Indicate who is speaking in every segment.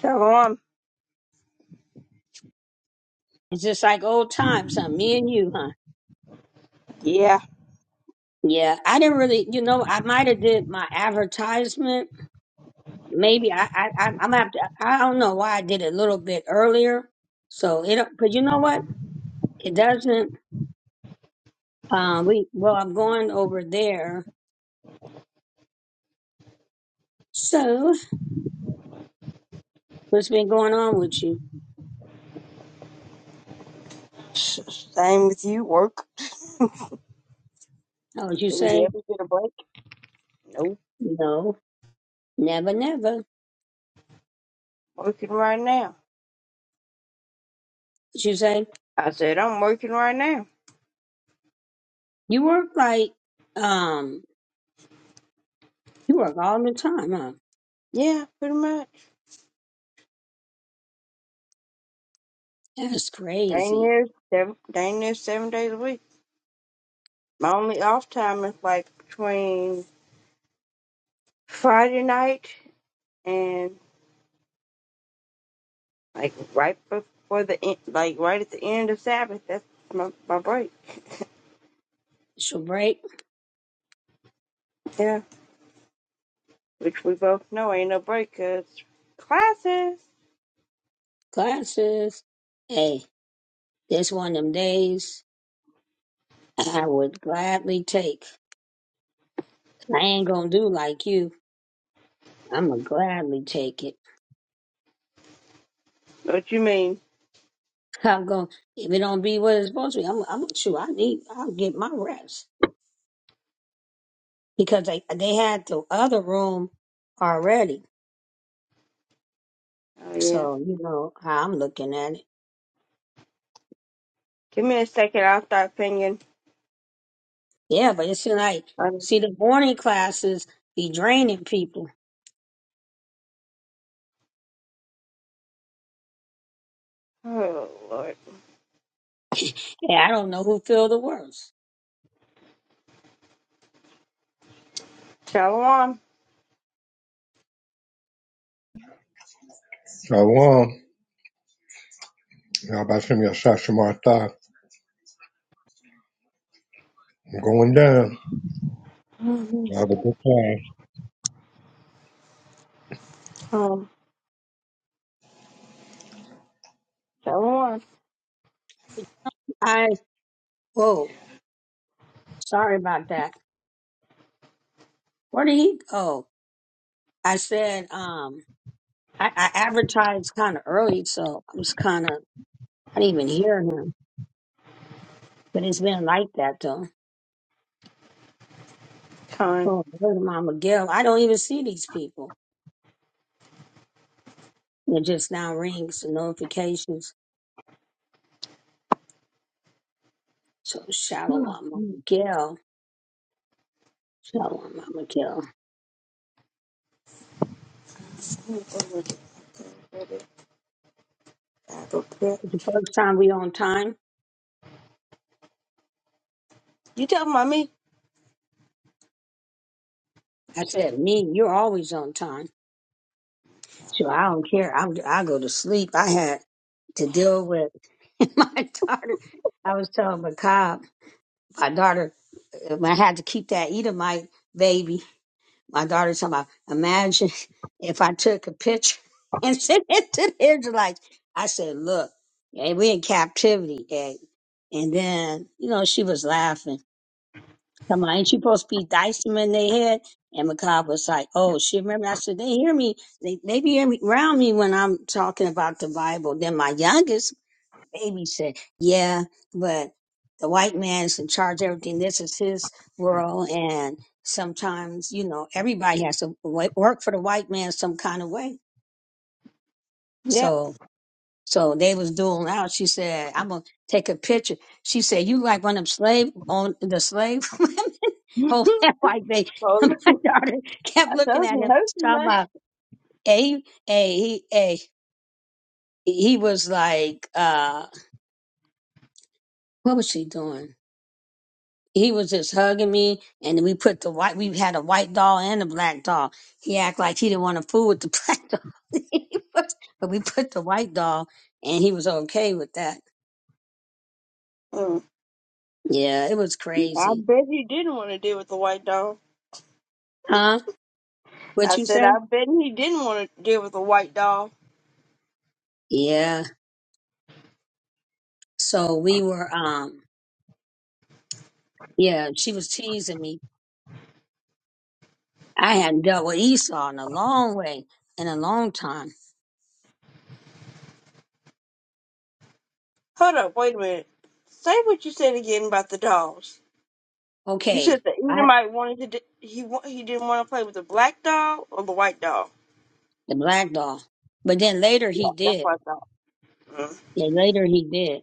Speaker 1: Shalom.
Speaker 2: It's just like old times, huh? Me and you, huh?
Speaker 1: Yeah,
Speaker 2: Yeah, I didn't really, you know, I might have did my advertisement. Maybe I, I, I, I'm gonna have to. I don't know why I did it a little bit earlier. So it, but you know what? It doesn't. Um, we well, I'm going over there. So what's been going on with you?
Speaker 1: s- same with you. Work.
Speaker 2: Oh, did you
Speaker 1: Do we
Speaker 2: say
Speaker 1: ever get a break? Nope.
Speaker 2: no, never, never.
Speaker 1: Working right now.
Speaker 2: Did you say
Speaker 1: I said I'm working right now.
Speaker 2: you work like um, you work all the time, huh?
Speaker 1: Yeah, pretty much.
Speaker 2: That's
Speaker 1: Dang
Speaker 2: crazy.
Speaker 1: near seven, dang near seven days a week. My only off time is like between Friday night and like right before the end, like right at the end of Sabbath. That's my, my break.
Speaker 2: It's your break.
Speaker 1: Yeah, which we both know ain't no break 'cause classes.
Speaker 2: Classes. Hey, this one of them days I would gladly take. I ain't gonna do like you. I'm gonna gladly take it.
Speaker 1: What you mean?
Speaker 2: I'm gonna if it don't be what it's supposed to be. I'm I'm sure I need. I'll get my rest because they they had the other room already.
Speaker 1: Oh yeah.
Speaker 2: So you know how I'm looking at it.
Speaker 1: Give me a second. I'll start pinging.
Speaker 2: Yeah, but it's like
Speaker 1: I'm
Speaker 2: see the morning classes be draining people.
Speaker 1: oh, Lord.
Speaker 2: Yeah, I don't know who feel the worst.
Speaker 1: Shalom.
Speaker 3: Shalom. Yabashim Yasha Martha. I'm going down.
Speaker 1: Mhm.
Speaker 3: Have a good time.
Speaker 1: Um, shalom.
Speaker 2: I whoa, sorry about that. Where did he go? I said, um, I, I advertised kind of early, so I was kind of, I didn't even hear him. But it's been like that though.
Speaker 1: Time.
Speaker 2: Oh, where's Mama Gill? I don't even see these people. It just now rings the notifications. So shallow Mama Gill. Shallow Mama Gill.
Speaker 1: You
Speaker 2: The first time we on time,
Speaker 1: talking about me?
Speaker 2: I said, me, you're always on time. So I don't care. I'm, I go to sleep. I had to deal with my daughter. I was telling Macabre. my daughter uh, when I had to keep that Edomite baby, my daughter's talking about imagine if I took a picture and sent it to the Israelites. I said, Look, hey, we in captivity, hey. And then, you know, she was laughing. Come on, ain't you supposed to be dicing them in their head? And Macab was like, Oh, she remember I said, They hear me, they they be hear me around me when I'm talking about the Bible. Then my youngest babysit. Yeah, but the white man is in charge of everything. This is his world, and sometimes you know everybody has to wo- work for the white man some kind of way.
Speaker 1: Yeah.
Speaker 2: So, so they was dueling out. She said, "I'm gonna take a picture." She said, "You like one of them slave on the slave women?" Hold that white baby. My
Speaker 1: Oh,
Speaker 2: daughter kept
Speaker 1: I
Speaker 2: looking
Speaker 1: told
Speaker 2: at
Speaker 1: you,
Speaker 2: him,
Speaker 1: nursing
Speaker 2: talking
Speaker 1: man.
Speaker 2: about a a he a he was like, uh, what was she doing? he was just hugging me and we put the white we had a white doll and a black doll he acted like he didn't want to fool with the black doll but we put the white doll and he was okay with that
Speaker 1: Mm.
Speaker 2: yeah it was
Speaker 1: I
Speaker 2: crazy
Speaker 1: bet he didn't want to deal with the white dog.
Speaker 2: huh what
Speaker 1: I
Speaker 2: you
Speaker 1: said,
Speaker 2: say
Speaker 1: I bet he didn't want to deal with the white dog.
Speaker 2: yeah so we were um yeah she was teasing me i hadn't dealt with esau in a long way in a long time
Speaker 1: Hold up, wait a minute. Say what you said again about the dogs. You
Speaker 2: okay
Speaker 1: said the
Speaker 2: i
Speaker 1: Edomite wanted to. d he wa- he didn't want to play with the black dog or the white dog.
Speaker 2: the black doll but then later
Speaker 1: Yeah,
Speaker 2: he
Speaker 1: that's
Speaker 2: did
Speaker 1: what I thought.
Speaker 2: yeah later he did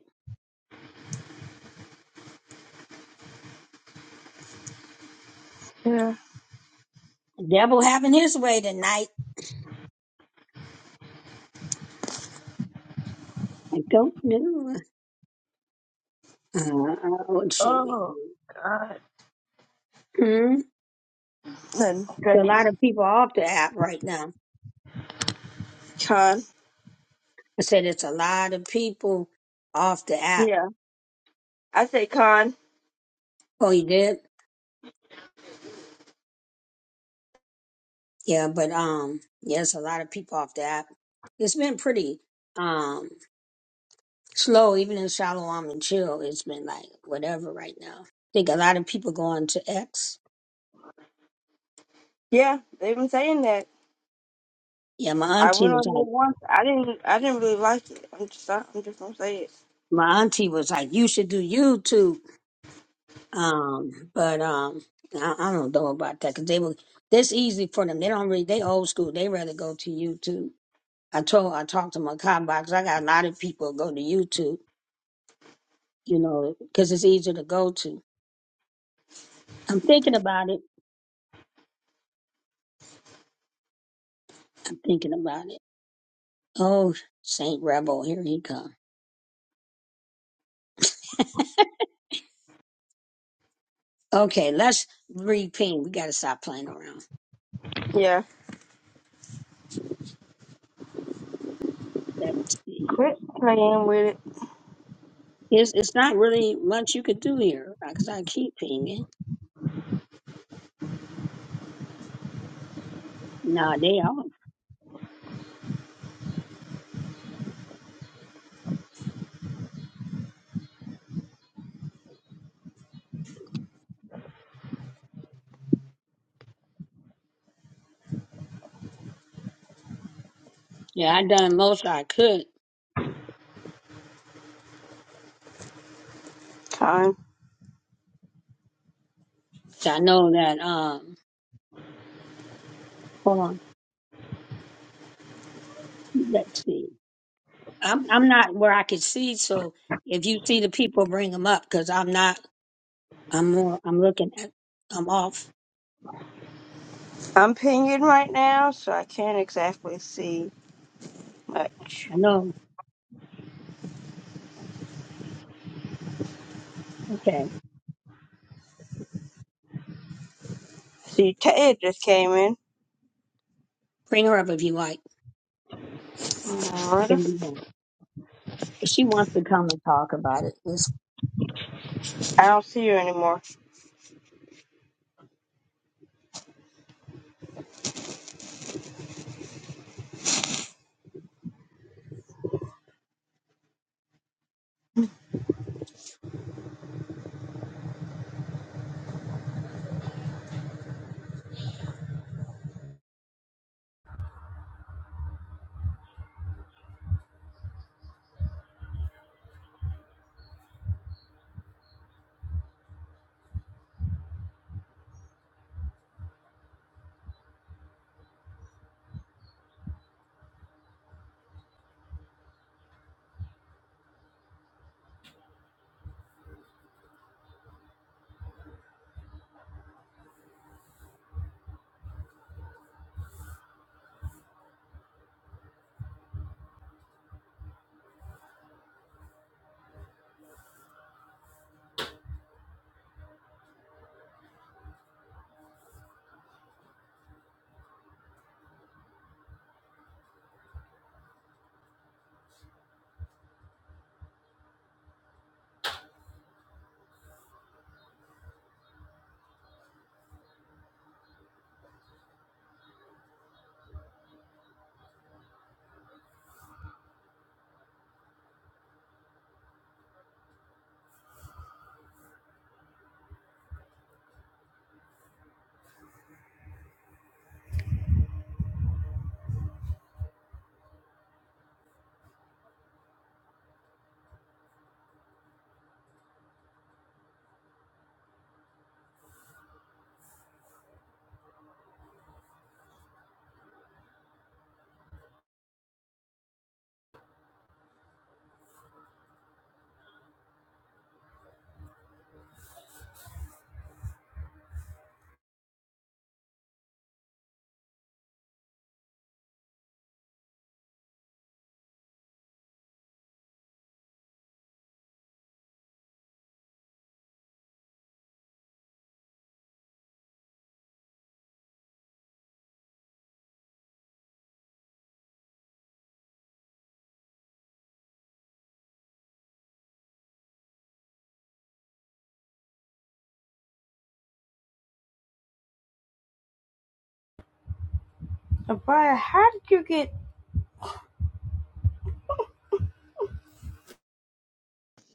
Speaker 1: Mm.
Speaker 2: devil having his way tonight I don't know. Uh, what should we
Speaker 1: Oh
Speaker 2: do?
Speaker 1: God,
Speaker 2: Hmm?
Speaker 1: Nothing.
Speaker 2: A
Speaker 1: stretching.
Speaker 2: lot of people off the app right now.
Speaker 1: Con.
Speaker 2: I said it's a lot of people off the app.
Speaker 1: Yeah, I say con.
Speaker 2: Oh, you did? Yeah, but um, yeah, it's a lot of people off the app. It's been pretty um slow, even in Shalom and Chill. It's been like whatever right now. I think a lot of people going to X.
Speaker 1: Yeah, they've been saying that.
Speaker 2: Yeah, my
Speaker 1: I
Speaker 2: auntie
Speaker 1: went on
Speaker 2: was
Speaker 1: there
Speaker 2: like,
Speaker 1: once. I didn't. I didn't really like it. I'm just. I'm just gonna say it.
Speaker 2: my auntie was like, you should do YouTube. Um, but um, I, I don't know about that because they were that's easy for them. They don't really they old school. They rather go to YouTube. I told I talked to my cop box. I got a lot of people go to YouTube. You know, because it's easier to go to. I'm thinking about it. I'm thinking about it. Oh, Saint Rebel, here he come. Okay, let's reping. We got to stop playing around.
Speaker 1: Yeah.
Speaker 2: That's
Speaker 1: quit. Playing with it.
Speaker 2: it's it's not really much you could do here because I keep pinging. Nah, they off. Yeah, I done most I could.
Speaker 1: Con.
Speaker 2: 'Cause I know that um hold on, let's see. I'm I'm not where I can see, so if you see the people bring them up because I'm not I'm more I'm looking at I'm off.
Speaker 1: I'm pinging right now, so I can't exactly see much.
Speaker 2: I know. Okay.
Speaker 1: See, Ted just came in.
Speaker 2: Bring her up if you like. If
Speaker 1: Alright.
Speaker 2: you want. If she wants to come and talk about it, let's
Speaker 1: I don't see you anymore. Abaya, how did you get?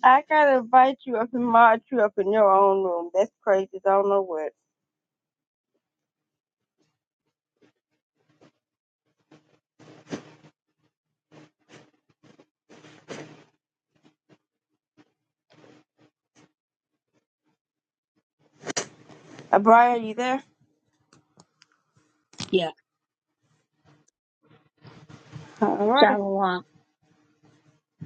Speaker 1: I gotta invite you up and mod you up in your own room. That's crazy. I don't know what. Uh, Brian, you there?
Speaker 2: yeah.
Speaker 1: Alrighty.
Speaker 2: Shalom.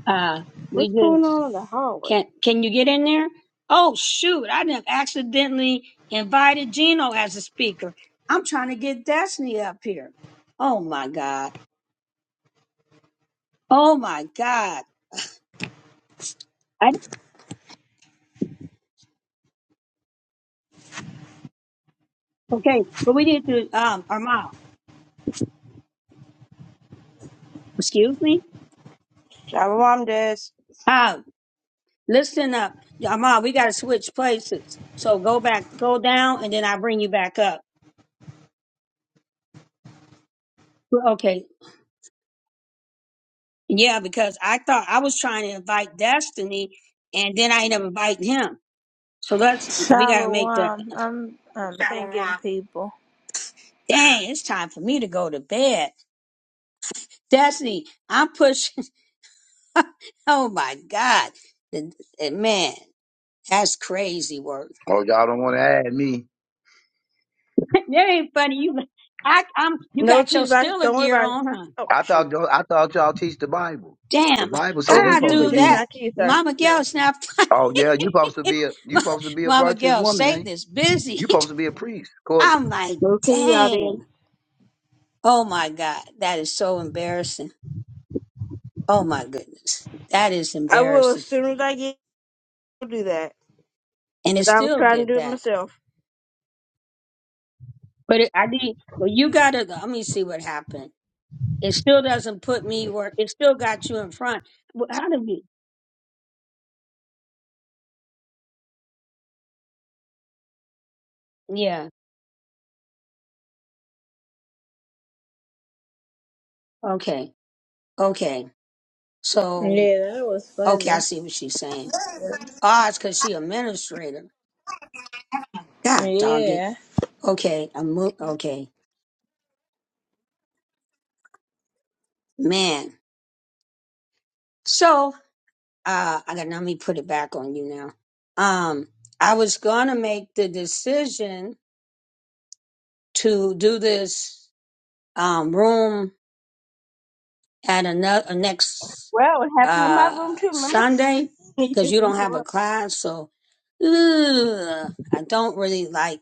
Speaker 2: Uh we
Speaker 1: What's going
Speaker 2: just
Speaker 1: on in the hallway?
Speaker 2: can't can you get in there? Oh shoot, I done accidentally invited Gino as a speaker. I'm trying to get Destiny up here. Oh my God. Oh my God. I, okay, but we need to, um, Armand, excuse me?
Speaker 1: Java Mom does.
Speaker 2: Um, listen up. Armand, we got to switch places. So go back, go down, and then I bring you back up. Well, Okay. Yeah, because I thought I was trying to invite Destiny, and then I ended up inviting him. So let's, we got to make the,
Speaker 4: Shalom. I'm um thinking Shalom. people.
Speaker 2: dang, it's time for me to go to bed. Destiny, I'm pushing, oh my God. And- and Man, that's crazy work.
Speaker 5: Oh, y'all don't want to add me.
Speaker 2: That ain't funny. You, I, I'm. You
Speaker 1: No,
Speaker 2: got
Speaker 1: please,
Speaker 2: your
Speaker 1: about it.
Speaker 2: Stiller
Speaker 1: Don't worry
Speaker 2: gear
Speaker 1: about it.
Speaker 2: on, huh?
Speaker 1: Oh,
Speaker 5: I
Speaker 1: shoot.
Speaker 5: thought y'all- I thought y'all teach the Bible. The
Speaker 2: Damn,
Speaker 5: Bible
Speaker 2: how
Speaker 1: Oh,
Speaker 5: said you
Speaker 1: we
Speaker 2: I
Speaker 1: do,
Speaker 5: supposed
Speaker 1: but
Speaker 5: to
Speaker 2: do
Speaker 1: just
Speaker 5: be.
Speaker 2: that,
Speaker 1: not to you, sir.
Speaker 2: Mama
Speaker 1: No.
Speaker 2: Gel's not funny.
Speaker 5: Oh yeah, you supposed to be a you
Speaker 2: Ma-
Speaker 5: supposed to be a
Speaker 2: Mama
Speaker 5: virtuous
Speaker 2: Gel,
Speaker 5: woman, ain't
Speaker 2: Satan is busy.
Speaker 5: you? You supposed to be a priest. according
Speaker 2: I'm like,
Speaker 1: Move to the audience.
Speaker 2: dang. Oh my God, that is so embarrassing. Oh my goodness, that is
Speaker 1: I will as
Speaker 2: embarrassing.
Speaker 1: soon as I get to do that.
Speaker 2: And it
Speaker 1: But I was
Speaker 2: still
Speaker 1: trying to
Speaker 2: did
Speaker 1: do it
Speaker 2: that.
Speaker 1: myself.
Speaker 2: But it, I did. Well, you gotta. Let me see what happened. It still doesn't put me where. It still got you in front. Well, How did you? Yeah. Okay. Okay. So,
Speaker 4: Yeah, that was
Speaker 2: okay, I
Speaker 4: funny.
Speaker 2: see what she's saying. Ah, it's because she administrator. God dog it.
Speaker 4: Yeah.
Speaker 2: Okay, I'm mo- okay, man. So, uh, I got now. Let me put it back on you now. Um, I was gonna make the decision to do this um room at another next
Speaker 1: Well, it happened in my
Speaker 2: uh
Speaker 1: room too, remember?
Speaker 2: Sunday
Speaker 1: you
Speaker 2: because
Speaker 1: just
Speaker 2: you
Speaker 1: didn't
Speaker 2: don't
Speaker 1: come
Speaker 2: have a
Speaker 1: up.
Speaker 2: class, so ugh, I don't really like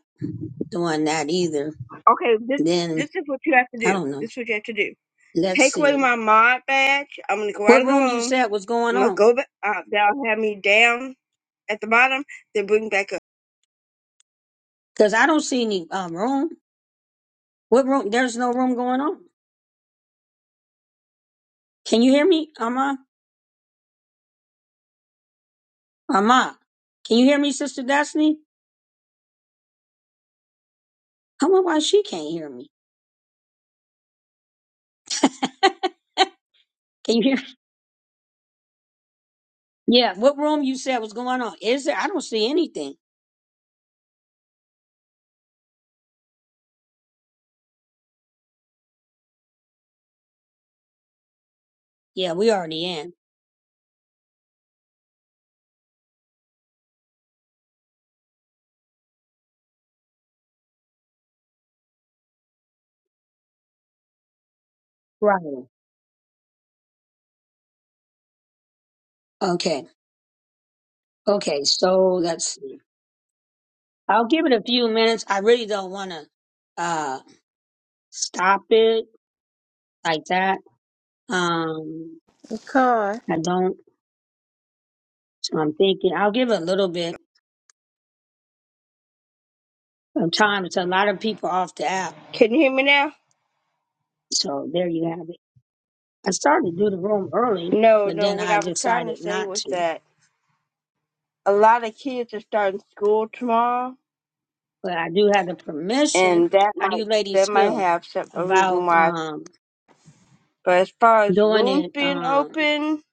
Speaker 2: doing that either.
Speaker 1: Okay, this this
Speaker 2: Then
Speaker 1: is what you have to
Speaker 2: I
Speaker 1: do.
Speaker 2: don't know.
Speaker 1: This is what you have to do.
Speaker 2: Let's
Speaker 1: Take away
Speaker 2: see.
Speaker 1: my mod badge. I'm gonna go out
Speaker 2: What
Speaker 1: of the
Speaker 2: room you
Speaker 1: room.
Speaker 2: said was going
Speaker 1: I'm gonna
Speaker 2: on?
Speaker 1: go back. Uh, they will have me down at the bottom. Then bring me back up.
Speaker 2: Because I don't see any um, room. What room? There's no room going on. Can you hear me, Ama? Ama, can you hear me, Sister Destiny? I wonder why she can't hear me. Can you hear? Yeah. What room you said was going on? Is there? I don't see anything. Yeah, we already in. Right. Okay. Okay. So let's see. I'll give it a few minutes. I really don't want to uh stop it like that. Um,
Speaker 4: Because
Speaker 2: I don't. So I'm thinking I'll give it a little bit of time. It's a lot of people off the app.
Speaker 1: Can you hear me now?
Speaker 2: So there you have it. I started to do the room early,
Speaker 1: No,
Speaker 2: but
Speaker 1: no,
Speaker 2: then
Speaker 1: what I
Speaker 2: I
Speaker 1: was trying to
Speaker 2: decided
Speaker 1: say
Speaker 2: not
Speaker 1: was
Speaker 2: to.
Speaker 1: that a lot of kids are starting school tomorrow
Speaker 2: But I do have the permission.
Speaker 1: and that
Speaker 2: How do
Speaker 1: might
Speaker 2: you
Speaker 1: that
Speaker 2: ladies
Speaker 1: might
Speaker 2: feel
Speaker 1: have some a
Speaker 2: about
Speaker 1: reason why.
Speaker 2: um
Speaker 1: But as far as
Speaker 2: doing
Speaker 1: rooms
Speaker 2: it
Speaker 1: being
Speaker 2: um
Speaker 1: open,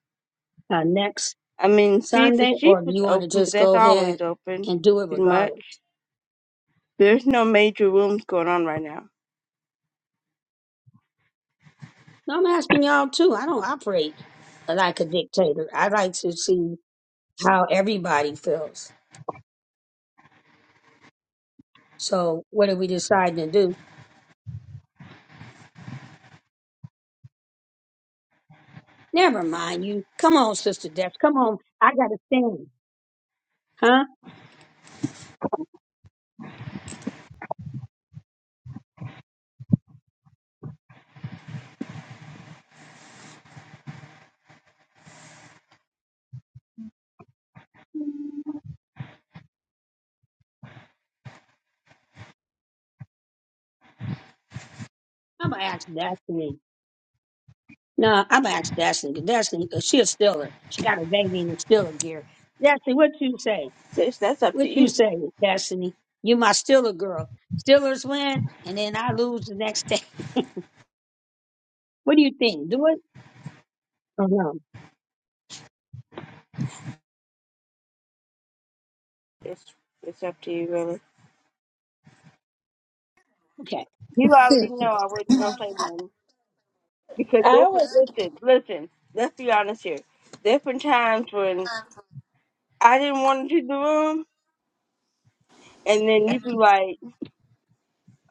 Speaker 2: uh, next
Speaker 1: I mean feed the
Speaker 2: Sunday
Speaker 1: sheep
Speaker 2: or do
Speaker 1: is
Speaker 2: you want to
Speaker 1: open, but
Speaker 2: just
Speaker 1: that's
Speaker 2: go ahead
Speaker 1: always open
Speaker 2: and do it
Speaker 1: pretty much.
Speaker 2: regardless?
Speaker 1: There's no major rooms going on right now.
Speaker 2: No, I'm asking y'all too. I don't operate like a dictator. I like to see how everybody feels. So what did we decide to do? Never mind you. Come on, Sister Destiny. Come on. I got to stand. Huh? I'm going to ask Destiny. No, I'm going to ask Destiny. 'cause Destiny, 'cause she a stiller. She got a baby and a stiller gear. Destiny, what you say?
Speaker 1: Sis, that's up to
Speaker 2: What you
Speaker 1: you.
Speaker 2: say, Destiny? You my stiller girl. Stillers win, and then I lose the next day. What do you think? Do it or no?
Speaker 1: It's it's up to you really.
Speaker 2: Okay.
Speaker 1: You already know I wouldn't go play one because
Speaker 4: I
Speaker 1: listen,
Speaker 4: was
Speaker 1: listen, listen. Let's be honest here. There have been times when I didn't want to do the room and then you be like,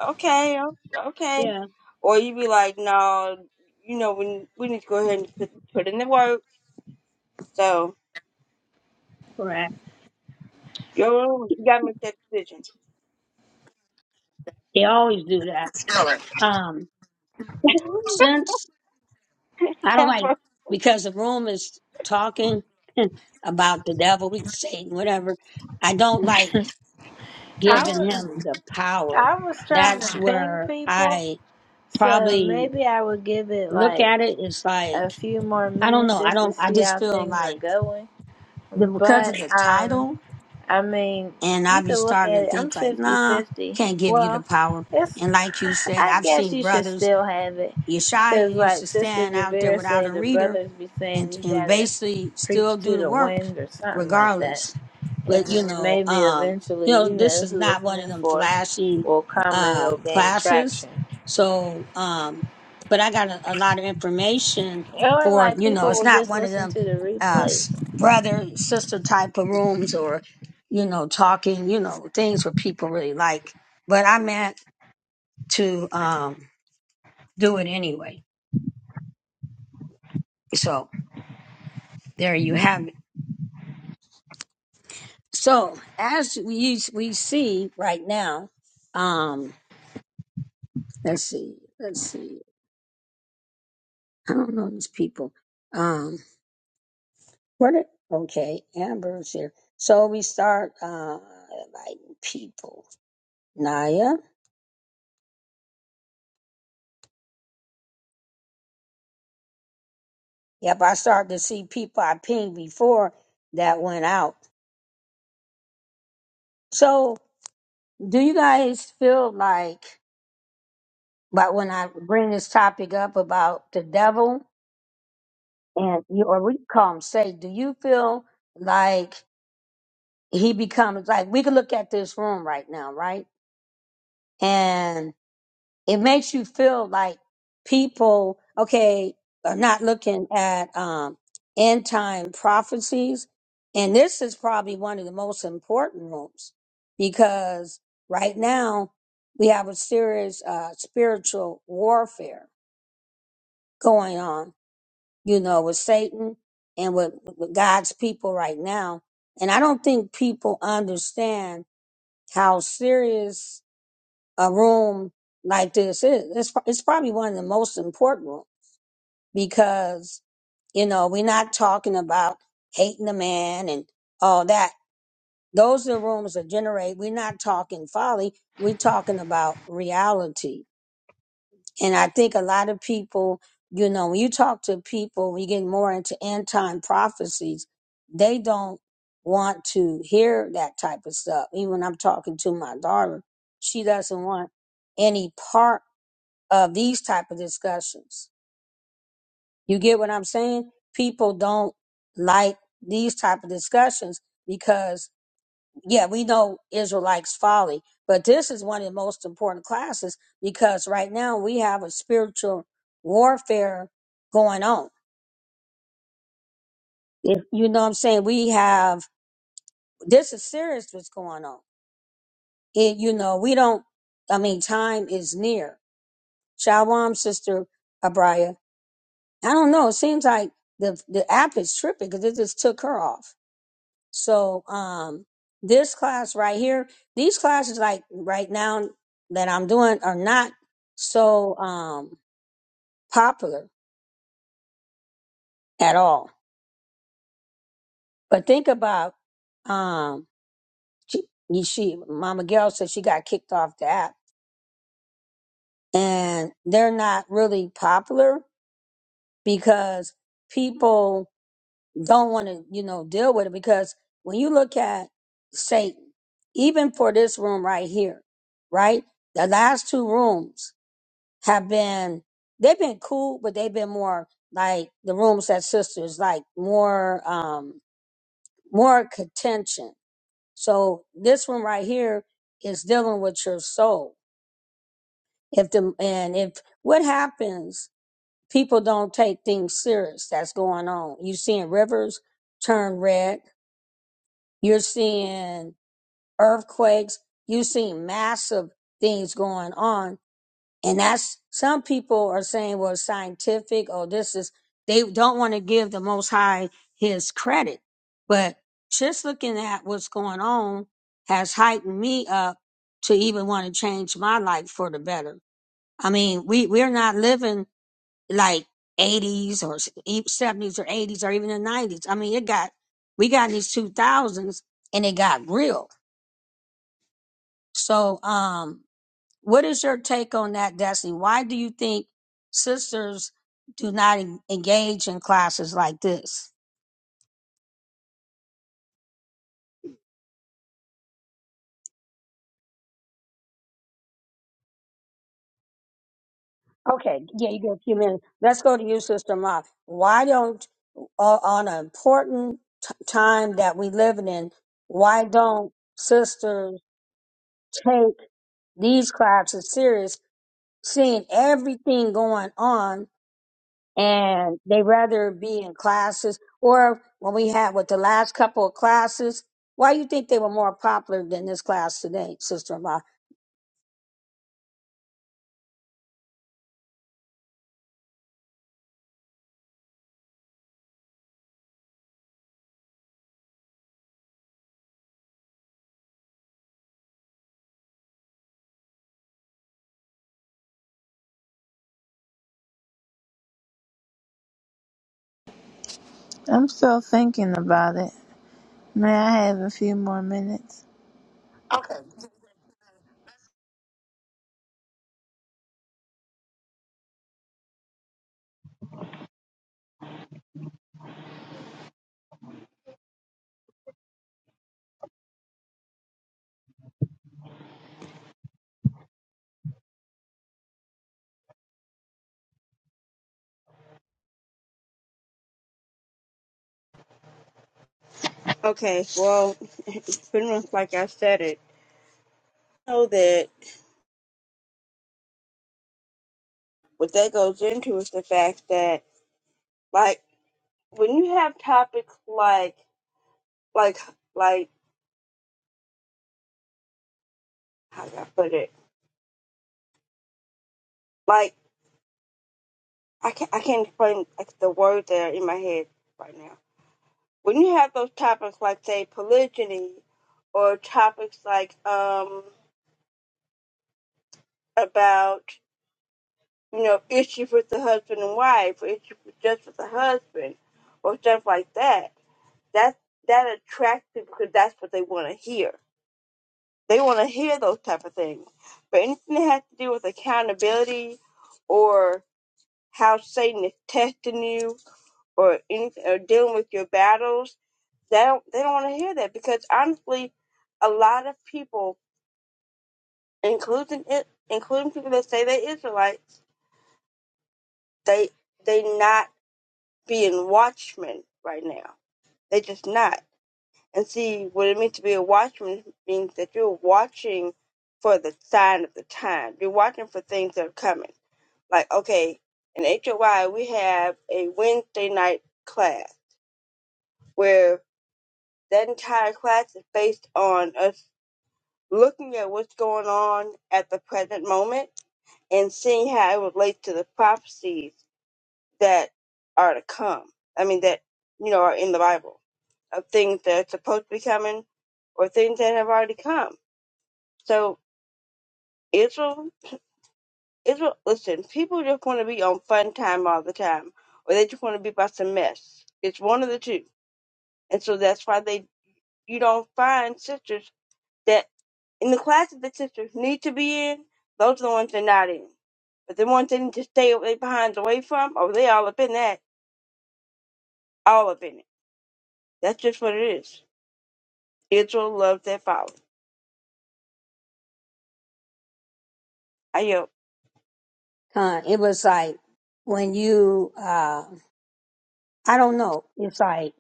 Speaker 1: okay, o- okay,
Speaker 2: Yeah,
Speaker 1: or you be like, no, you know, we we need to go ahead and put put in the work. So
Speaker 2: correct.
Speaker 1: yo, you gotta make that decision.
Speaker 2: They always do that.
Speaker 4: Sure.
Speaker 2: Um, since I don't like because the room is talking about the devil, we say whatever. I don't like
Speaker 4: I
Speaker 2: giving
Speaker 4: was
Speaker 2: him the power.
Speaker 4: I was trying
Speaker 2: That's
Speaker 4: to ping
Speaker 2: where
Speaker 4: people,
Speaker 2: I
Speaker 4: so
Speaker 2: probably
Speaker 4: maybe I would give it
Speaker 2: look
Speaker 4: like
Speaker 2: at it. It's like
Speaker 4: a few more
Speaker 2: I don't
Speaker 4: minutes
Speaker 2: know. I
Speaker 4: just to
Speaker 2: don't. I
Speaker 4: see
Speaker 2: just
Speaker 4: how
Speaker 2: feel
Speaker 4: things are
Speaker 2: like
Speaker 4: going.
Speaker 2: the, because
Speaker 4: But
Speaker 2: of the
Speaker 4: um
Speaker 2: title,
Speaker 4: I mean,
Speaker 2: and I
Speaker 4: you
Speaker 2: be
Speaker 4: could look
Speaker 2: starting
Speaker 4: at
Speaker 2: to
Speaker 4: it. I'm
Speaker 2: think like, nah,
Speaker 4: fifty-fifty.
Speaker 2: can't give you the
Speaker 4: Well,
Speaker 2: power.
Speaker 4: it's,
Speaker 2: And like you said,
Speaker 4: I
Speaker 2: I've
Speaker 4: guess
Speaker 2: seen
Speaker 4: you should
Speaker 2: brothers
Speaker 4: still have it. Because,
Speaker 2: Yeshaya used to
Speaker 4: like Sister
Speaker 2: stand out there
Speaker 4: Javera
Speaker 2: without
Speaker 4: say,
Speaker 2: a
Speaker 4: the
Speaker 2: reader
Speaker 4: brothers be
Speaker 2: and
Speaker 4: saying you
Speaker 2: and
Speaker 4: gotta
Speaker 2: basically
Speaker 4: preach
Speaker 2: still do
Speaker 4: to
Speaker 2: the
Speaker 4: the
Speaker 2: work
Speaker 4: wind or something like that.
Speaker 2: regardless.
Speaker 4: And
Speaker 2: But you
Speaker 4: then
Speaker 2: know,
Speaker 4: maybe
Speaker 2: um, you
Speaker 4: eventually,
Speaker 2: know,
Speaker 4: you
Speaker 2: this
Speaker 4: know,
Speaker 2: is
Speaker 4: who
Speaker 2: not
Speaker 4: it's
Speaker 2: one of
Speaker 4: meant
Speaker 2: them
Speaker 4: for
Speaker 2: flashy
Speaker 4: will come and
Speaker 2: uh
Speaker 4: it'll gain
Speaker 2: classes.
Speaker 4: traction.
Speaker 2: So um but I got a, a lot of information
Speaker 4: Or,
Speaker 2: for,
Speaker 4: like,
Speaker 2: you know,
Speaker 4: people
Speaker 2: it's
Speaker 4: will
Speaker 2: not
Speaker 4: just
Speaker 2: one of
Speaker 4: listen
Speaker 2: them
Speaker 4: to the
Speaker 2: uh
Speaker 4: replays.
Speaker 2: s- brother sister type of rooms or you know, talking, you know, things where people really like. But I meant to um do it anyway. So There you have it. So as we we see right now, um, let's see, let's see. I don't know these people. Um, what? Are, okay, Amber's here. So we start uh, inviting people. Naya. Yep, I started to see people I pinged before that went out. So do you guys feel like, but when I bring this topic up about the devil and you, or we call him Satan, do you feel? like he becomes like we can look at this room right now, right? And it makes you feel like people, okay, are not looking at um end time prophecies. And this is probably one of the most important rooms because right now we have a serious uh, spiritual warfare going on, you know, with Satan and with, with God's people right now. And I don't think people understand how serious a room like this is. It's, pro- it's probably one of the most important rooms because, you know, we're not talking about hating the man and all that. Those are the rooms that generate. We're not talking folly. We're talking about reality and I think a lot of people, you know, when you talk to people, when you get more into end time prophecies, they don't want to hear that type of stuff. Even when I'm talking to my daughter, she doesn't want any part of these type of discussions. You get what I'm saying? People don't like these type of discussions because yeah, we know Israel likes folly, but this is one of the most important classes because right now we have a spiritual warfare going on. If- You know what I'm saying? We have, this is serious what's going on. It, you know, we don't, I mean, time is near. Shalom, Sister Abraya. I don't know. It seems like the, the app is tripping because it just took her off. So um this class right here, these classes like right now that I'm doing are not so um popular at all. But think about um she, she Mama Gail said she got kicked off the app and they're not really popular because people don't want to, you know, deal with it because when you look at Satan, even for this room right here, right? The last two rooms have been they've been cool, but they've been more like the rooms said sisters, like more um more contention. So this one right here is dealing with your soul. If the and if what happens, people don't take things serious that's going on. You're seeing rivers turn red, you're seeing earthquakes, you're seeing massive things going on and that's some people are saying well it's scientific oh this is they don't want to give the most high his credit but just looking at what's going on has heightened me up to even want to change my life for the better i mean we we're not living like 80s or s- e- 70s or 80s or even the 90s i mean it got we got these 2000s and it got real so um what is your take on that, Destiny? Why do you think sisters do not en- engage in classes like this? Okay, yeah, you get a few minutes. Let's go to you, Sister Ma. Why don't o- on an important t- time that we living in, why don't sisters take these classes serious, seeing everything going on and they rather be in classes or when we had with the last couple of classes why you think they were more popular than this class today sister
Speaker 4: I'm still thinking about it. May I have a few more minutes?
Speaker 1: okay, well, pretty much like I said it. Know that what that goes into is the fact that like when you have topics like like like how do I put it? Like I can't I can't explain like the word there in my head right now when you have those topics like say polygyny or topics like um about you know issues with the husband and wife or issues with just with the husband or stuff like that that that attracts people because that's what they want to hear they want to hear those type of things but anything that has to do with accountability or how satan is testing you or anything or dealing with your battles they don't they don't want to hear that because honestly a lot of people including it, including people that say they're Israelites, they they not being watchmen right now. They just not. And see what it means to be a watchman means that you're watching for the sign of the time. You're watching for things that are coming. Like okay, in HOI we have a Wednesday night class where that entire class is based on us looking at what's going on at the present moment and seeing how it relates to the prophecies that are to come. I mean, that, you know, are in the Bible of things that are supposed to be coming or things that have already come. So Israel, Israel, listen, people just want to be on fun time all the time or they just want to be about some mess. It's one of the two. And so that's why they, you don't find sisters that in the classes that sisters need to be in, those are the ones they're not in. But the ones they need to stay away behind away from, oh, they all up in that, all up in it. That's just what it is. Israel loved their folly. I yield.
Speaker 2: of it was like when you uh i don't know it's like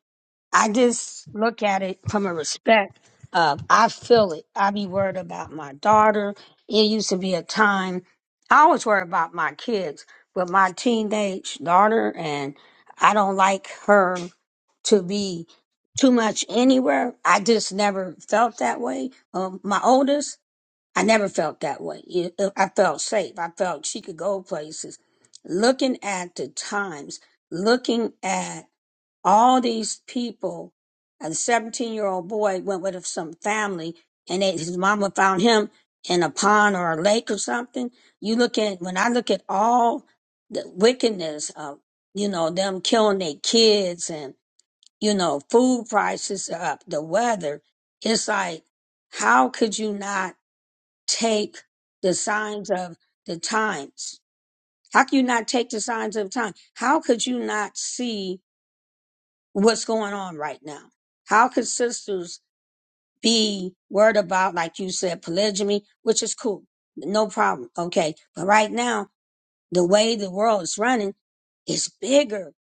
Speaker 2: I just look at it from a respect of I feel it. I be worried about my daughter. It used to be a time I always worry about my kids, but my teenage daughter and I don't like her to be too much anywhere. I just never felt that way. Um, my oldest, I never felt that way. It- it- I felt safe. I felt she could go places. Looking at the times, looking at all these people, a 17 year old boy went with some family and they, his mama found him in a pond or a lake or something. You look at, when I look at all the wickedness of, you know, them killing their kids and, you know, food prices are up, the weather, it's like, how could you not take the signs of the times? How could you not take the signs of time? How could you not see what's going on right now. How can sisters be worried about, like you said, polygamy, which is cool, no problem, okay? But right now, the way the world is running is bigger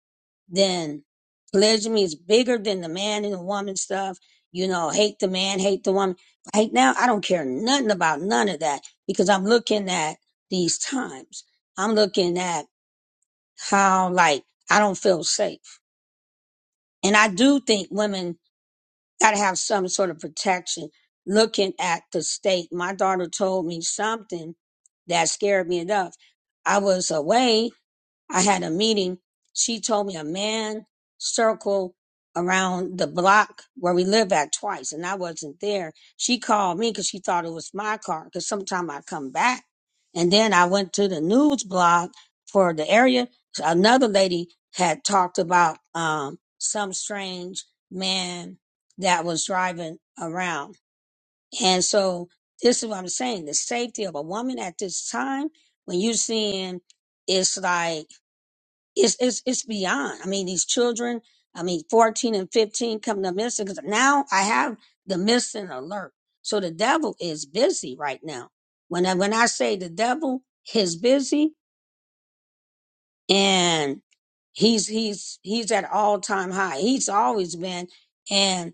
Speaker 2: than polygamy, is bigger than the man and the woman stuff. You know, hate the man, hate the woman. Right now, I don't care nothing about none of that because I'm looking at these times. I'm looking at how, like, I don't feel safe. And I do think women gotta have some sort of protection. Looking at the state, my daughter told me something that scared me enough. I was away I had a meeting. She told me a man circle around the block where we live at twice, and I wasn't there. She called me because she thought it was my car. Because sometime I come back, and then I went to the news blog for the area. Another lady had talked about um, some strange man that was driving around, and so this is what I'm saying: the safety of a woman at this time when you're seeing it's like it's it's it's beyond. I mean, these children, I mean, 14 and 15 come to missing because now I have the missing alert. So the devil is busy right now. When I when I say the devil is busy and he's he's he's at all time high. He's always been. and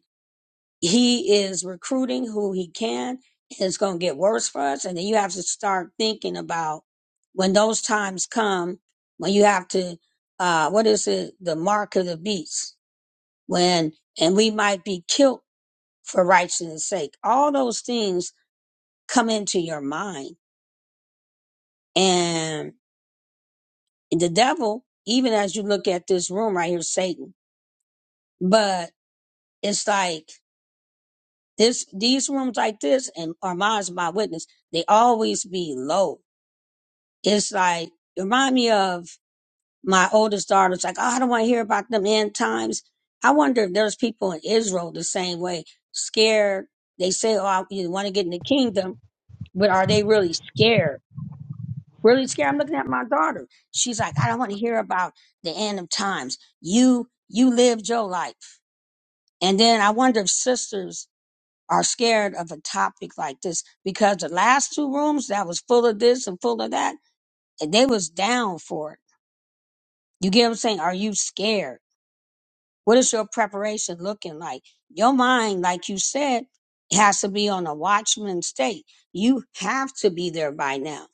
Speaker 2: he is recruiting who he can and it's going to get worse for us and then you have to start thinking about when those times come when you have to uh what is it the mark of the beast when and we might be killed for righteousness sake all those things come into your mind and the devil even as you look at this room right here satan but it's like this these rooms like this and armand's my witness they always be low it's like remind me of my oldest daughter. It's like, oh, I don't want to hear about them end times. I wonder if there's people in Israel the same way, scared. They say, oh, I, you want to get in the kingdom, but are they really scared? Really scared? I'm looking at my daughter. She's like, I don't want to hear about the end of times. You, you lived your life. And then I wonder if sisters are scared of a topic like this because the last two rooms that was full of this and full of that, and they was down for it You get what I'm saying? Are you scared? What is your preparation looking like? Your mind, like you said, has to be on a watchman state. You have to be there by now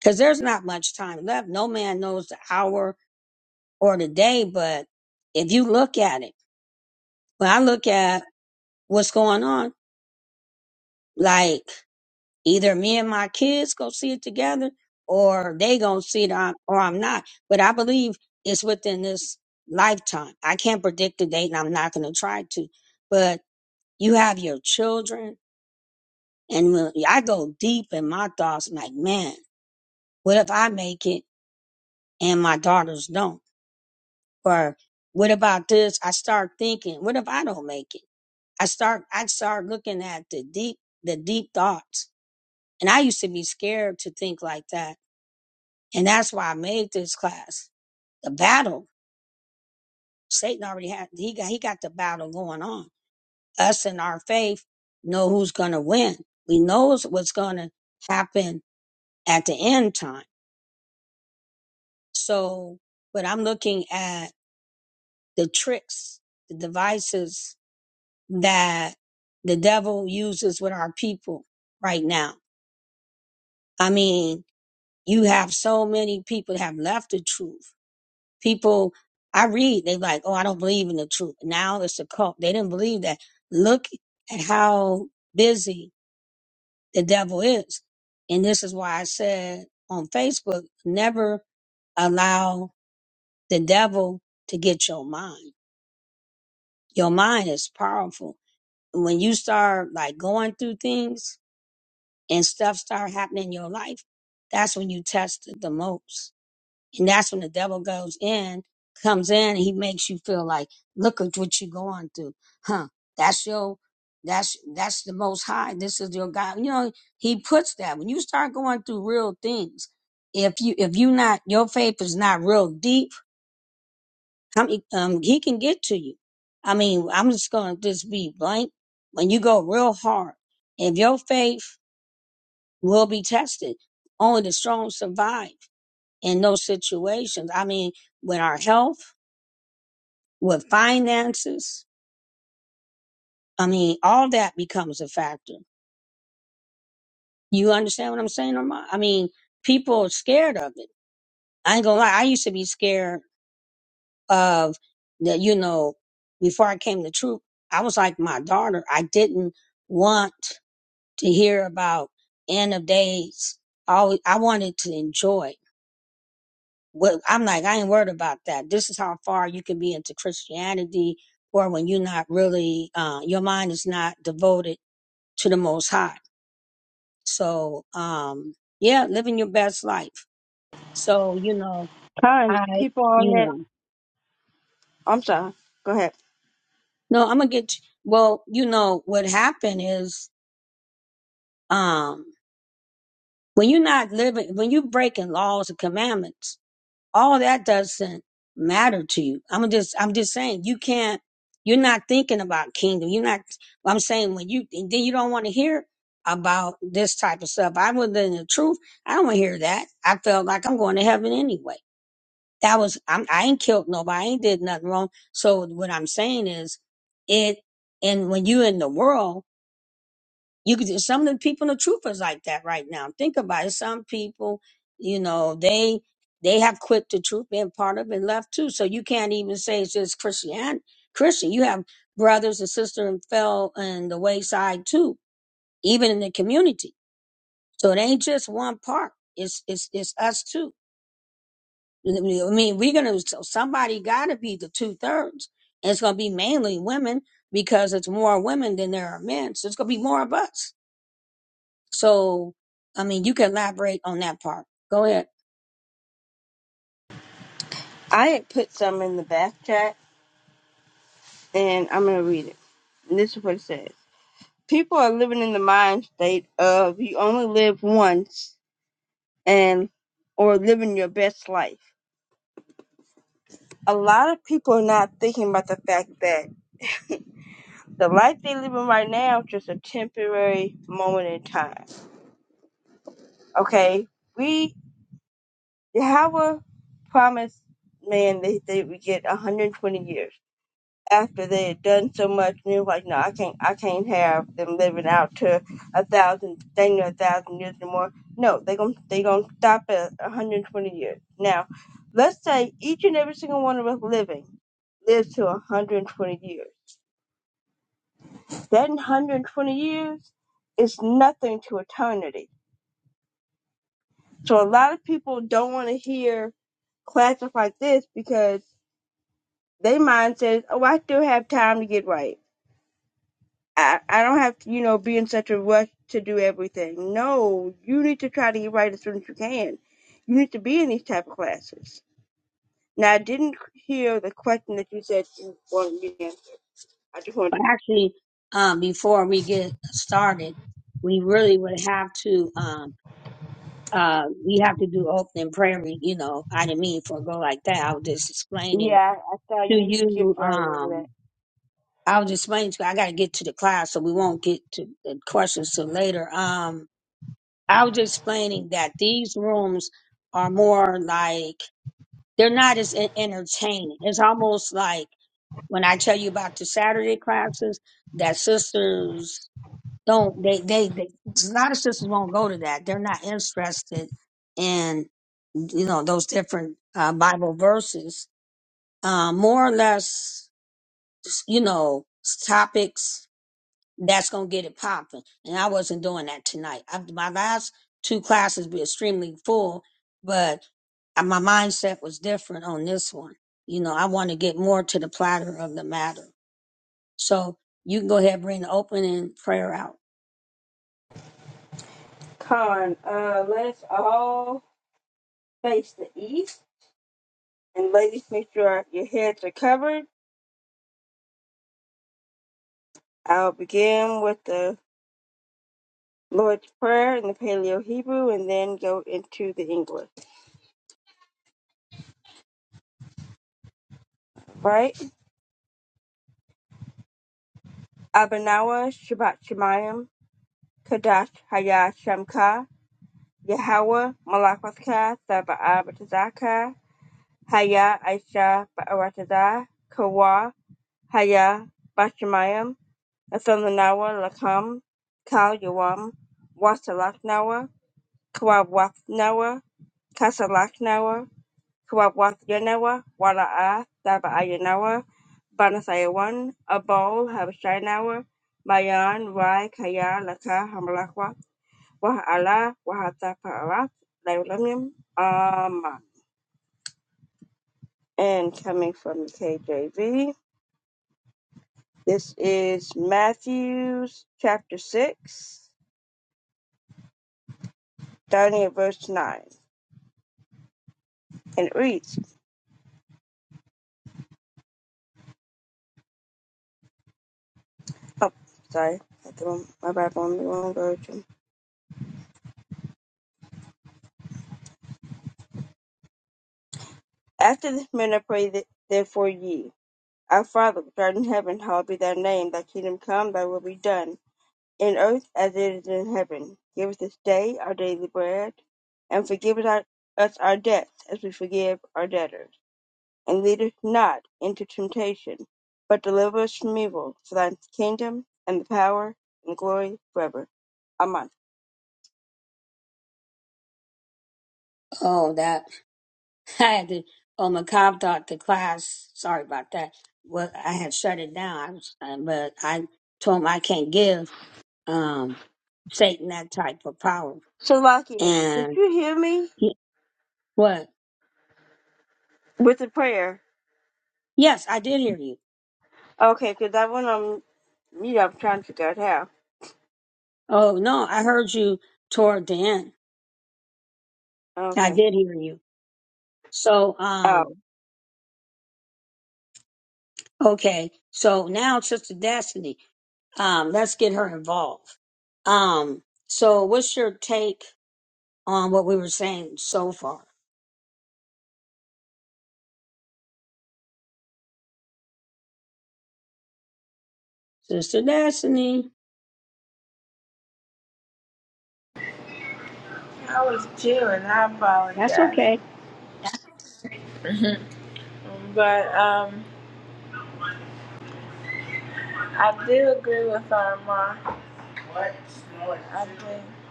Speaker 2: because there's not much time left. No man knows the hour or the day, but if you look at it, when I look at what's going on, like either me and my kids go see it together or they gonna see it on, or I'm not. But I believe it's within this lifetime. I can't predict the date and I'm not gonna try to. But you have your children and when I go deep in my thoughts like, man, what if I make it and my daughters don't? Or what about this? I start thinking, what if I don't make it? I start I start looking at the deep the deep thoughts. And I used to be scared to think like that And that's why I made this class. The battle, Satan already had, he got, he got the battle going on. Us and our faith know who's going to win. We knows what's going to happen at the end time. So, but I'm looking at the tricks, the devices that the devil uses with our people right now. I mean, you have so many people that have left the truth people I read, they like, oh, I don't believe in the truth. Now it's a cult. They didn't believe that. Look at how busy the devil is. And this is why I said on Facebook, never allow the devil to get your mind. Your mind is powerful. when you start like going through things and stuff start happening in your life, that's when you test it the most And that's when the devil goes in, comes in, and he makes you feel like, look at what you're going through. Huh. That's your, that's, that's the most high. This is your God. You know, he puts that when you start going through real things. If you, if you not, your faith is not real deep, I mean, um, he can get to you. I mean, I'm just going to just be blank. When you go real hard, if your faith will be tested, only the strong survive in those situations. I mean, with our health. with finances. I mean, all that becomes a factor. You understand what I'm saying, Armand? I mean, people are scared of it. I ain't gonna lie. I used to be scared of the, you know, before I came to troop, I was like my daughter. I didn't want to hear about end of days. All I wanted to enjoy. What I'm like, I ain't worried about that. This is how far you can be into Christianity, or when you're not really, uh, your mind is not devoted to the Most High So, um, yeah, living your best life. So, you know,
Speaker 1: Kind
Speaker 2: I,
Speaker 1: people on
Speaker 2: you
Speaker 1: that.
Speaker 2: know,
Speaker 1: I'm sorry. Go ahead.
Speaker 2: no, I'm gonna get, well, you know, what happened is, um, when you're not living, when you're breaking laws and commandments, all that doesn't matter to you. I'm just, I'm just saying, you can't, you're not thinking about kingdom. You're not, I'm saying when you, and then you don't want to hear about this type of stuff. I was in the truth. I don't want to hear that. I felt like I'm going to heaven anyway. that was I'm, I ain't killed nobody, I ain't did nothing wrong. So what I'm saying is, it and when you in the world, you could just- some of the people in the truth is like that right now. Think about it. Some people, you know, they they have quit the truth, been part of it, left too. So you can't even say it's just Christian Christian. You have brothers and sisters and fell in the wayside too, even in the community. So it ain't just one part. It's it's it's us too. I mean, we're gonna so somebody gotta be the two thirds. And it's gonna be mainly women because it's more women than there are men. So it's gonna be more of us. So I mean you can elaborate on that part. Go ahead.
Speaker 1: I had put some in the back chat, and I'm gonna read it. And this is what it says: People are living in the mind state of you only live once, and or living your best life. A lot of people are not thinking about the fact that the life they're living right now is just a temporary moment in time. Okay, we Yahweh promised man that they would get 120 years after they had done so much. And he was like, no, I can't, I can't have them living out to a thousand, dang near a thousand years or more. No, they're going to they gonna stop at 120 years. Now, let's say each and every single one of us living lives to 120 years. That 120 years is nothing to eternity. So a lot of people don't want to hear classic like this because They mind says, "Oh, I still have time to get right. I I don't have to, you know, be in such a rush to do everything." No, you need to try to get right as soon as you can. You need to be in these type of classes. Now, I didn't hear the question that you said you wanted me to answer. I just wanted.
Speaker 2: But actually, um, before we get started, we really would have to um uh we have to do opening prayer, you know, I didn't mean for a go like that. I was just
Speaker 1: To-
Speaker 2: explaining
Speaker 1: yeah, I saw
Speaker 2: to
Speaker 1: you skip
Speaker 2: you
Speaker 1: right over
Speaker 2: um
Speaker 1: that.
Speaker 2: I was explaining to you, I got to get to the class, so we won't get to the questions till later. Um, I was explaining that these rooms are more like they're not as en- entertaining. It's almost like when I tell you about the Saturday classes that sisters don't they they, they a lot of sisters won't go to that. They're not interested in you know those different uh, Bible verses. Uh, more or less, you know, topics that's gonna get it popping. And I wasn't doing that tonight. I, my last two classes be extremely full, but I- my mindset was different on this one. You know, I want to get more to the platter of the matter. So you can go ahead and bring the opening prayer out.
Speaker 1: Con, uh, let us all face the east, and ladies, make sure your heads are covered. I'll begin with the Lord's Prayer in the Paleo Hebrew and then go into the English, right? Abanawa Shabbat Shemayim, Kadash Haya Shamka, Yahweh Malakwaska Saba Abatazaka Haya Aisha Ba'arataza, Kawa Haya Bashamayim, Athelanawa Lakam, Kal Yawam, Wasalaknawa, Kawabwathnawa, Kasalaknawa, Kawawathenawa, Wala'a, Thava'ayanawa, Banasayawan, Abol, Habashanawa, Mayan, Rai, Kaya, Laka, Hamalakwa, Waha'ala, Wahataparath, Laulamim, Amen. And coming from the KJV, this is Matthew chapter 6, starting at verse 9. And it reads, oh, sorry, I threw my Bible on the wrong version. After this manner pray th- therefore ye. Our Father which art in heaven, hallowed be thy name. Thy kingdom come, thy will be done, in earth as it is in heaven. Give us this day our daily bread, and forgive us our, us our debts as we forgive our debtors. And lead us not into temptation, but deliver us from evil. For thine is the kingdom, and the power, and the glory forever. Amen.
Speaker 2: Oh, that I had to. Oh, my cop thought the class. Sorry about that. Well, I had shut it down, I was- uh, but I told him I can't give um Satan that type of power.
Speaker 1: So, Lockie, did
Speaker 2: And
Speaker 1: you hear me
Speaker 2: he, what?
Speaker 1: with the prayer?
Speaker 2: Yes, I did hear you.
Speaker 1: Okay, because I went on mute. I'm trying to figure out how.
Speaker 2: Oh no, I heard you toward the end. I
Speaker 1: Okay.
Speaker 2: did hear you. So,
Speaker 1: Oh,
Speaker 2: um, okay. So now Sister Destiny, um, let's get her involved. Um, so what's your take on what we were saying so far? Sister Destiny.
Speaker 4: I was chewing. I
Speaker 2: That's
Speaker 4: apologize.
Speaker 2: okay.
Speaker 4: But um, I do agree with Arma. What? I do.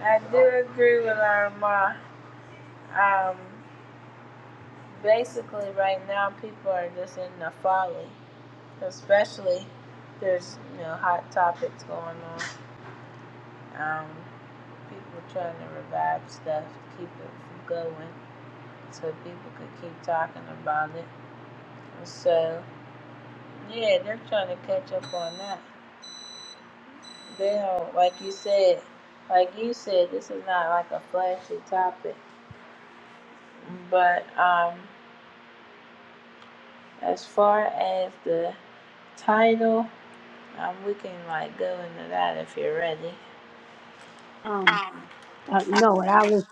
Speaker 4: I do agree with Arma. Um, basically, right now people are just in the folly, especially there's you know hot topics going on. Um, people trying to revive stuff to keep it from going, so people could keep talking about it. So yeah, they're trying to catch up on that. They don't like you said, like you said, this is not like a flashy topic. But um, as far as the title, um, we can like go into that if you're ready.
Speaker 2: Um, uh, no, what I was,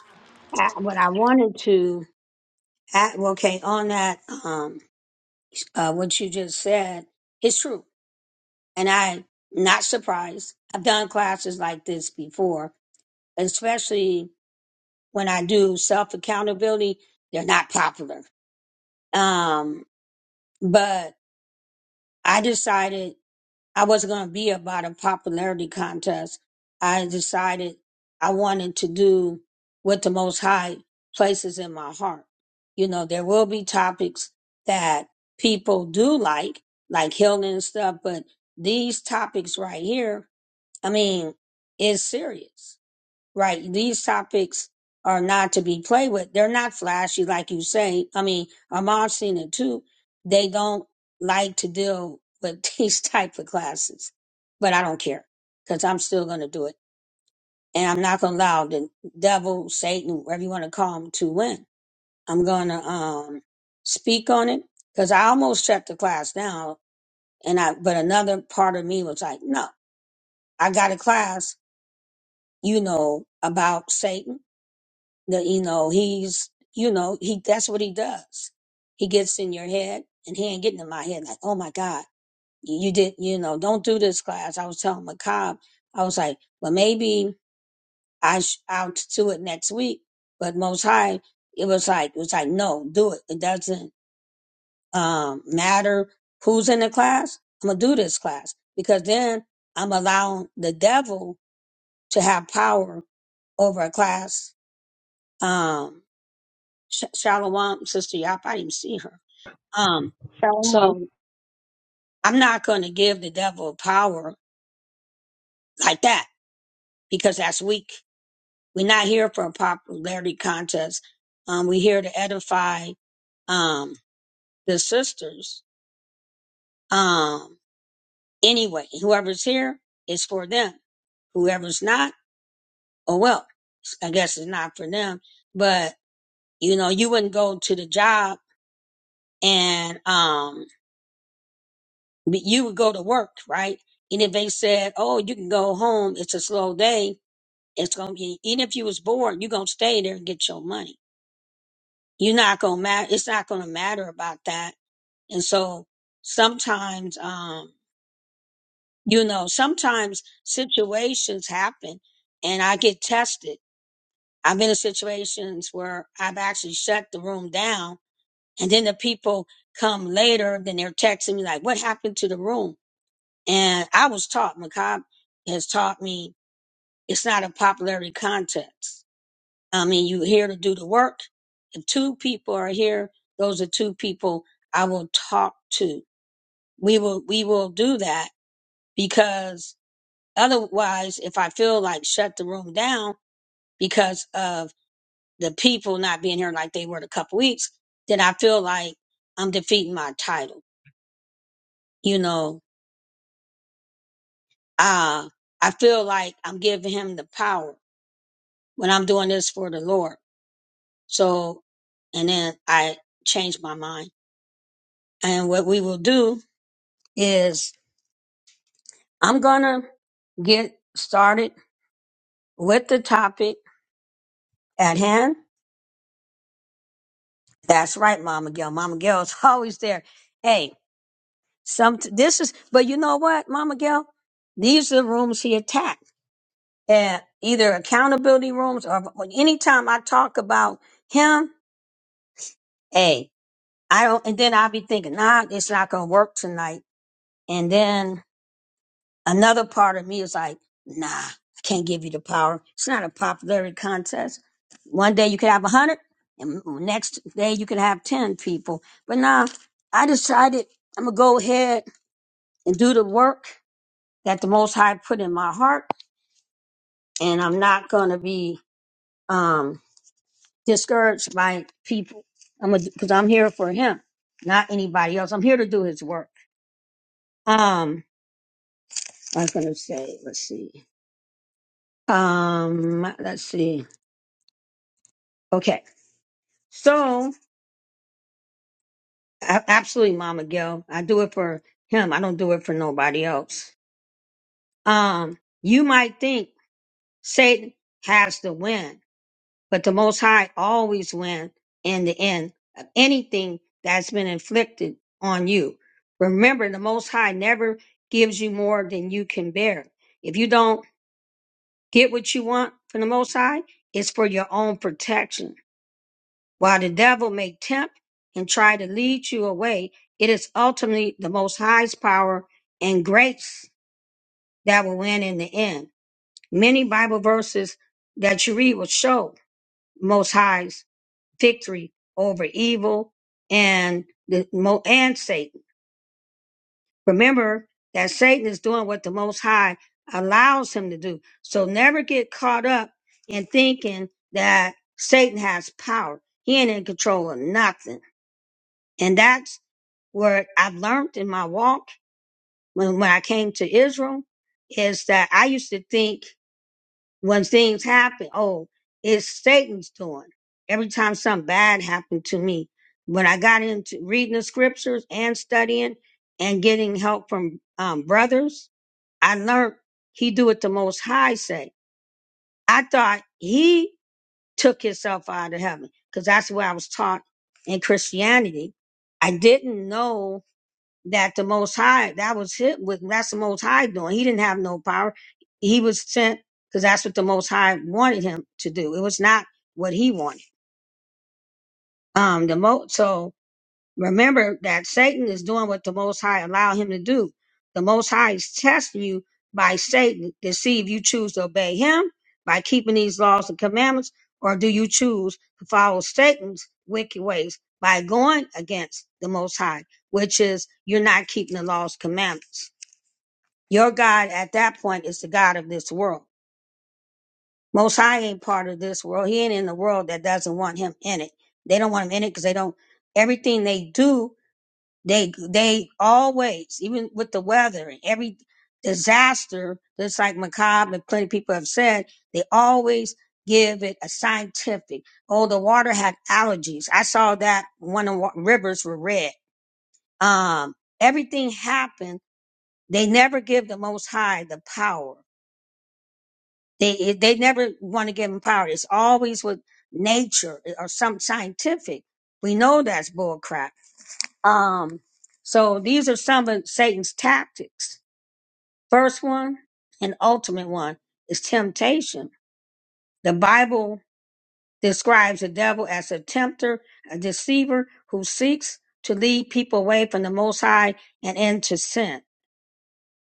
Speaker 2: I, what I wanted to, add, okay, on that, um, uh, what you just said, it's true. and I'm not surprised. I've done classes like this before, especially when I do self accountability. They're not popular. Um, but I decided I wasn't going to be about a popularity contest. I decided I wanted to do what the most high places in my heart. You know, there will be topics that people do like, like healing and stuff, but these topics right here I mean, is serious, right? These topics are not to be played with. They're not flashy, like you say. I mean, Ahmad's seen it too. They don't like to deal with these type of classes, but I don't care because I'm still going to do it. And I'm not going to allow the devil, Satan, whatever you want to call him, to win. I'm going to um, speak on it because I almost shut the class down. And I, but another part of me was like, no, I got a class you know, about Satan. That, you know, he's, you know, he, that's what he does. He gets in your head and he ain't getting in my head like, oh my God, you, you did, you know, don't do this class. I was telling Macab, I was like, well, maybe I sh- I'll do it next week. But most high, it was like, it was like, no, do it. It doesn't, um, matter who's in the class. I'm going to do this class because then I'm allowing the devil to have power over a class um Sh- Shalom, Sister Yap, I didn't see her. Um,
Speaker 1: Psalm
Speaker 2: so I'm not going to give the devil power like that because that's weak. We're not here for a popularity contest. Um, we're here to edify um the sisters. Um, anyway, whoever's here is for them. Whoever's not, oh well, I guess it's not for them. But you know, you wouldn't go to the job and um. But you would go to work, right? And if they said, "Oh, you can go home. It's a slow day. It's gonna be." Even if you was bored, you gonna stay there and get your money. You're not gonna matter. It's not gonna matter about that. And so sometimes, um, you know, sometimes situations happen, and I get tested. I've been in situations where I've actually shut the room down, and then the people come later. Then they're texting me like, "What happened to the room?" And I was taught, Macab has taught me, it's not a popularity contest. I mean, you're here to do the work. If two people are here, those are two people I will talk to. We will, we will do that because otherwise, if I feel like shut the room down because of the people not being here like they were the couple weeks, then I feel like I'm defeating my title. You know, uh, I feel like I'm giving him the power when I'm doing this for the Lord. So, and then I changed my mind. And what we will do is I'm going to get started with the topic at hand. That's right, Mama Gail. Mama Gail is always there. Hey, some, this is, but you know what, Mama Gail? These are the rooms he attacked at either accountability rooms or anytime I talk about him, hey, I don't, and then I'll be thinking, nah, it's not going to work tonight. And then another part of me is like, nah, I can't give you the power. It's not a popularity contest. One day you could have a hundred, and m- next day you could have ten people. But nah, I decided I'm gonna go ahead and do the work that the Most High put in my heart, and I'm not gonna be um discouraged by people. I'm gonna because I'm here for Him, not anybody else. I'm here to do His work. Um, I was gonna say, let's see. Um, let's see. Okay. So, a- absolutely, Mama Gil. I do it for him. I don't do it for nobody else. Um, you might think Satan has to win, but the Most High always win in the end of anything that's been inflicted on you. Remember, the Most High never gives you more than you can bear. If you don't get what you want from the Most High, it's for your own protection While the devil may tempt and try to lead you away, it is ultimately the Most High's power and grace that will win in the end. Many Bible verses that you read will show Most High's victory over evil and the Mo- and Satan. Remember that Satan is doing what the Most High allows him to do. So never get caught up in thinking that Satan has power. He ain't in control of nothing. And that's what I've learned in my walk when, when I came to Israel is that I used to think when things happen, oh, it's Satan's doing. Every time something bad happened to me, when I got into reading the scriptures and studying and getting help from um, brothers, I learned he do what the most high say. I thought he took himself out of heaven because that's what I was taught in Christianity. I didn't know that the Most High, that was hit with, that's the Most High doing. He didn't have no power. He was sent because that's what the Most High wanted him to do. It was not what he wanted. Um, the mo, so remember that Satan is doing what the Most High allowed him to do. The Most High is testing you by Satan to see if you choose to obey him by keeping these laws and commandments, or do you choose to follow Satan's wicked ways by going against the Most High, which is you're not keeping the laws and commandments. Your God at that point is the God of this world. Most High ain't part of this world. He ain't in the world that doesn't want him in it. They don't want him in it because they don't. Everything they do, they they always, even with the weather and every disaster, just like Macabre and plenty of people have said, they always give it a scientific. Oh, the water had allergies. I saw that when the wa- rivers were red. Um, everything happened. They never give the Most High the power They they never want to give them power. It's always with nature eh, or some scientific. We know that's bullcrap. Um, so these are some of Satan's tactics. First one and ultimate one is temptation. The Bible describes the devil as a tempter, a deceiver who seeks to lead people away from the Most High and into sin.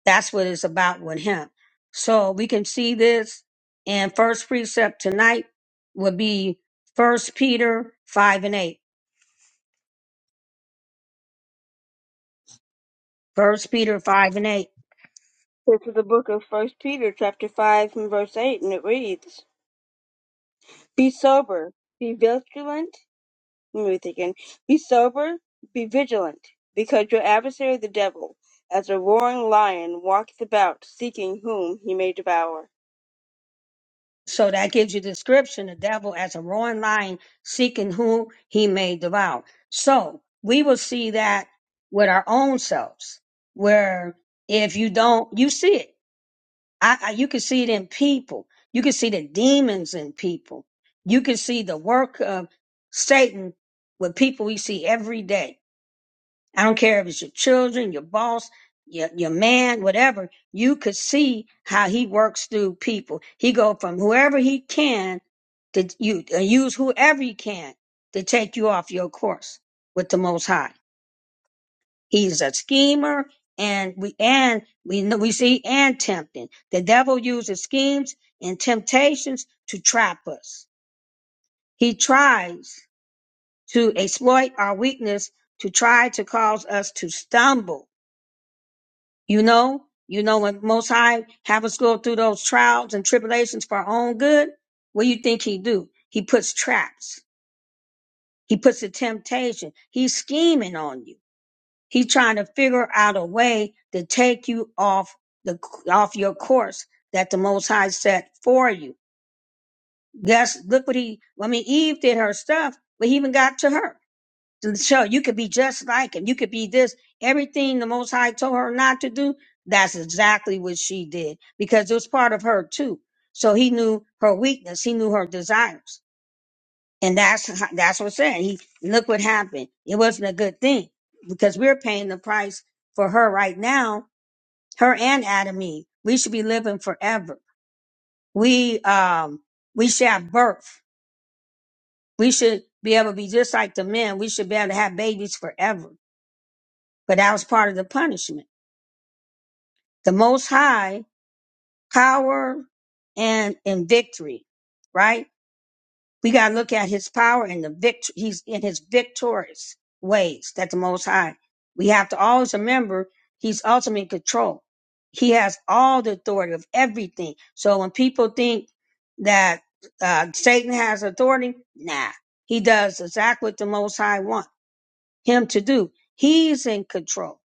Speaker 2: That's what it's about with him. So we can see this and first precept tonight would be first Peter five and eight. First Peter five and eight.
Speaker 1: This is the book of First Peter, chapter five, and verse eight, and it reads: "Be sober, be vigilant." Let me read it again. Be sober, be vigilant, because your adversary, the devil, as a roaring lion, walketh about, seeking whom he may devour.
Speaker 2: So that gives you description the devil as a roaring lion seeking whom he may devour. So we will see that with our own selves, where if you don't, you see it. I, I you can see it in people. You can see the demons in people. You can see the work of Satan with people we see every day. I don't care if it's your children, your boss, your, your man, whatever. You could see how he works through people. He go from whoever he can to you, uh, use whoever he can to take you off your course with the Most High. He's a schemer, and we and we know we see and tempting. The devil uses schemes and temptations to trap us. He tries to exploit our weakness to try to cause us to stumble. You know, you know when Most High have us go through those trials and tribulations for our own good. What do you think he do? He puts traps. He puts a temptation. He's scheming on you. He's trying to figure out a way to take you off the off your course that the Most High set for you. Guess look what he. I mean, Eve did her stuff, but he even got to her. So you could be just like him. You could be this. Everything the Most High told her not to do, that's exactly what she did because it was part of her too. So he knew her weakness. He knew her desires. And that's h- that's what said. He look what happened. It wasn't a good thing because we're paying the price for her right now. Her and Adam and Eve. We should be living forever. We um we should have birth. We should be able to be just like the men. We should be able to have babies forever. But that was part of the punishment. The Most High power and and victory, right? We got to look at his power and the vict- he's in his victorious ways that the most high. We have to always remember he's ultimately in control. He has all the authority of everything. So when people think that uh, Satan has authority, nah, he does exactly what the most high want him to do. He's in control.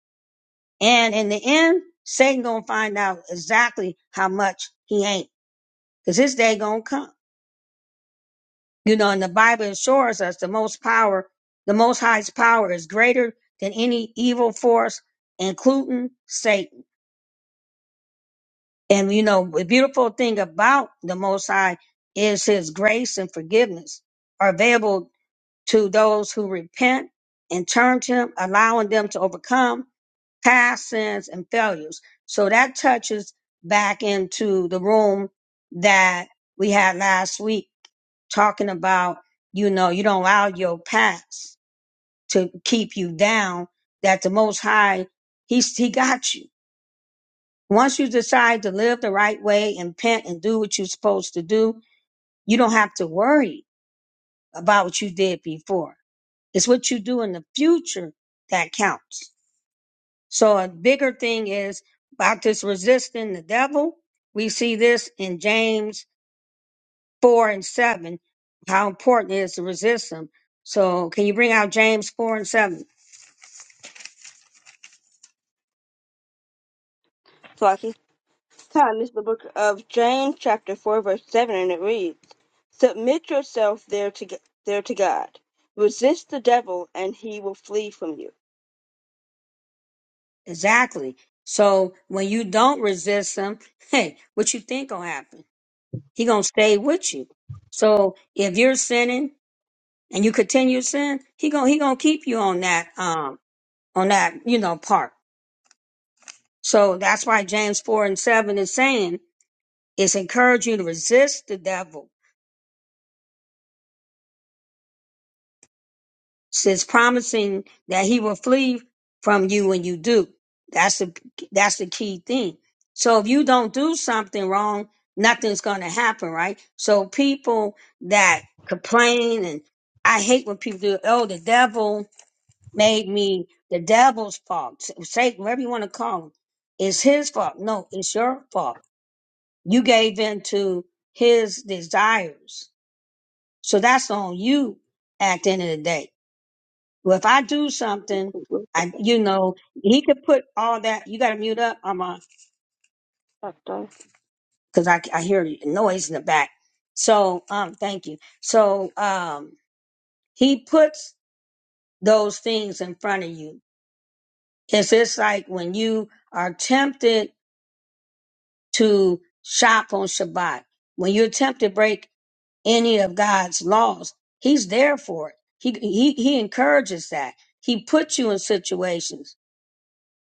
Speaker 2: And in the end, Satan gonna find out exactly how much he ain't because his day gonna come. You know, and the Bible assures us the most power, the most highest power is greater than any evil force, including Satan. And you know, the beautiful thing about the most high is his grace and forgiveness are available to those who repent and turn to him, allowing them to overcome past sins and failures. So that touches back into the room that we had last week talking about, you know, you don't allow your past to keep you down, that the most high, he's, he got you. Once you decide to live the right way and repent and do what you're supposed to do, you don't have to worry about what you did before. It's what you do in the future that counts. So a bigger thing is about this resisting the devil. We see this in James 4 and 7, how important it is to resist them. So, can you bring out James 4 and 7?
Speaker 1: Flocky. Time this is the book of James, chapter four, verse seven, and it reads: "Submit yourself there to there to God. Resist the devil, and he will flee from you."
Speaker 2: Exactly. So, when you don't resist them, hey, what you think gonna happen? He gonna stay with you. So, if you're sinning and you continue to sin, he gonna, he gonna keep you on that, um, on that, you know, part. So that's why James 4 and 7 is saying, it's encouraging you to resist the devil says promising that he will flee from you when you do. That's the that's the key thing. So if you don't do something wrong, nothing's going to happen, right? So people that complain and I hate when people do, oh, the devil made me the devil's fault. Satan, whatever you want to call him, it's his fault. No, it's your fault. You gave in to his desires. So that's on you at the end of the day. Well, if I do something, I, you know, he could put all that. You got to mute up, I'm on, because I, I hear the noise in the back. So, um, thank you. So, um, he puts those things in front of you. It's just like when you are tempted to shop on Shabbat, when you're tempted to break any of God's laws, he's there for it. He, he, he encourages that. He puts you in situations.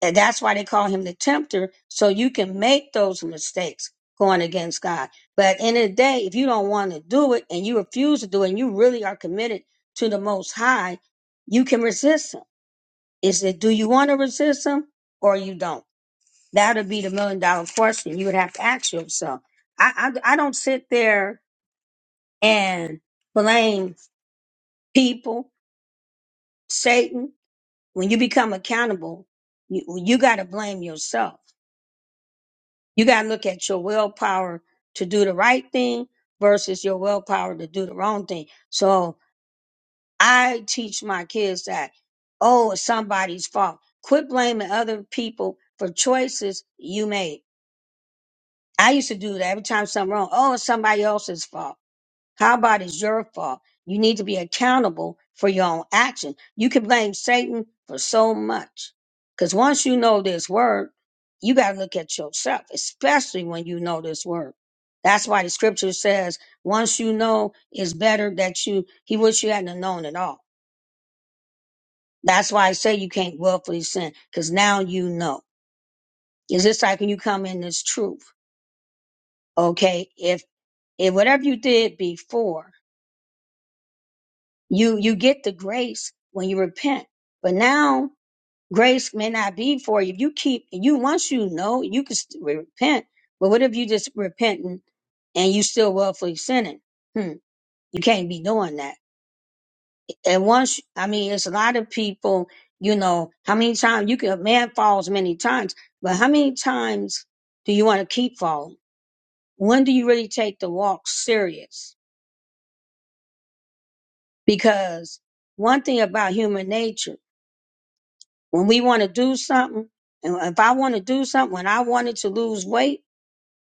Speaker 2: And that's why they call him the tempter, so you can make those mistakes going against God. But at the end of the day, if you don't want to do it and you refuse to do it and you really are committed to the most high, you can resist him. Is it do you want to resist him or you don't? That'll be the million dollar question you would have to ask yourself. I I, I don't sit there and blame people, Satan. When you become accountable, you, you got to blame yourself You got to look at your willpower to do the right thing versus your willpower to do the wrong thing. So I teach my kids that, oh, it's somebody's fault. Quit blaming other people for choices you made. I used to do that every time something wrong. Oh, it's somebody else's fault how about it's your fault? You need to be accountable for your own action. You can blame Satan for so much. Because once you know this word, you got to look at yourself, especially when you know this word. That's why the scripture says, once you know, it's better that you, he wish you hadn't known at all. That's why I say you can't willfully sin, because now you know. It's just like when you come in this truth, okay? If, if whatever you did before, you you get the grace when you repent but now grace may not be for you you keep you once you know you can st- repent but what if you just repenting and you still willfully sinning hmm you can't be doing that and once i mean it's a lot of people you know how many times you can man falls many times but how many times do you want to keep falling when do you really take the walk serious because one thing about human nature When we want to do something, and if I want to do something, when I wanted to lose weight,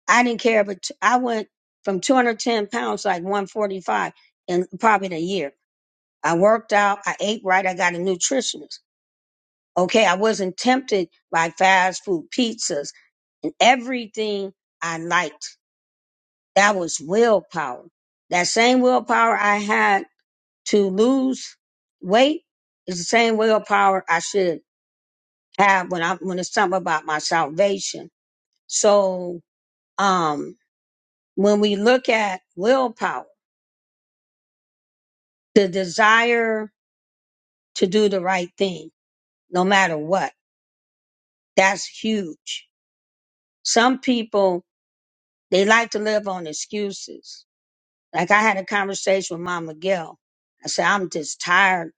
Speaker 2: I didn't care, but t- I went from 210 pounds to like 145 in probably a year. I worked out, I ate right, I got a nutritionist. Okay, I wasn't tempted by fast food, pizzas, and everything I liked. That was willpower. That same willpower I had to lose weight is the same willpower I should have when I when it's something about my salvation. So um, when we look at willpower, the desire to do the right thing, no matter what, that's huge. Some people, they like to live on excuses. Like I had a conversation with Mama Gail. I said, I'm just tired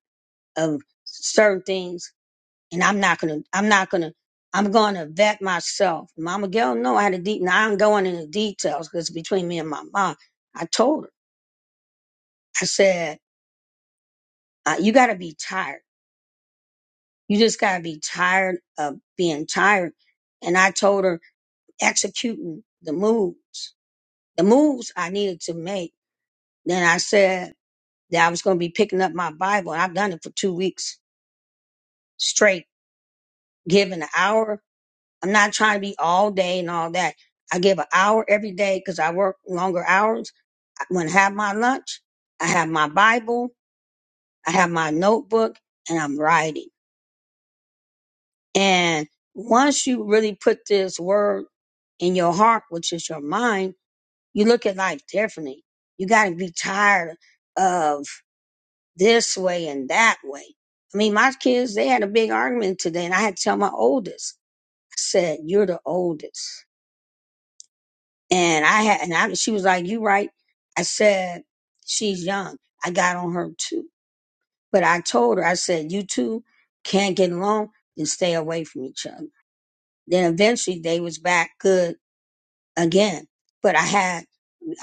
Speaker 2: of certain things and I'm not going to, I'm not going to, I'm going to vet myself. Mama Gail, no, I had a deep, now I'm going into details because between me and my mom, I told her, I said, uh, you got to be tired You just gotta be tired of being tired. And I told her executing the moves, the moves I needed to make. Then I said that I was gonna be picking up my Bible, and I've done it for two weeks straight, giving an hour. I'm not trying to be all day and all that. I give an hour every day because I work longer hours. I- When I have my lunch, I have my Bible, I have my notebook, and I'm writing. And once you really put this word in your heart, which is your mind, you look at life differently. You got to be tired of this way and that way. I mean, my kids, they had a big argument today and I had to tell my oldest, I said, you're the oldest. And I had, and I, she was like, you right. I said, she's young. I got on her too. But I told her, I said, you two can't get along and stay away from each other. Then eventually they was back good again. But I had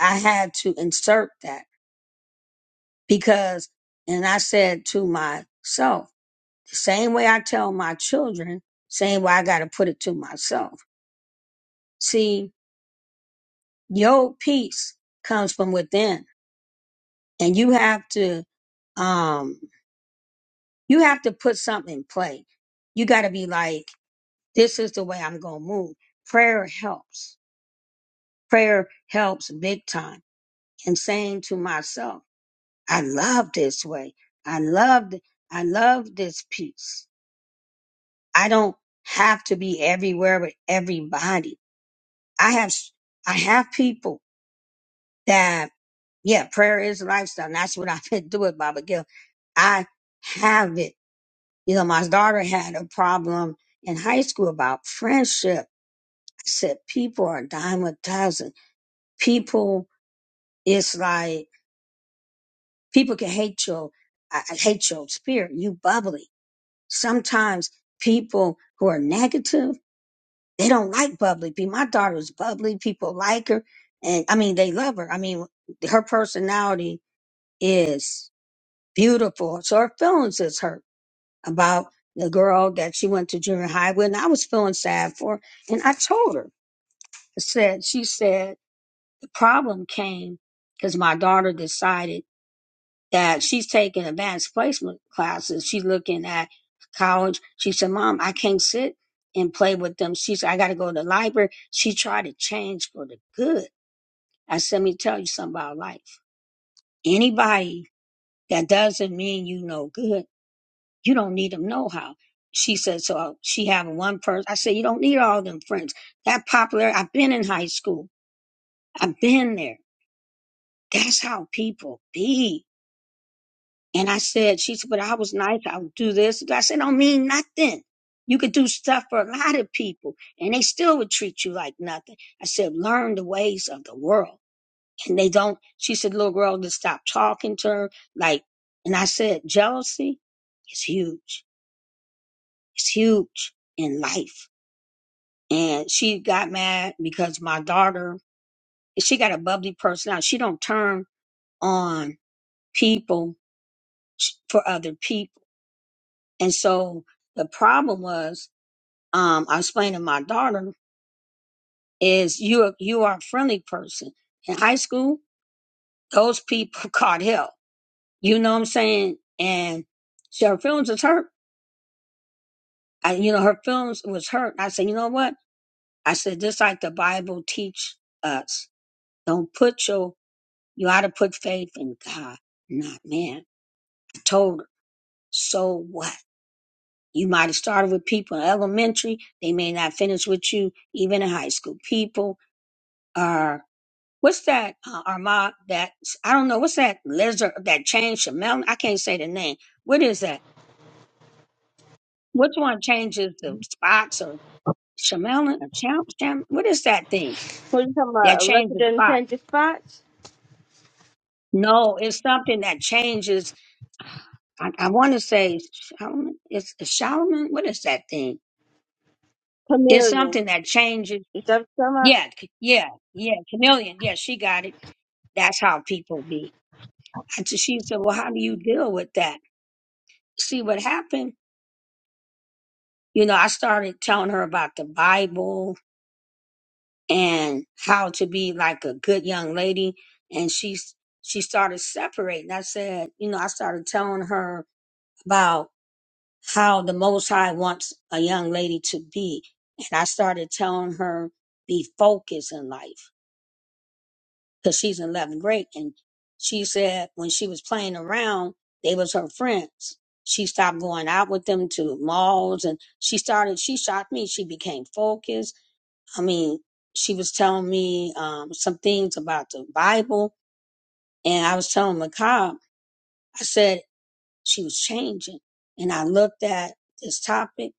Speaker 2: I had to insert that because and I said to myself, the same way I tell my children, same way I gotta put it to myself. See, your peace comes from within and you have to um you have to put something in play. You gotta be like, this is the way I'm gonna move. Prayer helps. Prayer helps big time. And saying to myself, I love this way. I love, th- I love this peace. I don't have to be everywhere with everybody. I have, s- I have people that, yeah, prayer is a lifestyle. And that's what I've been doing, Baba Gil. I have it. You know, my daughter had a problem in high school about friendship. I said, people are a dime a dozen. People, it's like, people can hate your, I I hate your spirit. You bubbly. sometimes people who are negative they don't like bubbly people my daughter was bubbly people like her and i mean they love her i mean her personality is beautiful so her feelings is hurt about the girl that she went to junior high with and i was feeling sad for her. and i told her i said she said the problem came because my daughter decided that she's taking advanced placement classes. She's looking at college. She said, Mom, I can't sit and play with them. She said, I got to go to the library. She tried to change for the good. I said, Let me tell you something about life. Anybody that doesn't mean you no good, you don't need them no how. She said, so uh, she having one person. I said, you don't need all them friends. That popular, I've been in high school. I've been there. That's how people be And I said, she said, but I was nice. I'll do this. I said, don't mean nothing. You could do stuff for a lot of people and they still would treat you like nothing. I said, learn the ways of the world. And they don't, she said, little girl, just stop talking to her. Like, and I said, jealousy is huge. It's huge in life. And she got mad because my daughter, she got a bubbly personality. She don't turn on people for other people And so the problem was, um, I explained to my daughter, is you are, you are a friendly person. In high school, those people caught hell. You know what I'm saying? And so her feelings was hurt. I, you know, her feelings was hurt. I said, you know what? I said, just like the Bible teach us, don't put your, you ought to put faith in God, not man. I told her, so what? You might have started with people in elementary. They may not finish with you even in high school. People or what's that uh, Armand? That I don't know. What's that lizard that changed Chamel? I can't say the name. What is that? Which one changes the spots or Chamel or Cham? Cham- What is that thing
Speaker 1: What are you talking
Speaker 2: that
Speaker 1: about? Elected
Speaker 2: changes
Speaker 1: and
Speaker 2: spots?
Speaker 1: change spots?
Speaker 2: No, it's something that changes. I, I want to say Solomon. It's Solomon. What is that thing? It's
Speaker 1: Chameleon.
Speaker 2: something that changes.
Speaker 1: Is that what you're talking
Speaker 2: Yeah,
Speaker 1: about?
Speaker 2: c- yeah, yeah. Chameleon. Yeah, she got it. That's how people be. And so she said, "Well, how do you deal with that?" See what happened you know, I started telling her about the Bible and how to be like a good young lady, and she she started separating. I said, you know, I started telling her about how the Most High wants a young lady to be, and I started telling her be focused in life because she's in eleventh grade, and she said when she was playing around, they was her friends. She stopped going out with them to malls and she started, she shocked me. She became focused I mean, she was telling me um, some things about the Bible, and I was telling Macab, I said she was changing, and I looked at this topic,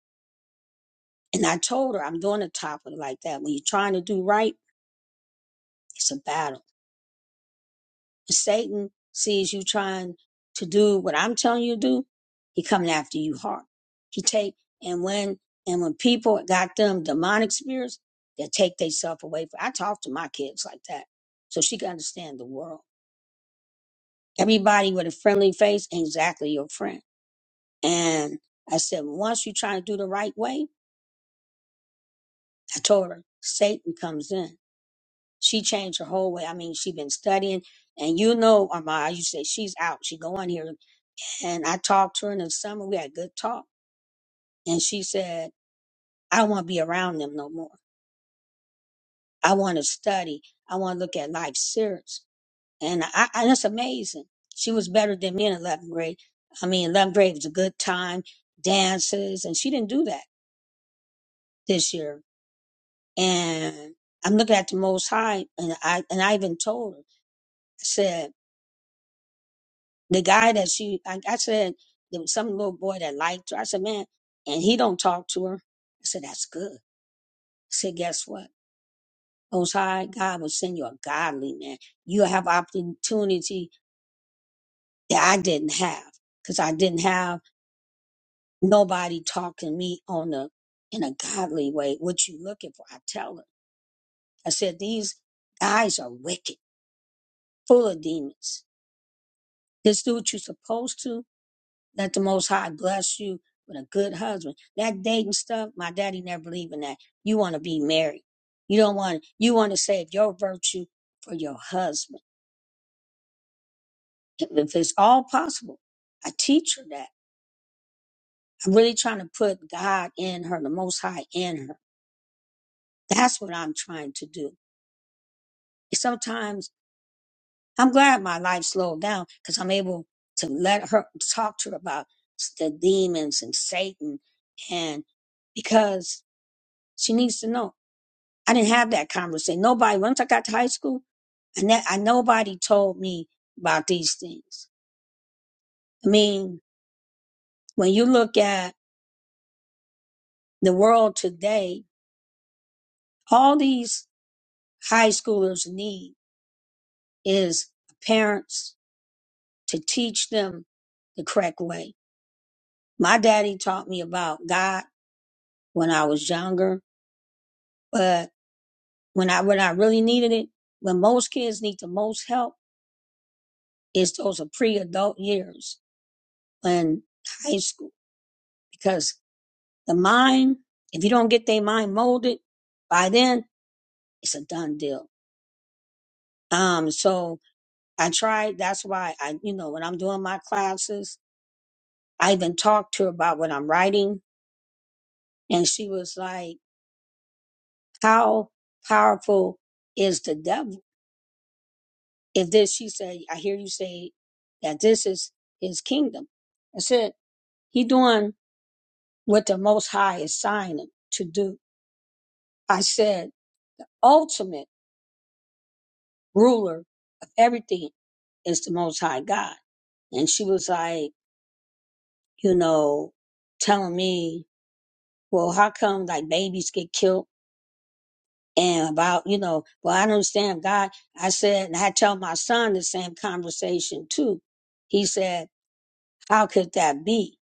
Speaker 2: and I told her I'm doing a topic like that. When you're trying to do right, it's a battle. If Satan sees you trying to do what I'm telling you to do, he coming after you hard. He take and when and when people got them demonic spirits, they take themselves away. From, I talk to my kids like that, so she can understand the world Everybody with a friendly face ain't exactly your friend. And I said, once you try to do the right way, I told her, Satan comes in. She changed her whole way. I mean, she been studying. And you know, Amara, you say she's out. She go on here. And I talked to her in the summer. We had a good talk. And she said, I don't want to be around them no more. I want to study. I want to look at life serious. And I, I, that's amazing. She was better than me in 11th grade. I mean, 11th grade was a good time dances and she didn't do that. this year. And I'm looking at the Most High, and I and I even told her. I said, the guy that she, I, I said, there was some little boy that liked her. I said, man, and he don't talk to her. I said, that's good. I said, guess what? Most High God will send you a godly man. You'll have opportunity that I didn't have because I didn't have nobody talking to me on the in a godly way. What you looking for? I tell her. I said, these guys are wicked, full of demons Just do what you're supposed to. Let the Most High bless you with a good husband. That dating stuff, my daddy never believed in that. You want to be married. You don't want. You want to save your virtue for your husband, if if it's all possible. I teach her that. I'm really trying to put God in her, the Most High in her. That's what I'm trying to do. Sometimes I'm glad my life slowed down because I'm able to let her talk to her about the demons and Satan and because She needs to know. I didn't have that conversation. Nobody, once I got to high school, and that I nobody told me about these things. I mean, when you look at the world today, all these high schoolers need is parents to teach them the correct way. My daddy taught me about God when I was younger, but when I when I really needed it, when most kids need the most help, is those are pre-adult years when high school because The mind, if you don't get their mind molded by then, it's a done deal. Um, so I tried. That's why I, you know, when I'm doing my classes, I even talked to her about what I'm writing, and she was like, "How powerful is the devil?" If this, she said, "I hear you say that this is his kingdom." I said, "He doing what the Most High is signing to do." I said, "Ultimately." ruler of everything is the Most High God. And she was like, you know, telling me, well, how come like babies get killed? And about, you know, well, I don't understand God. I said, and I tell my son the same conversation too. He said, how could that be?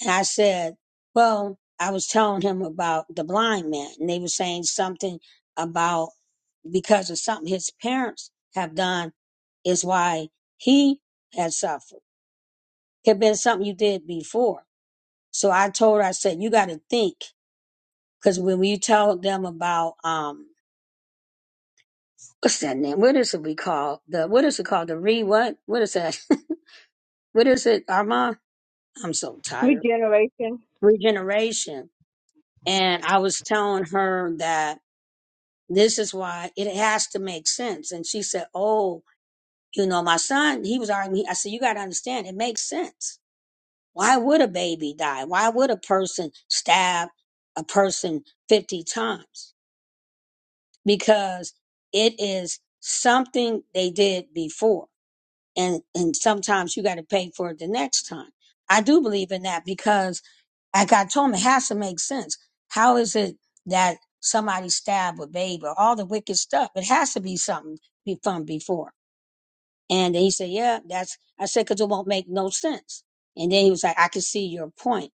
Speaker 2: And I said, well, I was telling him about the blind man and they were saying something about because of something his parents have done is why he had suffered. could have been something you did before. So I told her, I said, you got to think. Because when you tell them about, um, what's that name? What is it we call? The, what is it called? The re what? What is that? What is it, Armand? I'm so tired.
Speaker 1: Regeneration.
Speaker 2: Regeneration. And I was telling her that this is why it has to make sense. And she said, oh, you know, my son, he was arguing. I said, you got to understand, it makes sense Why would a baby die? Why would a person stab a person 50 times? Because it is something they did before. And, and sometimes you got to pay for it the next time. I do believe in that because, like I told him, it has to make sense. How is it that somebody stabbed a baby or all the wicked stuff? It has to be something be- from before. And he said, Yeah, that's, I said, because it won't make no sense. And then he was like, I can see your point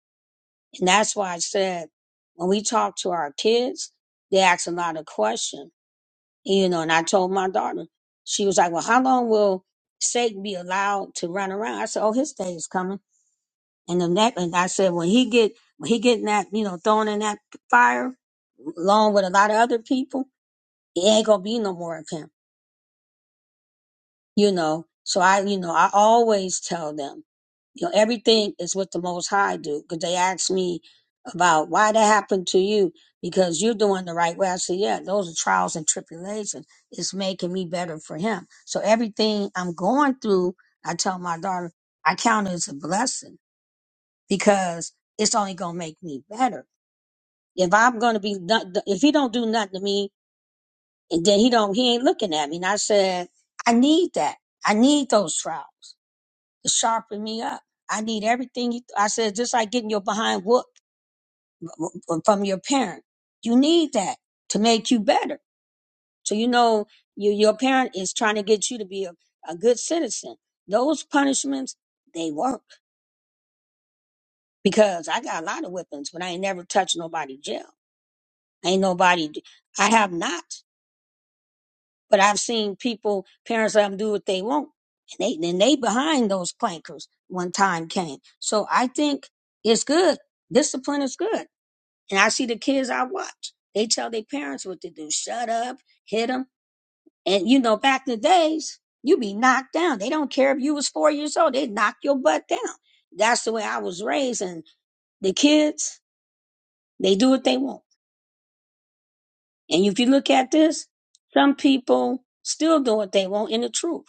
Speaker 2: And that's why I said when we talk to our kids, they ask a lot of questions. You know, and I told my daughter, she was like, Well, how long will Satan be allowed to run around? I said, Oh, his day is coming. And the next and I said, when he get when he getting that, you know, thrown in that fire along with a lot of other people, it ain't gonna be no more of him. you know so i you know i always tell them you know everything is what the most high do because they ask me about why that happened to you because you're doing the right way i say yeah those are trials and tribulations it's making me better for him so everything i'm going through i tell my daughter i count it as a blessing because it's only going to make me better if i'm going to be done- if he don't do nothing to me and then he don't he ain't looking at me and i said i need that i need those trials to sharpen me up. I need everything. You, I said, just like getting your behind whooped from your parent. You need that to make you better. So you know your your parent is trying to get you to be a, a good citizen. Those punishments they work because I got a lot of whippings, but I ain't never touched nobody jail. Ain't nobody. I have not. But I've seen people, parents let them do what they want, and they and they behind those clankers when time came. So I think it's good. Discipline is good, and I see the kids I watch. They tell their parents what to do: shut up, hit them, and you know, back in the days, you be knocked down. They don't care if you was four years old; they knock your butt down. That's the way I was raised, and the kids they do what they want. And if you look at this, some people still do what they want in the truth.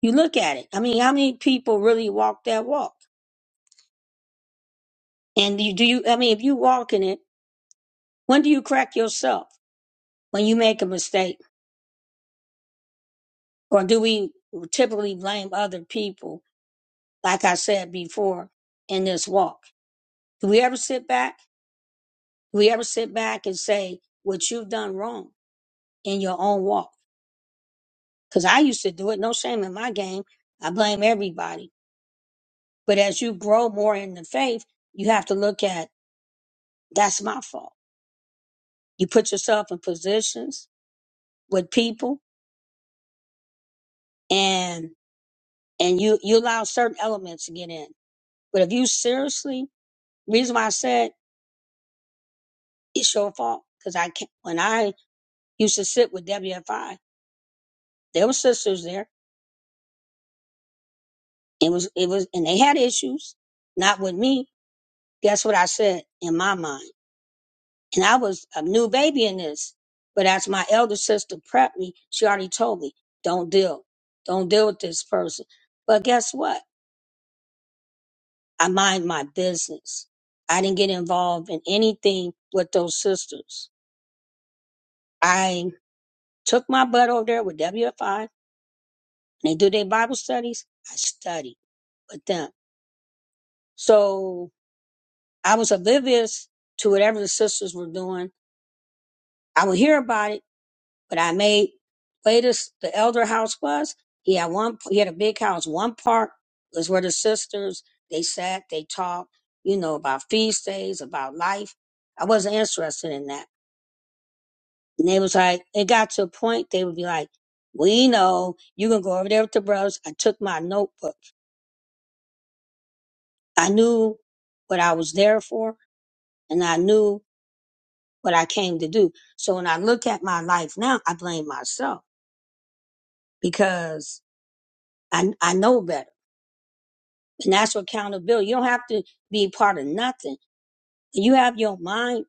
Speaker 2: You look at it. I mean, how many people really walk that walk? And you, do you, I mean, if you walk in it, when do you crack yourself? When you make a mistake? Or do we typically blame other people, like I said before, in this walk? Do we ever sit back? Do we ever sit back and say what you've done wrong in your own walk? Because I used to do it. No shame in my game. I blame everybody. But as you grow more in the faith, you have to look at that's my fault. You put yourself in positions with people and and you you allow certain elements to get in. But if you seriously, reason why I said it's your fault because I can't. When I used to sit with WFI, there were sisters there. It was it was and they had issues, not with me. Guess what I said in my mind, and I was a new baby in this. But as my elder sister prepped me, she already told me, "Don't deal, don't deal with this person." But guess what? I mind my business. I didn't get involved in anything with those sisters. I took my butt over there with WFI and they do their Bible studies. I studied with them. So I was oblivious to whatever the sisters were doing. I would hear about it, but I made way this the elder house was. He had one he had a big house. One part was where the sisters they sat, they talked, you know, about feast days, about life. I wasn't interested in that. And they was like, it got to a point, they would be like, we know you can go over there with the brothers. I took my notebook. I knew what I was there for and I knew what I came to do. So when I look at my life now, I blame myself because I, I know better. And that's what accountability. You don't have to be part of nothing. You have your mind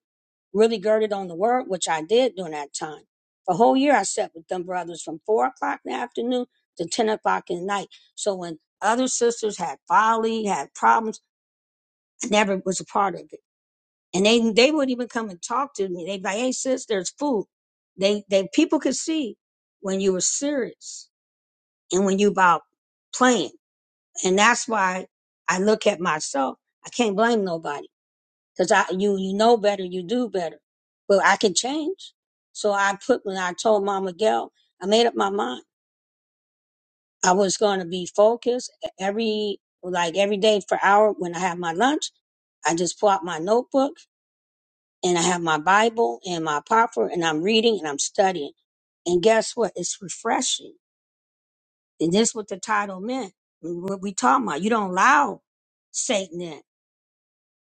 Speaker 2: really girded on the word, which I did during that time. For a whole year, I sat with them brothers from four o'clock in the afternoon to 10 o'clock at night. So when other sisters had folly, had problems, I never was a part of it. And they, they would even come and talk to me. They'd be like, hey, sis, there's food. They, they, people could see when you were serious and when you about playing. And that's why I look at myself. I can't blame nobody because I you you know better, you do better. But I can change. So I put when I told Mama Gail, I made up my mind. I was going to be focused e-, every like every day for hour when I have my lunch. I just pull out my notebook and I have my Bible and my popper and I'm reading and I'm studying. And guess what? It's refreshing. And this is what the title meant. What we talking about? You don't allow Satan in.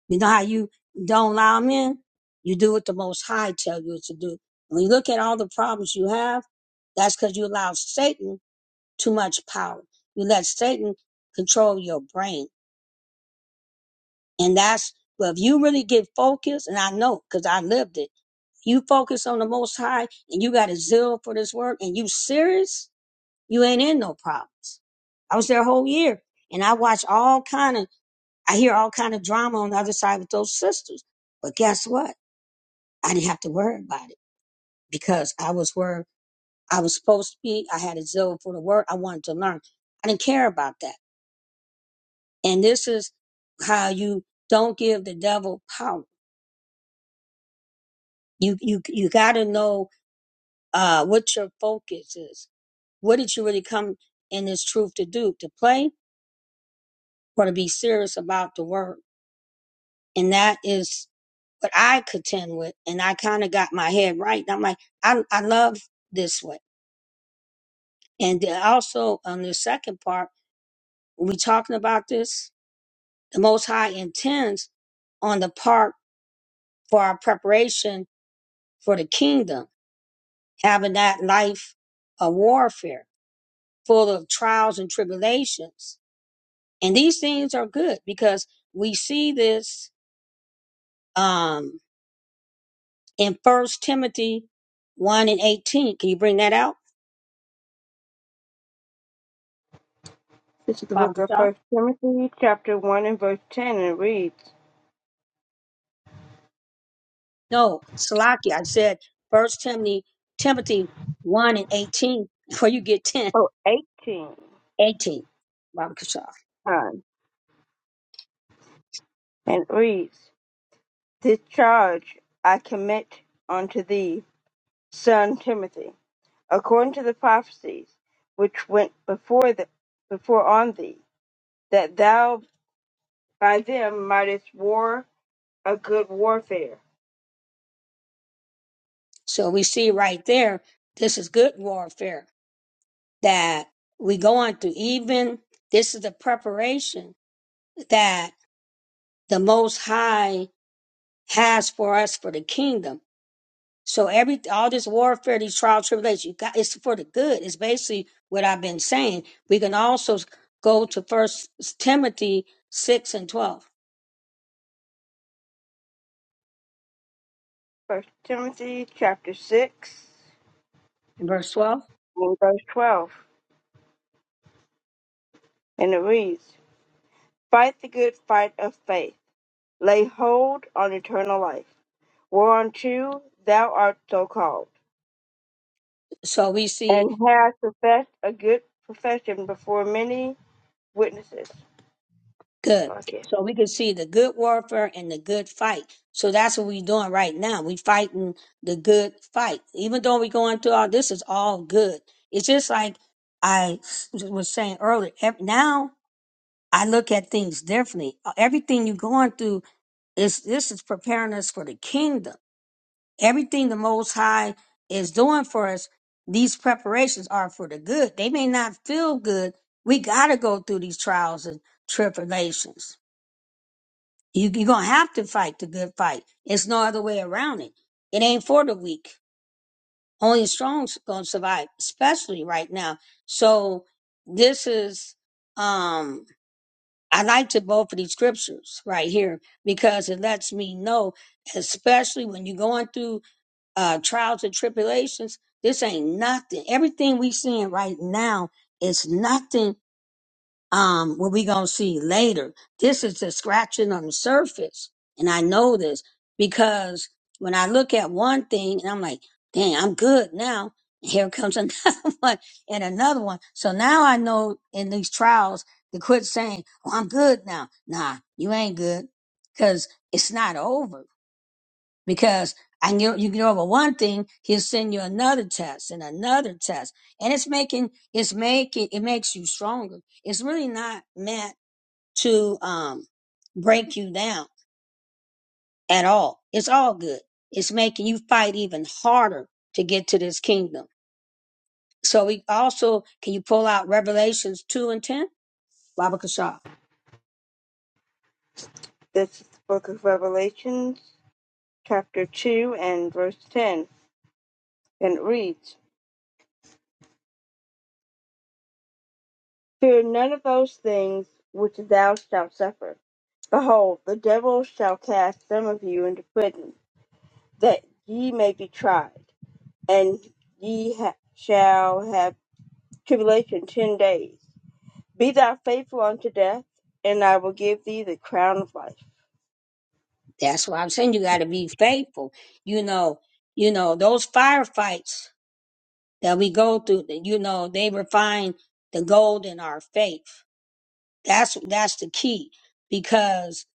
Speaker 2: You know how you don't allow them in? You do what the Most High tell you to do. When you look at all the problems you have, that's because you allow Satan too much power. You let Satan control your brain. And that's, well, if you really get focused, and I know because I lived it, you focus on the Most High and you got a zeal for this work and you serious, you ain't in no problems. I was there a whole year and I watch all kind of, I hear all kind of drama on the other side with those sisters. But guess what? I didn't have to worry about it because I was where I was supposed to be. I had a zeal for the word. I wanted to learn. I didn't care about that. And this is how you don't give the devil power. You you you got to know uh, what your focus is. What did you really come in this truth to do? To play or to be serious about the word? And that is what I contend with. And I kind of got my head right. I'm like, I I love this way. And then also on the second part. When we talking about this, the Most High intends on the part for our preparation for the kingdom, having that life of warfare full of trials and tribulations. And these things are good because we see this um, in First Timothy 1 and 18. Can you bring that out,
Speaker 1: This is the
Speaker 2: Baba
Speaker 1: book of
Speaker 2: Patel?
Speaker 1: First Timothy, chapter 1 and verse 10, and it reads,
Speaker 2: No, Salaki, I said First Timothy, Timothy 1 and 18. Before you get 10,
Speaker 1: Oh, eighteen.
Speaker 2: 18, Baba Kashaw.
Speaker 1: time, and it reads, This charge I commit unto thee, son Timothy, according to the prophecies which went before, the, before on thee, that thou by them mightest war a good warfare.
Speaker 2: So we see right there, this is good warfare that we go on to. Even this is the preparation that the Most High has for us for the kingdom. So every all this warfare, these trials, tribulations, you got it's for the good. It's basically what I've been saying. We can also go to First Timothy six and twelve,
Speaker 1: First Timothy, chapter 6.
Speaker 2: in verse twelve.
Speaker 1: in verse 12, and it reads, Fight the good fight of faith, lay hold on eternal life, whereunto thou art so called,
Speaker 2: So we see
Speaker 1: and hast professed a good profession before many witnesses.
Speaker 2: Good.
Speaker 1: Okay.
Speaker 2: So we can see the good warfare and the good fight. So that's what we're doing right now. We fighting the good fight. Even though we're going through all this is all good. It's just like I was saying earlier. ev- Now I look at things differently. Uh, Everything you're going through is this is preparing us for the kingdom. Everything the Most High is doing for us, these preparations are for the good. They may not feel good. We got to go through these trials and tribulations you, you're going to have to fight the good fight. It's no other way around it. It ain't for the weak. Only strong's going to survive, especially right now. So this is, um, I like to both of these scriptures right here because it lets me know, especially when you're going through uh, trials and tribulations, this ain't nothing. Everything we seeing right now is nothing um, what we gonna see later. This is the scratching on the surface, and I know this because when I look at one thing and I'm like, "Dang, I'm good now." Here comes another one and another one. So now I know in these trials to quit saying, "Oh, I'm good now." Nah, you ain't good because it's not over because I knew you get over one thing, he'll send you another test and another test. And it's making it's making it makes you stronger. It's really not meant to um break you down at all. It's all good. It's making you fight even harder to get to this kingdom. So we also can you pull out Revelations two and ten? Baba Kashaw.
Speaker 1: This is the book of Revelations, chapter 2, and verse 10, and it reads, Fear none of those things which thou shalt suffer. Behold, the devil shall cast some of you into prison, that ye may be tried and ye ha- shall have tribulation ten days. Be thou faithful unto death, and I will give thee the crown of life.
Speaker 2: That's why I'm saying you gotta be faithful. You know, you know, those firefights that we go through that you know they refine the gold in our faith that's that's the key because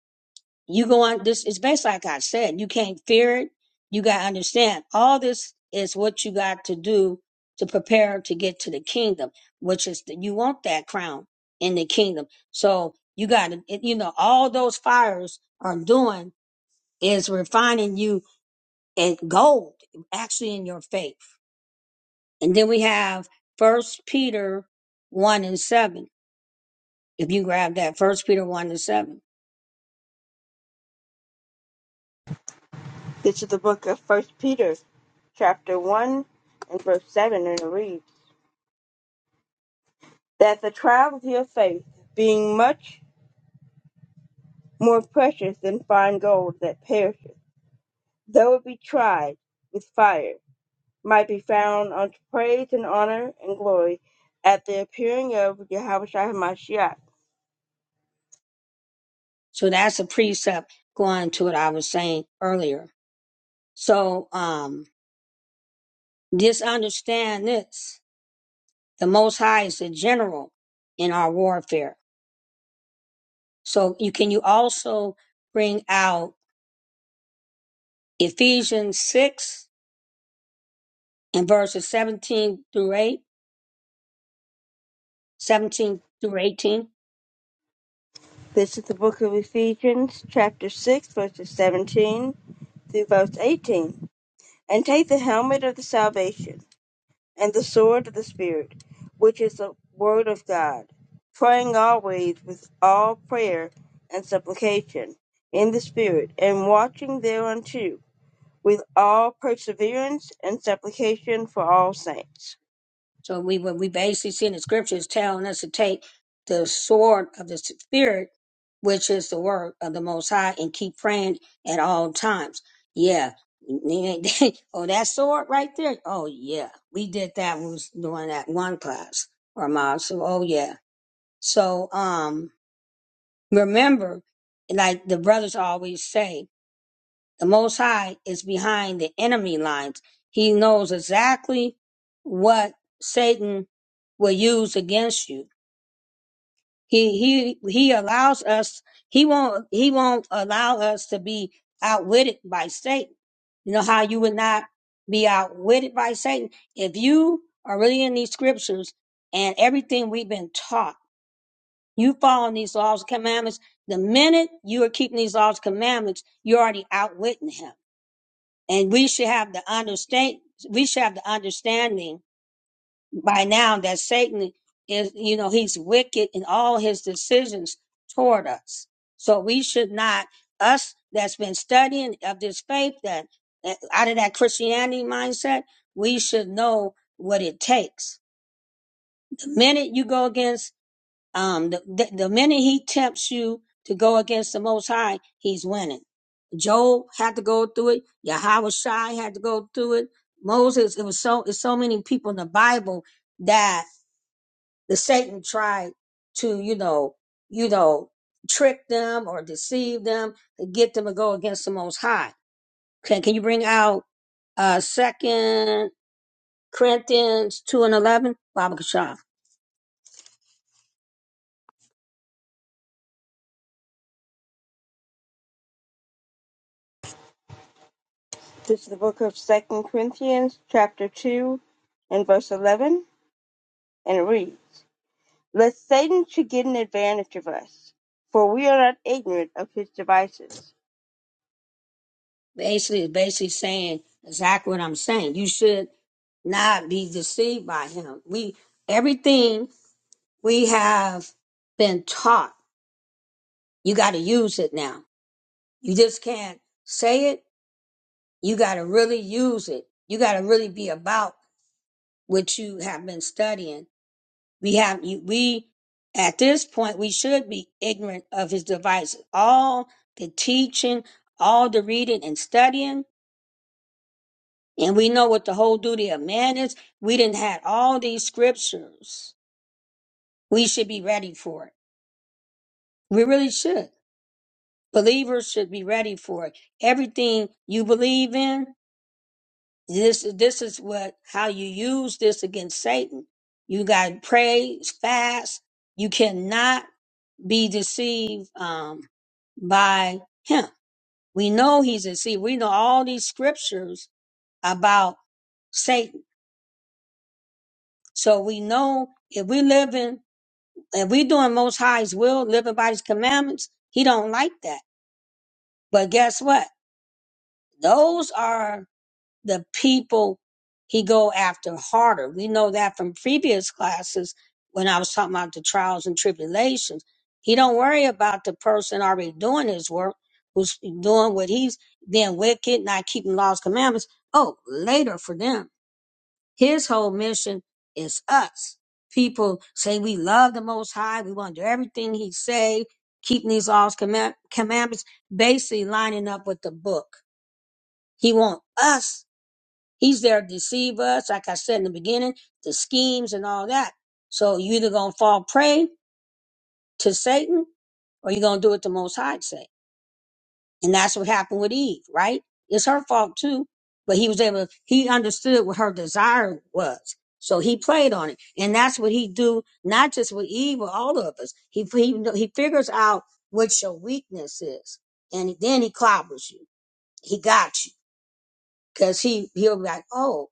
Speaker 2: you go on this it's based like i said you can't fear it you got to understand all this is what you got to do to prepare to get to the kingdom which is that you want that crown in the kingdom so you got to it- you know all those fires are doing is refining you in gold actually in your faith and then we have First Peter one and seven. If you grab that, First Peter one and seven.
Speaker 1: This is the book of First Peter, chapter one and verse seven, and it reads that the trial of your faith, being much more precious than fine gold that perisheth, though it be tried with fire, might be found unto praise and honor and glory at the appearing of Yahweh Shai
Speaker 2: So that's a precept going to what I was saying earlier. So um, just understand this: the Most High is the general in our warfare. So you can you also bring out Ephesians six and verses seventeen through eight, seventeen through eighteen.
Speaker 1: This is the book of Ephesians, chapter 6, verses 17 through verse 18. And take the helmet of the salvation and the sword of the Spirit, which is the word of God, praying always with all prayer and supplication in the Spirit, and watching thereunto with all perseverance and supplication for all saints.
Speaker 2: So we what we basically see in the scriptures telling us to take the sword of the spirit, which is the word of the Most High, and keep praying at all times. Yeah. oh, that sword right there. Oh yeah, we did that. when We was doing that one class or mod. So oh yeah. So um, remember, like the brothers always say. The Most High is behind the enemy lines. He knows exactly what Satan will use against you. He he he allows us. He won't he won't allow us to be outwitted by Satan. You know how you would not be outwitted by Satan if you are really in these scriptures and everything we've been taught. You following these laws and commandments. The minute you are keeping these laws and commandments, you're already outwitting him and we should have the understand we should have the understanding by now that Satan is you know he's wicked in all his decisions toward us. So we should not us that's been studying of this faith that that- out of that Christianity mindset, we should know what it takes. The minute you go against um, the, the, the minute he tempts you to go against the Most High, he's winning. Job had to go through it. Yahweh Shai had to go through it. Moses, it was so, it's so many people in the Bible that the Satan tried to, you know, you know, trick them or deceive them to get them to go against the Most High. Can, can you bring out, uh, second Corinthians 2 and 11? Baba Kashaf.
Speaker 1: This is the book of Second Corinthians, chapter 2, and verse 11, and it reads. Lest Satan should get an advantage of us, for we are not ignorant of his devices.
Speaker 2: Basically, it's basically saying exactly what I'm saying. You should not be deceived by him. We everything we have been taught, you got to use it now. You just can't say it. You got to really use it. You got to really be about what you have been studying. We have you, we at this point we should be ignorant of his devices. All the teaching, all the reading and studying, and we know what the whole duty of man is. We didn't have all these scriptures. We should be ready for it We really should. Believers should be ready for it. Everything you believe in, this this is what how you use this against Satan. You got to pray, fast. You cannot be deceived um, by him. We know he's deceived. We know all these scriptures about Satan. So we know if we live in, if we doing Most High's will, living by His commandments, He don't like that. But guess what? Those are the people he go after harder. We know that from previous classes when I was talking about the trials and tribulations. He don't worry about the person already doing his work, who's doing what he's being wicked, not keeping laws, commandments. Oh, later for them. His whole mission is us. People say we love the Most High. We want to do everything He say, keeping these laws, command, commandments, basically lining up with the book. He want us He's there to deceive us, like I said in the beginning, the schemes and all that. So you either gonna fall prey to Satan or you're gonna do what the most high say. And that's what happened with Eve, right? It's her fault too. But he was able he understood what her desire was. So he played on it. And that's what he do, not just with Eve, but all of us. He he, he figures out what your weakness is. And then he clobbers you. He got you. Cause he he'll be like, oh,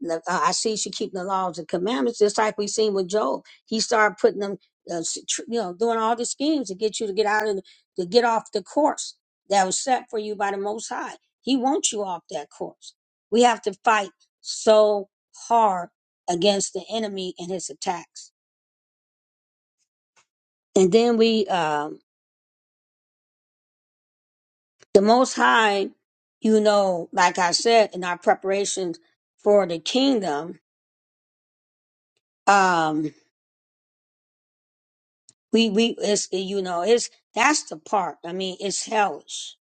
Speaker 2: look, uh, I see she keeping the laws and commandments, just like we seen with Job. He started putting them, uh, s- tr- you know, doing all the schemes to get you to get out of, the- to get off the course that was set for you by the Most High. He wants you off that course. We have to fight so hard against the enemy and his attacks. And then we, um, the Most High, you know, like I said in our preparations for the kingdom, um, We we it's you know it's that's the part. I mean, it's hellish,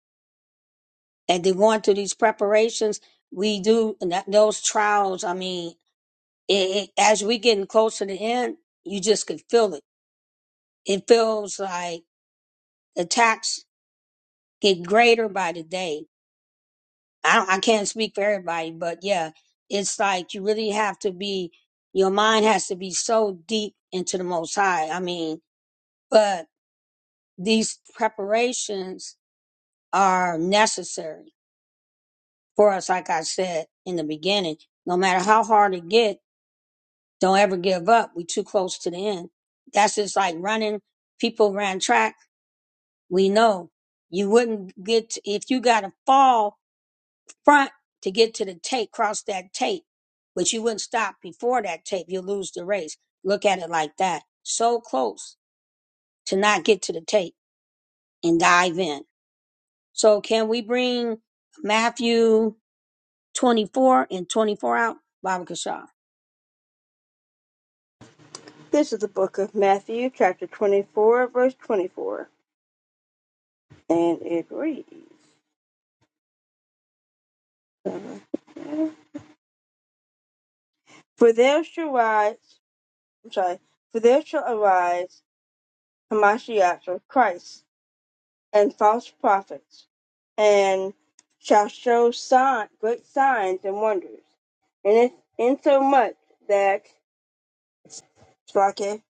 Speaker 2: and they're going through these preparations. We do and that, those trials. I mean, it, it, as we getting close to the end, you just could feel it. It feels like attacks get greater by the day. I don't, I can't speak for everybody, but yeah, it's like you really have to be. Your mind has to be so deep into the Most High. I mean, but these preparations are necessary for us, like I said in the beginning, no matter how hard it get, don't ever give up. We too close to the end. That's just like running. People ran track. We know you wouldn't get to, if you got to fall front to get to the tape, cross that tape, but you wouldn't stop before that tape. You'll lose the race. Look at it like that. So close to not get to the tape and dive in. So can we bring Matthew 24 and 24 out? Baba Kashaw.
Speaker 1: This is the book of Matthew, chapter 24, verse 24, and it reads, For there shall rise, I'm sorry, for there shall arise Hamashiach or Christ and false prophets, and shall show sign, great signs and wonders, and it, insomuch that, Splake,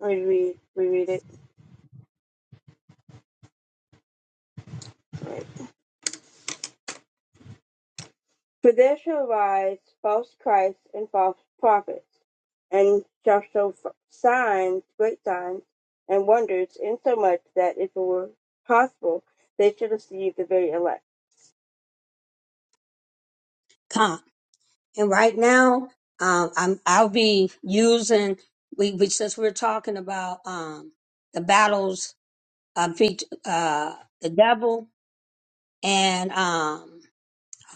Speaker 1: reread, reread it. right. For there shall arise false Christs and false prophets, and shall show signs, great signs, and wonders, insomuch that if it were possible, they should deceive the very elect.
Speaker 2: Come. And right now, um, I'm I'll be using we, we since we're talking about um, the battles uh, beat uh, the devil and um,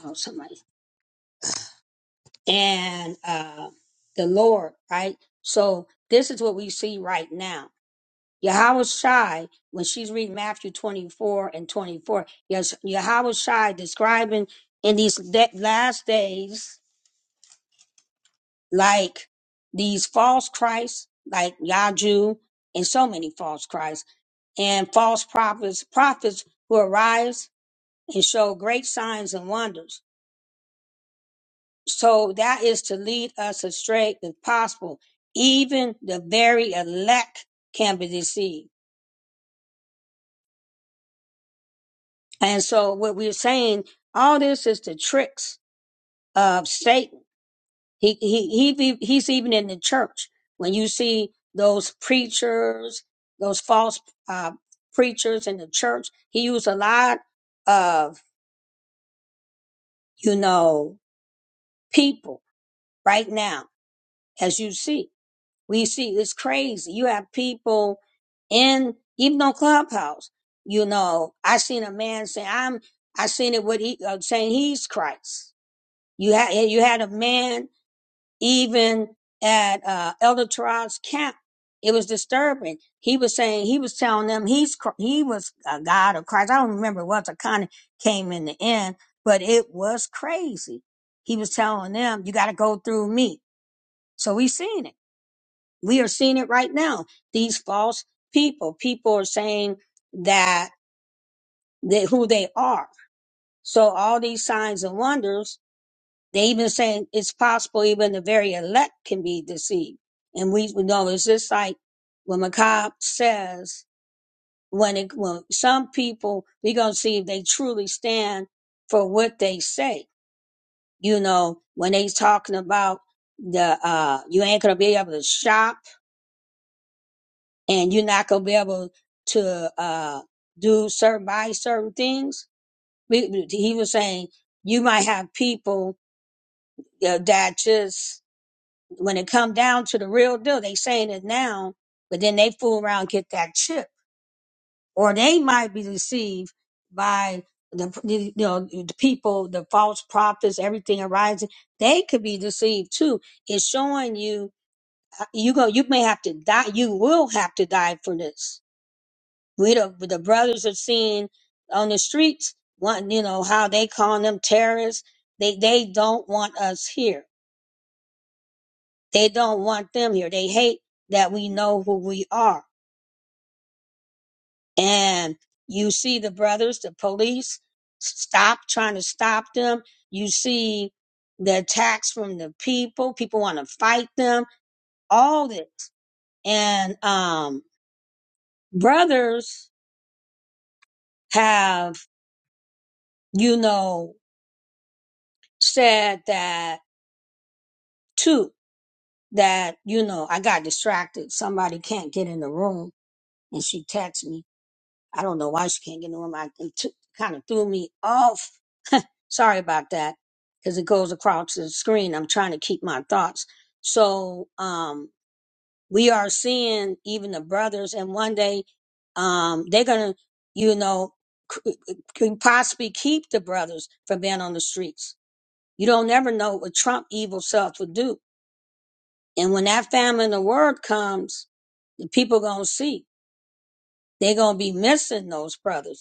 Speaker 2: oh somebody and uh, the Lord, right? So this is what we see right now. Yahweh Shai, when she's reading Matthew 24 and 24, yes, Yahweh Shai describing in these de- last days, like these false Christs, like Yaju, and so many false Christs, and false prophets, prophets who arise and show great signs and wonders. So that is to lead us astray if possible. Even the very elect can be deceived. And so what we're saying, all this is the tricks of Satan He, he, he, he's even in the church. When you see those preachers, those false uh, preachers in the church, he used a lot of, you know, people right now, as you see. We see it's crazy. You have people in, even on Clubhouse, you know, I seen a man say, I'm, I seen it with, he, uh, saying he's Christ. You had, you had a man even at uh, Elder Terrell's camp, it was disturbing. He was saying he was telling them he's Chr- he was a God of Christ. I don't remember what the kind of came in the end, but it was crazy. He was telling them, "You got to go through me." So we have seen it. We are seeing it right now. These false people. People are saying that they, who they are. So all these signs and wonders They even saying it's possible even the very elect can be deceived. And we, we know it's just like when McCobb says, when it, when some people, we're going to see if they truly stand for what they say. You know, when they talking about the, uh, you ain't going to be able to shop and you're not going to be able to, uh, do certain, buy certain things. We, he was saying you might have people uh, that just When it come down to the real deal, they saying it now, but then they fool around and get that chip, or they might be deceived by the you know the people, the false prophets, everything arising. They could be deceived too. It's showing you uh, you go. You may have to die. You will have to die for this. We the the brothers are seeing on the streets. One, you know how they call them terrorists. They they don't want us here They don't want them here. They hate that we know who we are. And you see the brothers, the police stop trying to stop them. You see the attacks from the people. People want to fight them. All this. And um brothers have, you know, said that too, that, you know, I got distracted. Somebody can't get in the room. And she texted me I don't know why she can't get in the room. I it t- kind of threw me off. Sorry about that, because it goes across the screen. I'm trying to keep my thoughts. So um, we are seeing even the brothers, and one day um, they're gonna, you know, c- c- possibly keep the brothers from being on the streets. You don't never know what Trump evil self would do. And when that famine in the world comes, the people gonna see. They're gonna be missing those brothers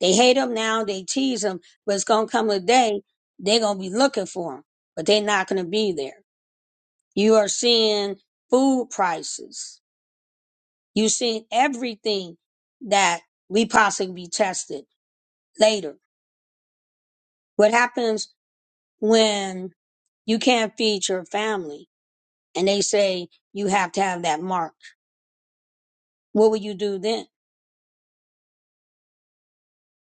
Speaker 2: They hate him now, they tease him, but it's gonna come a day they're gonna be looking for him, but they're not gonna be there. You are seeing food prices. You seeing everything that we possibly be tested later. What happens when you can't feed your family and they say you have to have that mark? What will you do then?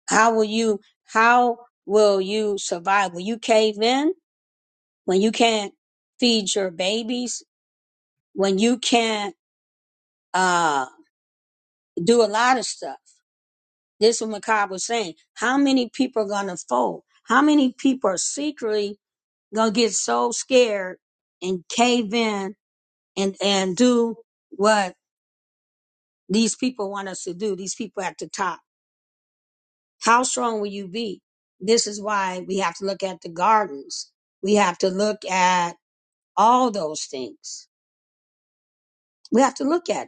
Speaker 2: How will you how will you survive? Will you cave in when you can't feed your babies? when you can't uh, do a lot of stuff. This is what Macab was saying. How many people are going to fold? How many people are secretly going to get so scared and cave in and, and do what these people want us to do? These people at the top. How strong will you be? This is why we have to look at the gardens. We have to look at all those things. We have to look at it.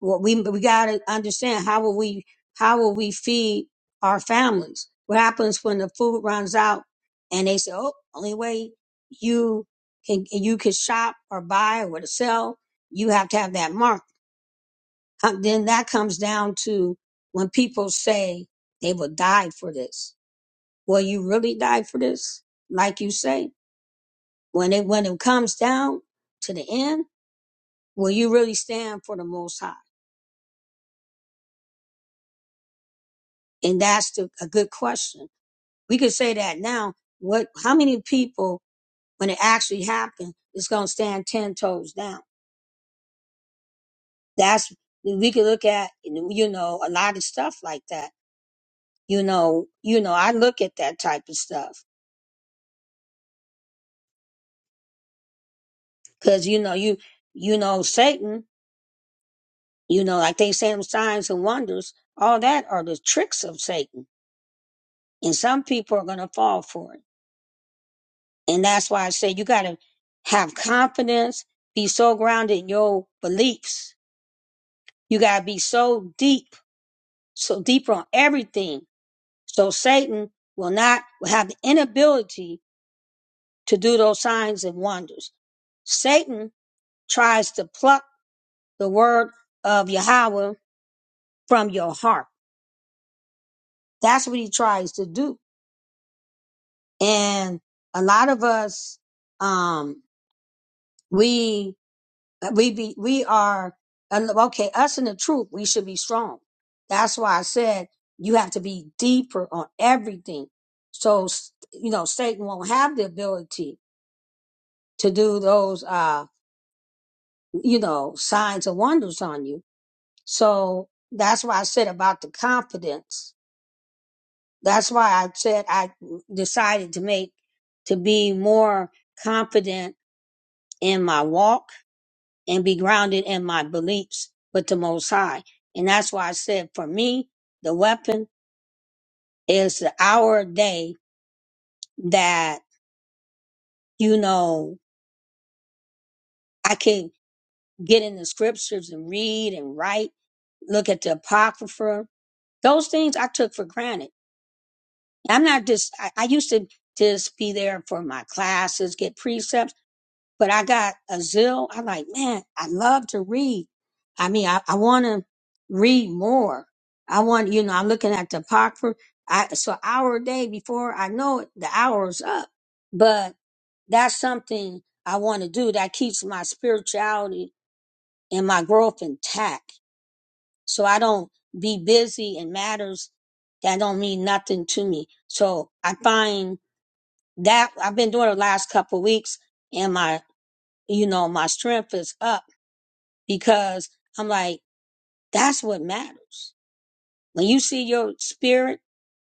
Speaker 2: Well, we we got to understand how will we how will we feed our families? What happens when the food runs out and they say, "Oh, only way you can you can shop or buy or to sell, you have to have that mark." Uh, Then that comes down to when people say they will die for this. Will you really die for this? Like you say, when it when it comes down to the end, will you really stand for the Most High? And that's the, a good question we could say that now. What? How many people, when it actually happened, is going to stand ten toes down? That's we could look at, you know, a lot of stuff like that. You know, you know, I look at that type of stuff because you know, you you know, Satan. You know, like they say, them signs and wonders, all that are the tricks of Satan, and some people are going to fall for it. And that's why I say you got to have confidence, be so grounded in your beliefs. You got to be so deep so deeper on everything. So Satan will not will have the inability to do those signs and wonders. Satan tries to pluck the word of Yahweh from your heart. That's what he tries to do. And a lot of us, um, we Uh, we be we are and okay us in the truth we should be strong that's why i said you have to be deeper on everything so s- you know satan won't have the ability to do those uh you know signs and wonders on you so that's why i said about the confidence that's why i said i decided to make to be more confident in my walk and be grounded in my beliefs with the Most High. And that's why I said for me, the weapon is the hour a day that, you know, I can get in the scriptures and read and write, look at the Apocrypha. Those things I took for granted. I'm not just, I, I used to just be there for my classes, get precepts but I got a zeal. I'm like, man, I love to read. I mean, I, I want to read more. I want, you know, I'm looking at the apocrypha. I, so an hour a day before I know it, the hour's up. But that's something I want to do that keeps my spirituality and my growth intact. So I don't be busy in matters that don't mean nothing to me. So I find that I've been doing it the last couple of weeks and my you know, my strength is up because I'm like, that's what matters. When you see your spirit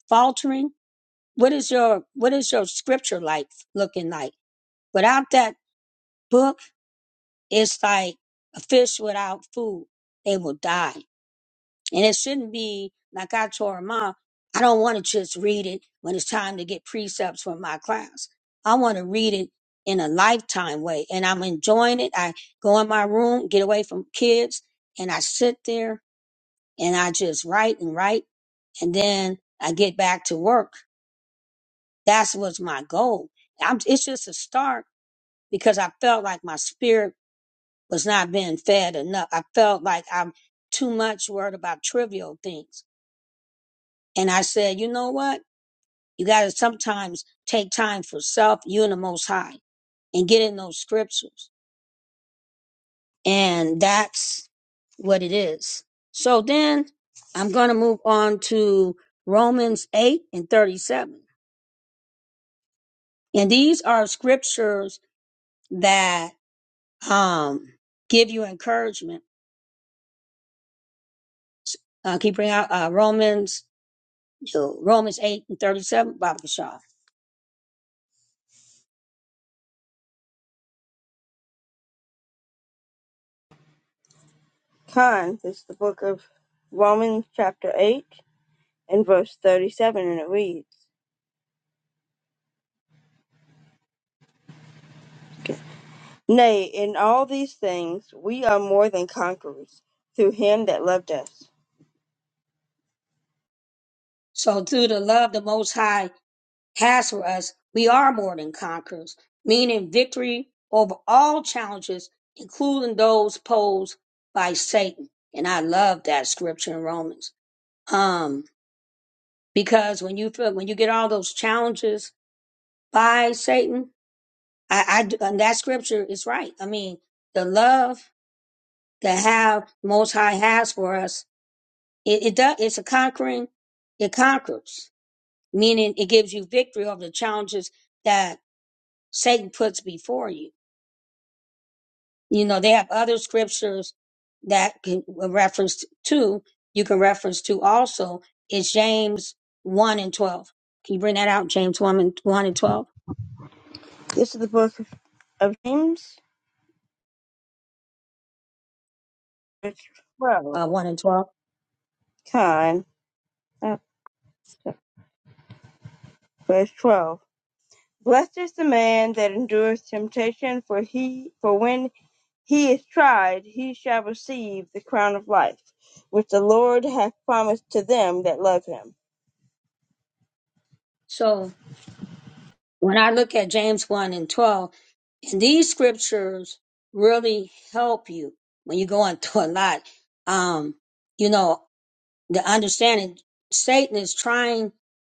Speaker 2: faltering, what is your what is your scripture like looking like? Without that book, it's like a fish without food. They will die. And it shouldn't be like I told her mom, I don't want to just read it when it's time to get precepts for my class. I want to read it in a lifetime way. And I'm enjoying it. I go in my room, get away from kids, and I sit there and I just write and write. And then I get back to work. That's what's my goal. I'm, it's just a start because I felt like my spirit was not being fed enough. I felt like I'm too much worried about trivial things And I said, you know what? You got to sometimes take time for self, you and the Most High, and get in those scriptures. And that's what it is. So then I'm going to move on to Romans 8 and 37. And these are scriptures that um, give you encouragement. Uh, keep bringing out uh, Romans, uh, Romans 8 and 37, Baba Kishar.
Speaker 1: Con, is the book of Romans, chapter 8, and verse 37, and it reads Nay, in all these things we are more than conquerors through him that loved us.
Speaker 2: So through the love the Most High, has for us, we are more than conquerors, meaning victory over all challenges, including those posed by Satan. And I love that scripture in Romans. Um, because when you feel, when you get all those challenges by Satan, I, I d- and that scripture is right. I mean, the love that have Most High has for us, it, it does, it's a conquering, it conquers, meaning it gives you victory over the challenges that Satan puts before you you know they have other scriptures that can reference to you can reference to also is james 1 and 12 can you bring that out james 1 and 1 and 12
Speaker 1: This is the book of James, chapter 12.
Speaker 2: uh, 1 and 12
Speaker 1: Con. Oh, Verse 12. Blessed is the man that endures temptation, for he, for when he is tried, he shall receive the crown of life, which the Lord hath promised to them that love him.
Speaker 2: so when i look at james 1 and 12 and these scriptures really help you when you're going through a lot um you know the understanding satan is trying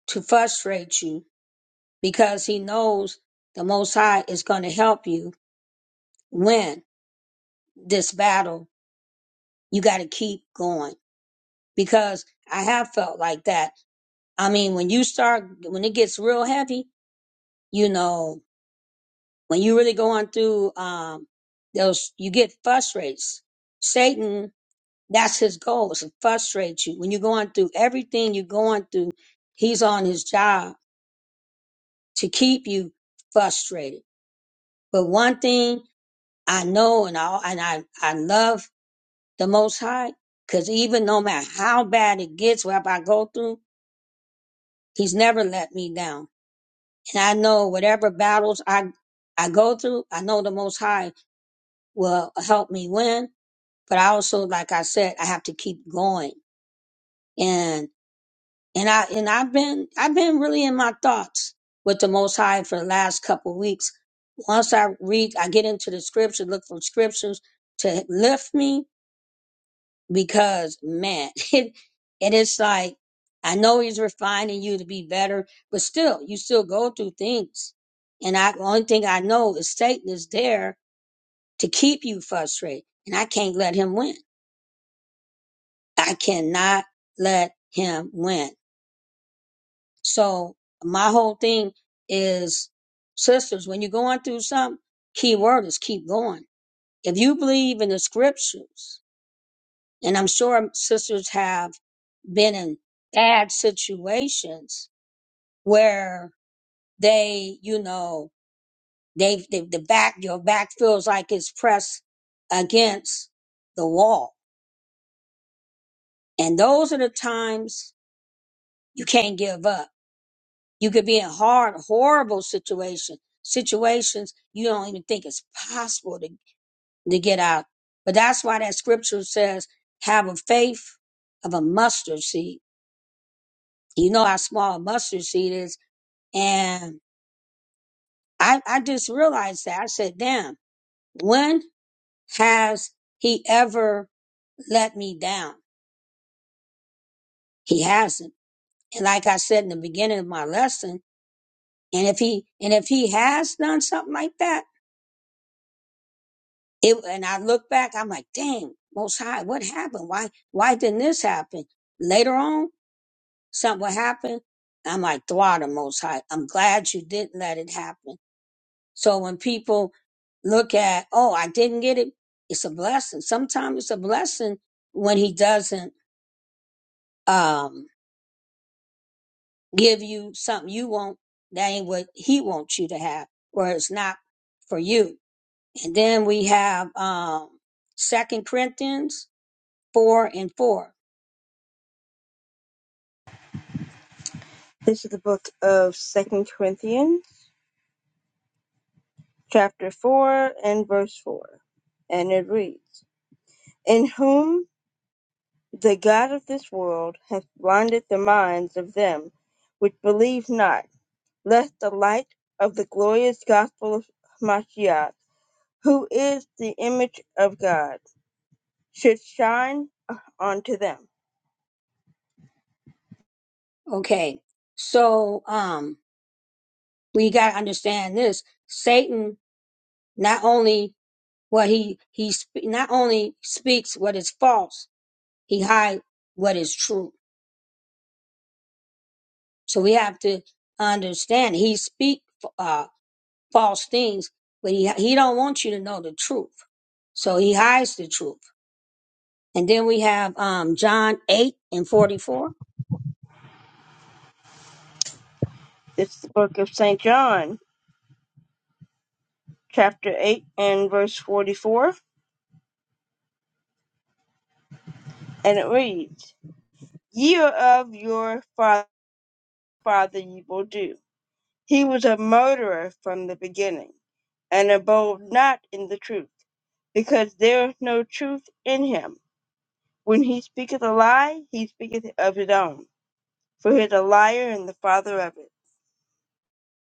Speaker 2: to frustrate you because he knows the most high is going to help you win this battle, you got to keep going because I have felt like that. I mean, when you start, when it gets real heavy, you know, when you really going through, um, those, you get frustrated. Satan, that's his goal is to frustrate you. When you're going through everything you're going through, he's on his job to keep you frustrated. But one thing I know and I, and I, I love the Most High. Because even no matter how bad it gets, whatever I go through, He's never let me down. And I know whatever battles I I go through, I know the Most High will help me win. But I also, like I said, I have to keep going. And and I and I've been I've been really in my thoughts with the Most High for the last couple of weeks. Once I read, I get into the scripture, look for scriptures to lift me because man, it, it is like I know he's refining you to be better, but still, you still go through things. And I the only thing I know is Satan is there to keep you frustrated, and I can't let him win. I cannot let him win. So my whole thing is, sisters, when you're going through something, key word is keep going. If you believe in the scriptures, And I'm sure sisters have been in bad situations where they, you know, they, they the back, your back feels like it's pressed against the wall. And those are the times you can't give up. You could be in hard, horrible situation, situations you don't even think it's possible to, to get out. But that's why that scripture says, have a faith of a mustard seed. You know how small a mustard seed is And I, I just realized that I said, damn, when has he ever let me down? He hasn't. And like I said in the beginning of my lesson, and if he, and if he has done something like that, it, and I look back, I'm like, dang, most high, what happened? Why, why didn't this happen? Later on, something will happen. I'm like, throttle most high. I'm glad you didn't let it happen So when people look at, oh, I didn't get it, it's a blessing. Sometimes it's a blessing when he doesn't um, give you something you want. That ain't what he wants you to have, or it's not for you. And then we have um, 2 Corinthians 4 and 4.
Speaker 1: This is the book of Second Corinthians, chapter 4 and verse 4. And it reads, In whom the God of this world hath blinded the minds of them which believe not, lest the light of the glorious gospel of Mashiach who is the image of God, should shine onto them.
Speaker 2: Okay, so um, we got to understand this. Satan, not only what he, he, sp- not only speaks what is false, He hide what is true. So we have to understand. He speak uh, false things, but he he don't want you to know the truth. So he hides the truth. And then we have um, John eight and forty four.
Speaker 1: This is the book of St. John, chapter 8, and verse 44, and it reads, Ye are of your fa- father ye will do. He was a murderer from the beginning, and abode not in the truth, because there is no truth in him. When he speaketh a lie, he speaketh of his own, for he is a liar and the father of it.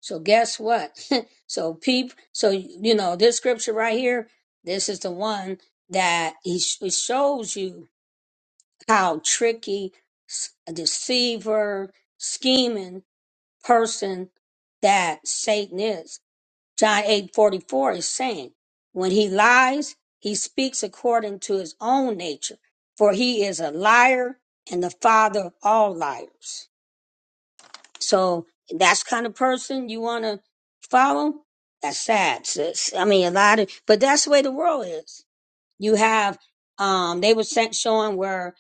Speaker 2: So guess what? so peep. So you know this scripture right here. This is the one that he sh- it shows you how tricky, s- a deceiver, scheming person that Satan is John 8 44 is saying, When he lies, he speaks according to his own nature, for he is a liar and the father of all liars. So that's the kind of person you want to follow. That's sad, sis. I mean, a lot of, but that's the way the world is. You have, um, they were sent showing where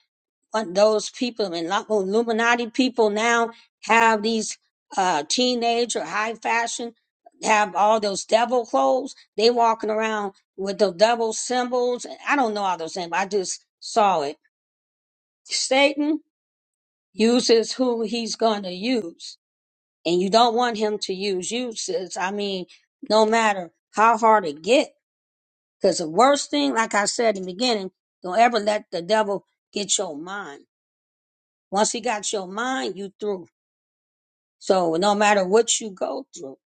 Speaker 2: what those people and lot of Illuminati people now have these uh teenage or high fashion have all those devil clothes. They walking around with the devil symbols. I don't know all those things, but I just saw it. Satan uses who he's going to use, and you don't want him to use you. Sis. I mean, no matter how hard it get, because the worst thing, like I said in the beginning, don't ever let the devil get your mind. Once he got your mind, you through. So no matter what you go through,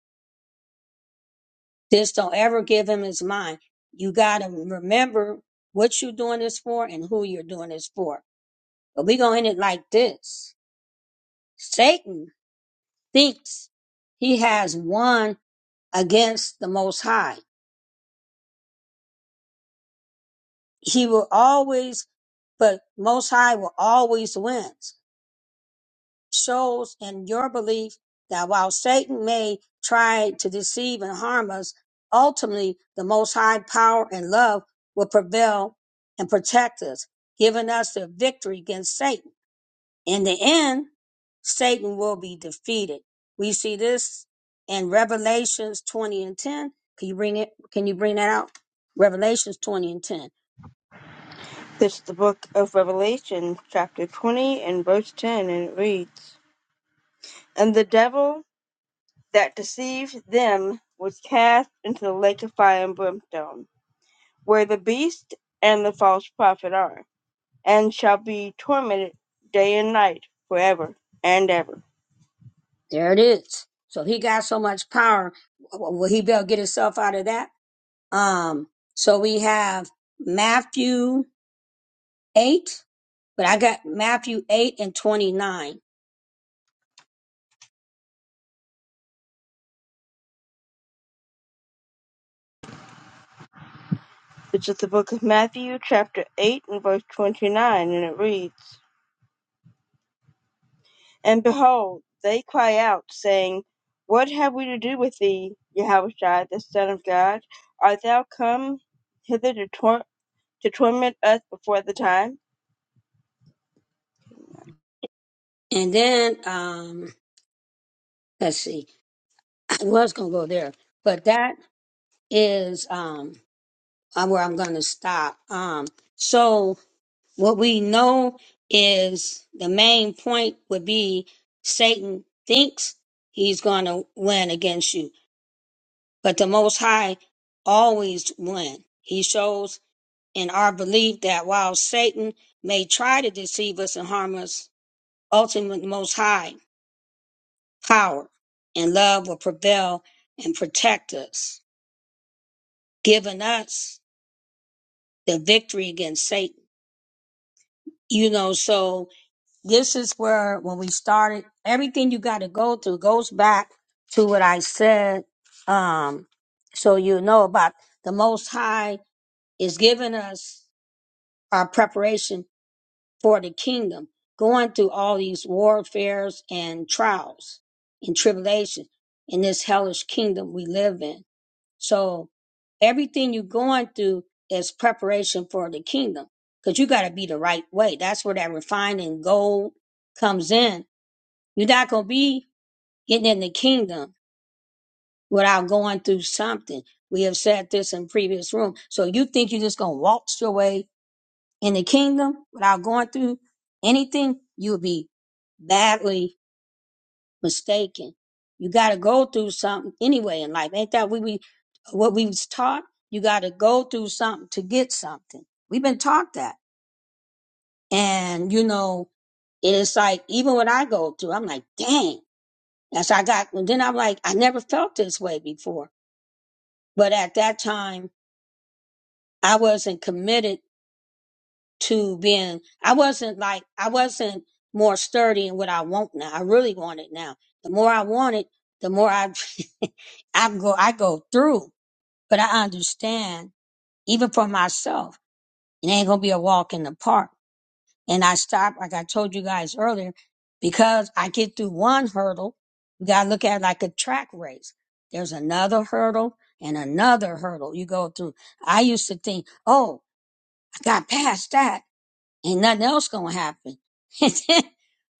Speaker 2: just don't ever give him his mind. You got to remember what you're doing this for and who you're doing this for. But we're going to end it like this. Satan thinks he has won against the Most High. He will always, but Most High will always win. shows in your belief that while Satan may try to deceive and harm us, ultimately the Most High power and love will prevail and protect us, giving us the victory against Satan. In the end, Satan will be defeated. We see this in Revelations 20 and 10. Can you bring it? Can you bring that out? Revelations 20 and 10.
Speaker 1: This is the book of Revelation, chapter 20, and verse 10, and it reads And the devil that deceived them was cast into the lake of fire and brimstone, where the beast and the false prophet are, and shall be tormented day and night forever and ever.
Speaker 2: There it is. So if he got so much power, w- will he be able to get himself out of that? Um, so we have Matthew 8, but I got Matthew 8 and 29.
Speaker 1: This is the book of Matthew, chapter 8, and verse 29, and it reads And behold, they cry out, saying, What have we to do with thee, Yahushua, the Son of God? Art thou come hither to, tor- to torment us before the time?
Speaker 2: And then, um, let's see, Well, I was going to go there, but that is, um, uh, where I'm going to stop. Um, so what we know is the main point would be Satan thinks he's going to win against you, but the Most High always win. He shows in our belief that while Satan may try to deceive us and harm us, ultimate most high power and love will prevail and protect us, giving us the victory against Satan. You know, so this is where when we started, everything you got to go through goes back to what I said. Um, so you know about the most high is giving us our preparation for the kingdom, going through all these warfares and trials and tribulations in this hellish kingdom we live in. So everything you're going through is preparation for the kingdom because you got to be the right way. That's where that refining gold comes in. You're not going to be getting in the kingdom without going through something. We have said this in previous room. So you think you're just going to waltz your way in the kingdom without going through anything, you'll be badly mistaken. You got to go through something anyway in life. Ain't that we, we what we was taught? You got to go through something to get something. We've been taught that, and you know it is like even when I go through, I'm like, dang. That's I got. And then I'm like, I never felt this way before. But at that time, I wasn't committed to being I wasn't like I wasn't more sturdy in what I want now. I really want it now. The more I want it, the more I I go I go through. But I understand even for myself, it ain't gonna be a walk in the park. And I stop, like I told you guys earlier, because I get through one hurdle, you gotta look at it like a track race. There's another hurdle and another hurdle you go through. I used to think, oh, I got past that ain't nothing else gonna happen. And then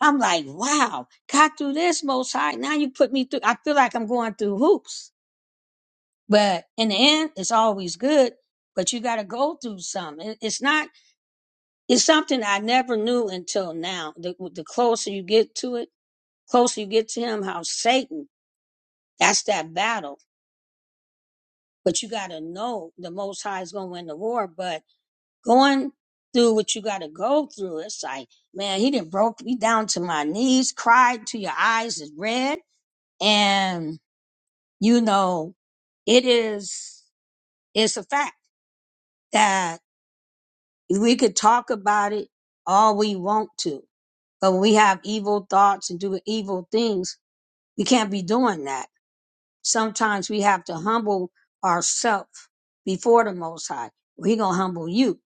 Speaker 2: I'm like, wow, got through this most high. Now you put me through I feel like I'm going through hoops. But in the end, it's always good. But you gotta go through some. It- It's not it's something I never knew until now. The the closer you get to it, closer you get to him, how Satan, that's that battle. But you gotta know the most high is gonna win the war. But Going through what you got to go through, it's like, man, he didn't broke me down to my knees, cried to your eyes is red. And, you know, it is, it's a fact that we could talk about it all we want to, but when we have evil thoughts and do evil things, we can't be doing that. Sometimes we have to humble ourselves before the Most High. He gonna humble you.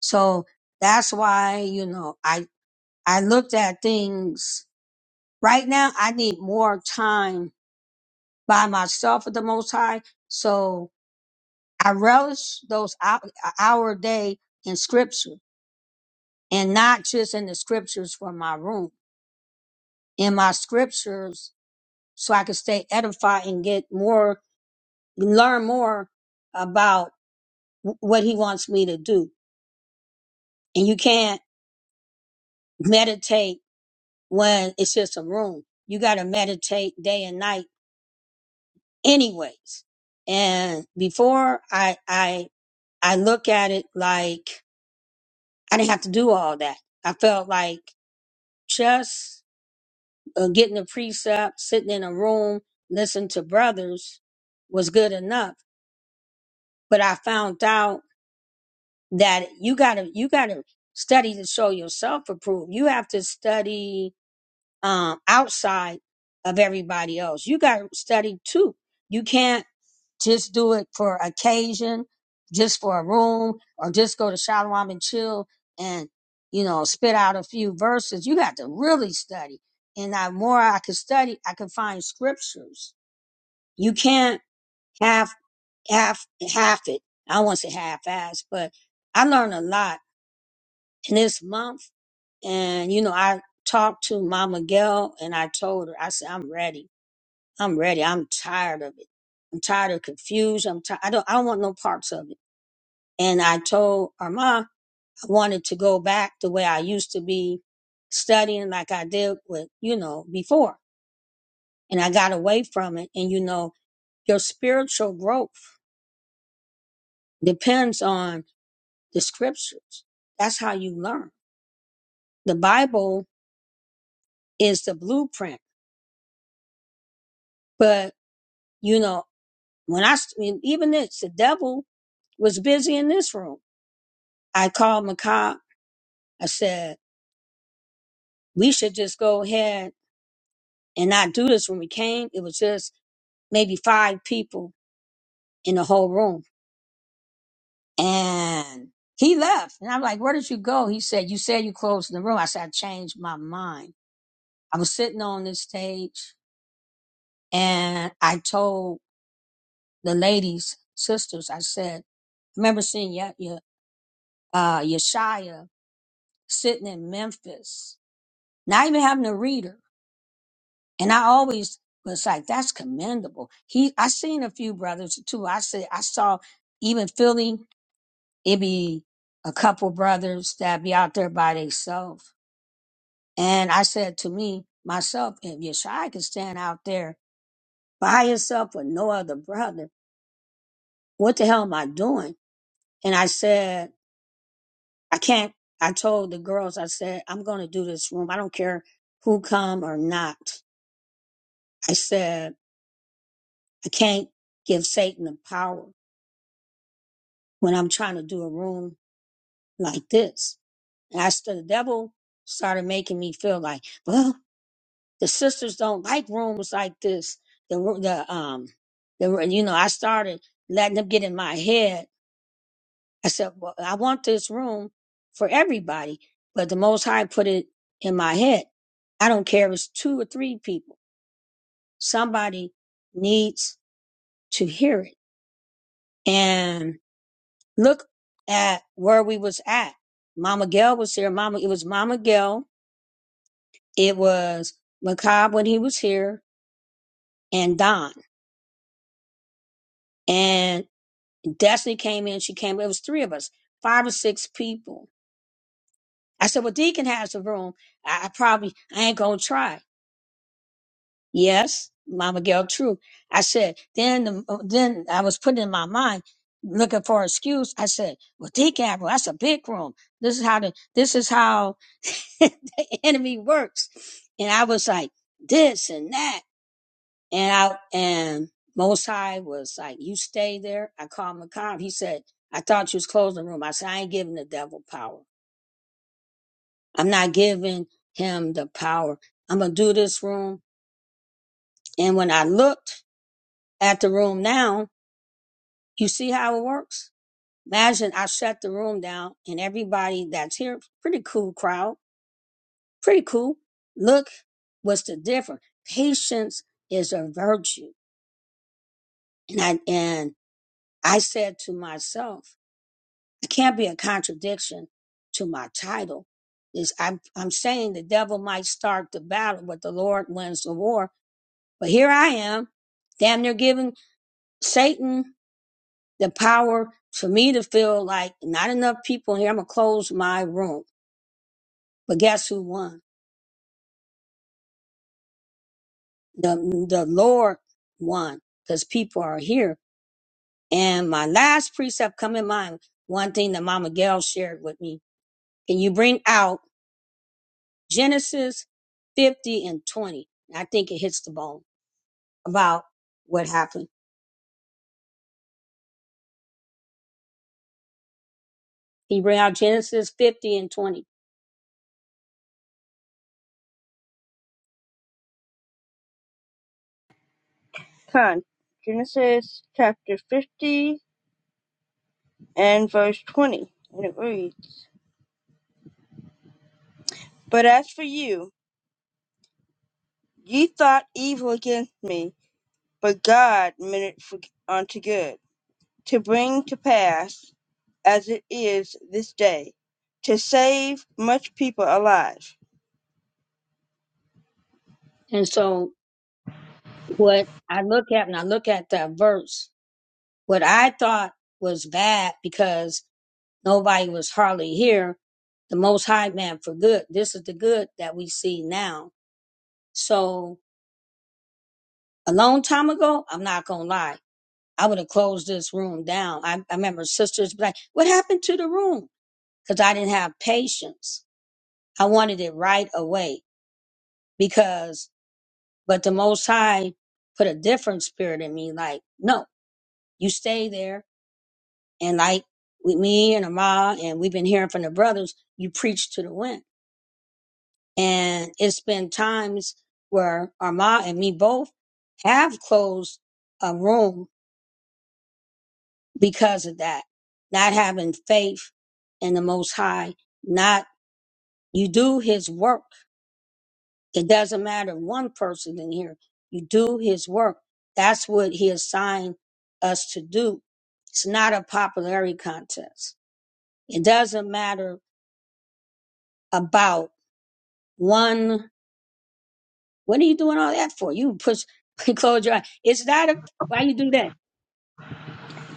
Speaker 2: So that's why, you know, I. I looked at things. Right now, I need more time by myself with the Most High. So I relish those hou- hour a day in scripture and not just in the scriptures for my room, in my scriptures so I can stay edified and get more, learn more about wh- what he wants me to do. And you can't meditate when it's just a room. You got to meditate day and night anyways. And before I, I, I look at it like I didn't have to do all that. I felt like just uh, getting a precept, sitting in a room, listening to brothers was good enough. But I found out that you gotta, you gotta study to show yourself approved. You have to study, um, outside of everybody else. You gotta study too. You can't Just do it for occasion, just for a room, or just go to Shalom and chill and, you know, spit out a few verses. You got to really study. And the more I could study, I could find scriptures. You can't half, half, half it. I won't say half ass, but I learned a lot in this month. And, you know, I talked to Mama Gail and I told her, I said, I'm ready. I'm ready. I'm tired of it. I'm tired of confusion. I'm tired. I don't. I don't want no parts of it. And I told Armand I wanted to go back the way I used to be studying like I did with, you know, before. And I got away from it. And, you know, your spiritual growth depends on the scriptures. That's how you learn. The Bible is the blueprint. But, you know, when I, st- even this, the devil was busy in this room. I called Macabre. I said, we should just go ahead and not do this when we came. It was just maybe five people in the whole room. And he left. And I'm like, where did you go? He said, you said you closed the room. I said, I changed my mind. I was sitting on this stage and I told the ladies, sisters, I said, I remember seeing Ya Ya- uh, Yeshaya sitting in Memphis, not even having a reader. And I always was like, that's commendable. He, I seen a few brothers too. I said, I saw even Philly it be a couple brothers that be out there by themselves. And I said to me, myself, if Yeshua can stand out there by himself with no other brother, what the hell am I doing? And I said, I can't, I told the girls, I said, I'm going to do this room. I don't care who come or not. I said, I can't give Satan the power when I'm trying to do a room like this. And I said, the devil started making me feel like, well, the sisters don't like rooms like this. The ru- the um the ru- you know I started letting them get in my head. I said, well, I want this room for everybody, but the Most High put it in my head. I don't care if it's two or three people. Somebody needs to hear it. And look at where we was at. Mama Gail was here. Mama, it was Mama Gail. It was Macabre when he was here and Don. Destiny came in, she came, it was three of us, five or six people. I said, Well, Deacon has a room. I, I probably I ain't gonna try. Yes, Mama Gail, true. I said, then the, uh, then I was putting in my mind looking for an excuse. I said, Well, Deacon had a room, that's a big room. This is how the this is how the enemy works. And I was like, this and that. And I and Most High was like, "You stay there." I called McCobb. He said, "I thought you was closing the room." I said, "I ain't giving the devil power. I'm not giving him the power. I'm gonna do this room." And when I looked at the room now, you see how it works. Imagine I shut the room down, and everybody that's here, pretty cool crowd, pretty cool. Look, what's the difference? Patience is a virtue, and I and I said to myself. it can't be a contradiction to my title. Is I'm I'm saying the devil might start the battle, but the Lord wins the war. But here I am, damn near giving Satan the power for me to feel like not enough people here. I'm gonna close my room. But guess who won? The the Lord won because people are here. And my last precept come in mind. One thing that Mama Gail shared with me: Can you bring out? Genesis 50 and 20. I think it hits the bone about what happened. He read out Genesis 50 and 20.
Speaker 1: Con, Genesis chapter 50 and verse 20. And it reads, But as for you, ye thought evil against me, but God meant it for, unto good, to bring to pass, as it is this day, to save much people alive.
Speaker 2: And so what I look at when I look at that verse, what I thought was bad because nobody was hardly here, the most high man for good. This is the good that we see now. So a long time ago, I'm not going to lie. I would have closed this room down. I, I remember sisters be like, what happened to the room? Cause I didn't have patience I wanted it right away because, but the Most High put a different spirit in me. Like, no, you stay there. And like with me and Ama, and we've been hearing from the brothers, you preach to the wind. And it's been times where Ama and me both have closed a room because of that, not having faith in the Most High, not you do His work It doesn't matter one person in here. You do his work. That's what he assigned us to do. It's not a popularity contest. It doesn't matter about one. What are you doing all that for? You push, close your eye. It's not a, why you do that?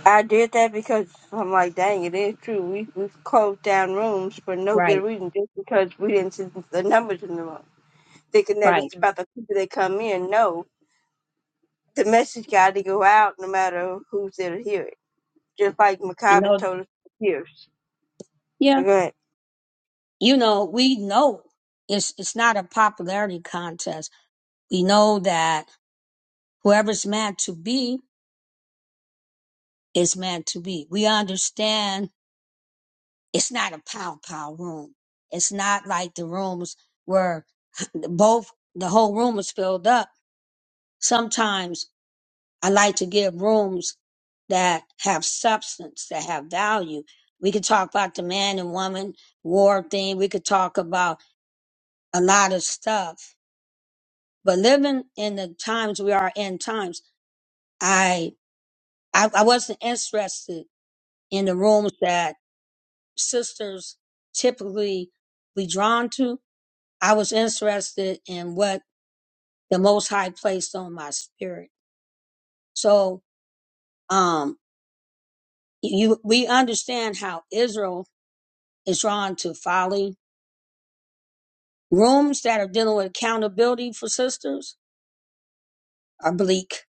Speaker 1: I did that because I'm like, dang, it is true. We we closed down rooms for no good
Speaker 2: Right,
Speaker 1: reason, just because we didn't see the numbers in the room, thinking that
Speaker 2: right.
Speaker 1: it's about the people that come in. No, the message got to go out, no matter who's there to hear it. Just like
Speaker 2: You
Speaker 1: Macabre
Speaker 2: know,
Speaker 1: told us for years. But
Speaker 2: yeah,
Speaker 1: Go ahead.
Speaker 2: you know, we know it's, it's not a popularity contest. We know that whoever's meant to be is meant to be. We understand It's not a pow pow room. It's not like the rooms where both the whole room is filled up. Sometimes I like to give rooms that have substance, that have value. We could talk about the man and woman war thing. We could talk about a lot of stuff. But living in the times we are in times, I I, I wasn't interested in the rooms that sisters typically be drawn to I was interested in what the Most High placed on my spirit. So, um, you, we understand how Israel is drawn to folly. Rooms that are dealing with accountability for sisters are bleak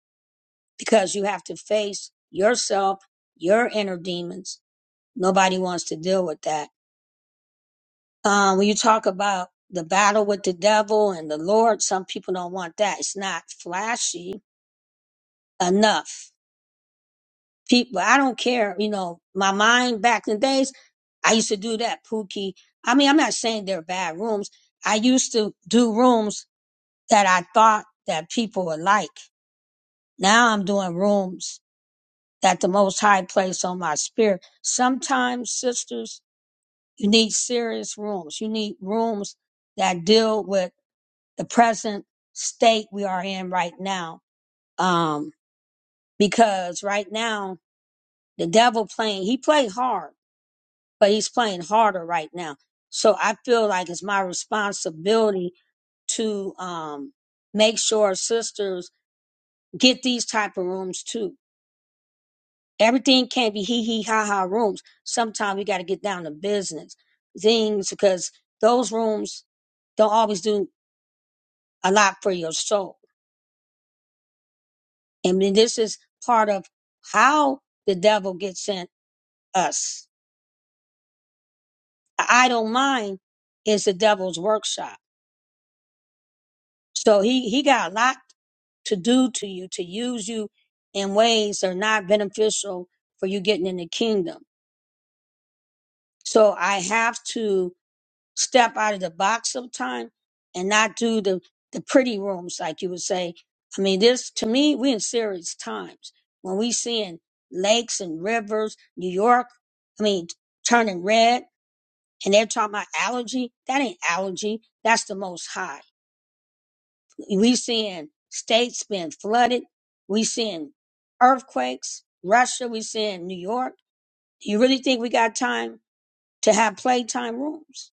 Speaker 2: because you have to face yourself, your inner demons. Nobody wants to deal with that. Um, when you talk about the battle with the devil and the Lord, some people don't want that. It's not flashy enough people. I don't care, you know, my mind back in the days, I used to do that, Pookie. I mean, I'm not saying they're bad rooms. I used to do rooms that I thought that people would like. Now I'm doing rooms that the most high place on my spirit. Sometimes, sisters, you need serious rooms. You need rooms that deal with the present state we are in right now. Um, because right now the devil playing, he played hard but he's playing harder right now. So I feel like it's my responsibility to um, make sure sisters get these type of rooms too. Everything can't be hee hee ha ha rooms. Sometimes we got to get down to business things because those rooms don't always do a lot for your soul. I mean, this is part of how the devil gets in us. I don't mind is the devil's workshop. So he he got a lot to do to you, to use you in ways that are not beneficial for you getting in the kingdom. So I have to step out of the box sometime and not do the, the pretty rooms, like you would say. I mean, this to me, we in serious times when we seeing lakes and rivers, New York, I mean, turning red and they're talking about allergy. That ain't allergy. That's the most high. We seeing states being flooded. We seeing earthquakes. Russia. We seeing New York. Do you really think we got time to have playtime rooms?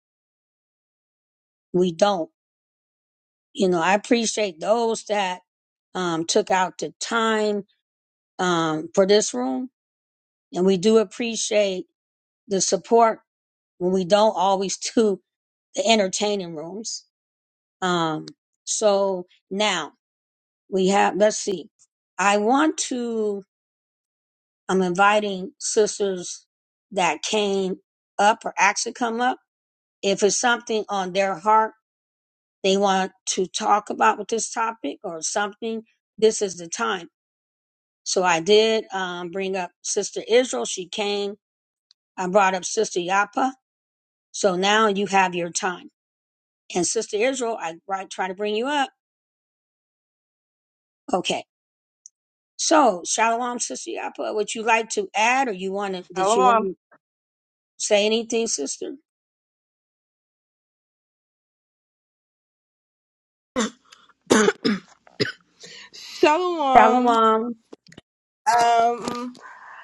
Speaker 2: We don't. You know, I appreciate those that um, took out the time um, for this room, and we do appreciate the support when we don't always do the entertaining rooms. Um, so now we have. Let's see. I want to. I'm inviting sisters that came up or actually come up. If it's something on their heart they want to talk about with this topic or something, this is the time. So I did um, bring up Sister Israel. She came. I brought up Sister Yapa. So now you have your time. And Sister Israel, I right, try to bring you up. Okay. So Shalom, Sister Yapa. Would you like to add, or you want to? Did you want
Speaker 1: Shalom
Speaker 2: to say anything, Sister?
Speaker 6: Shalom.
Speaker 2: Shalom.
Speaker 6: Um,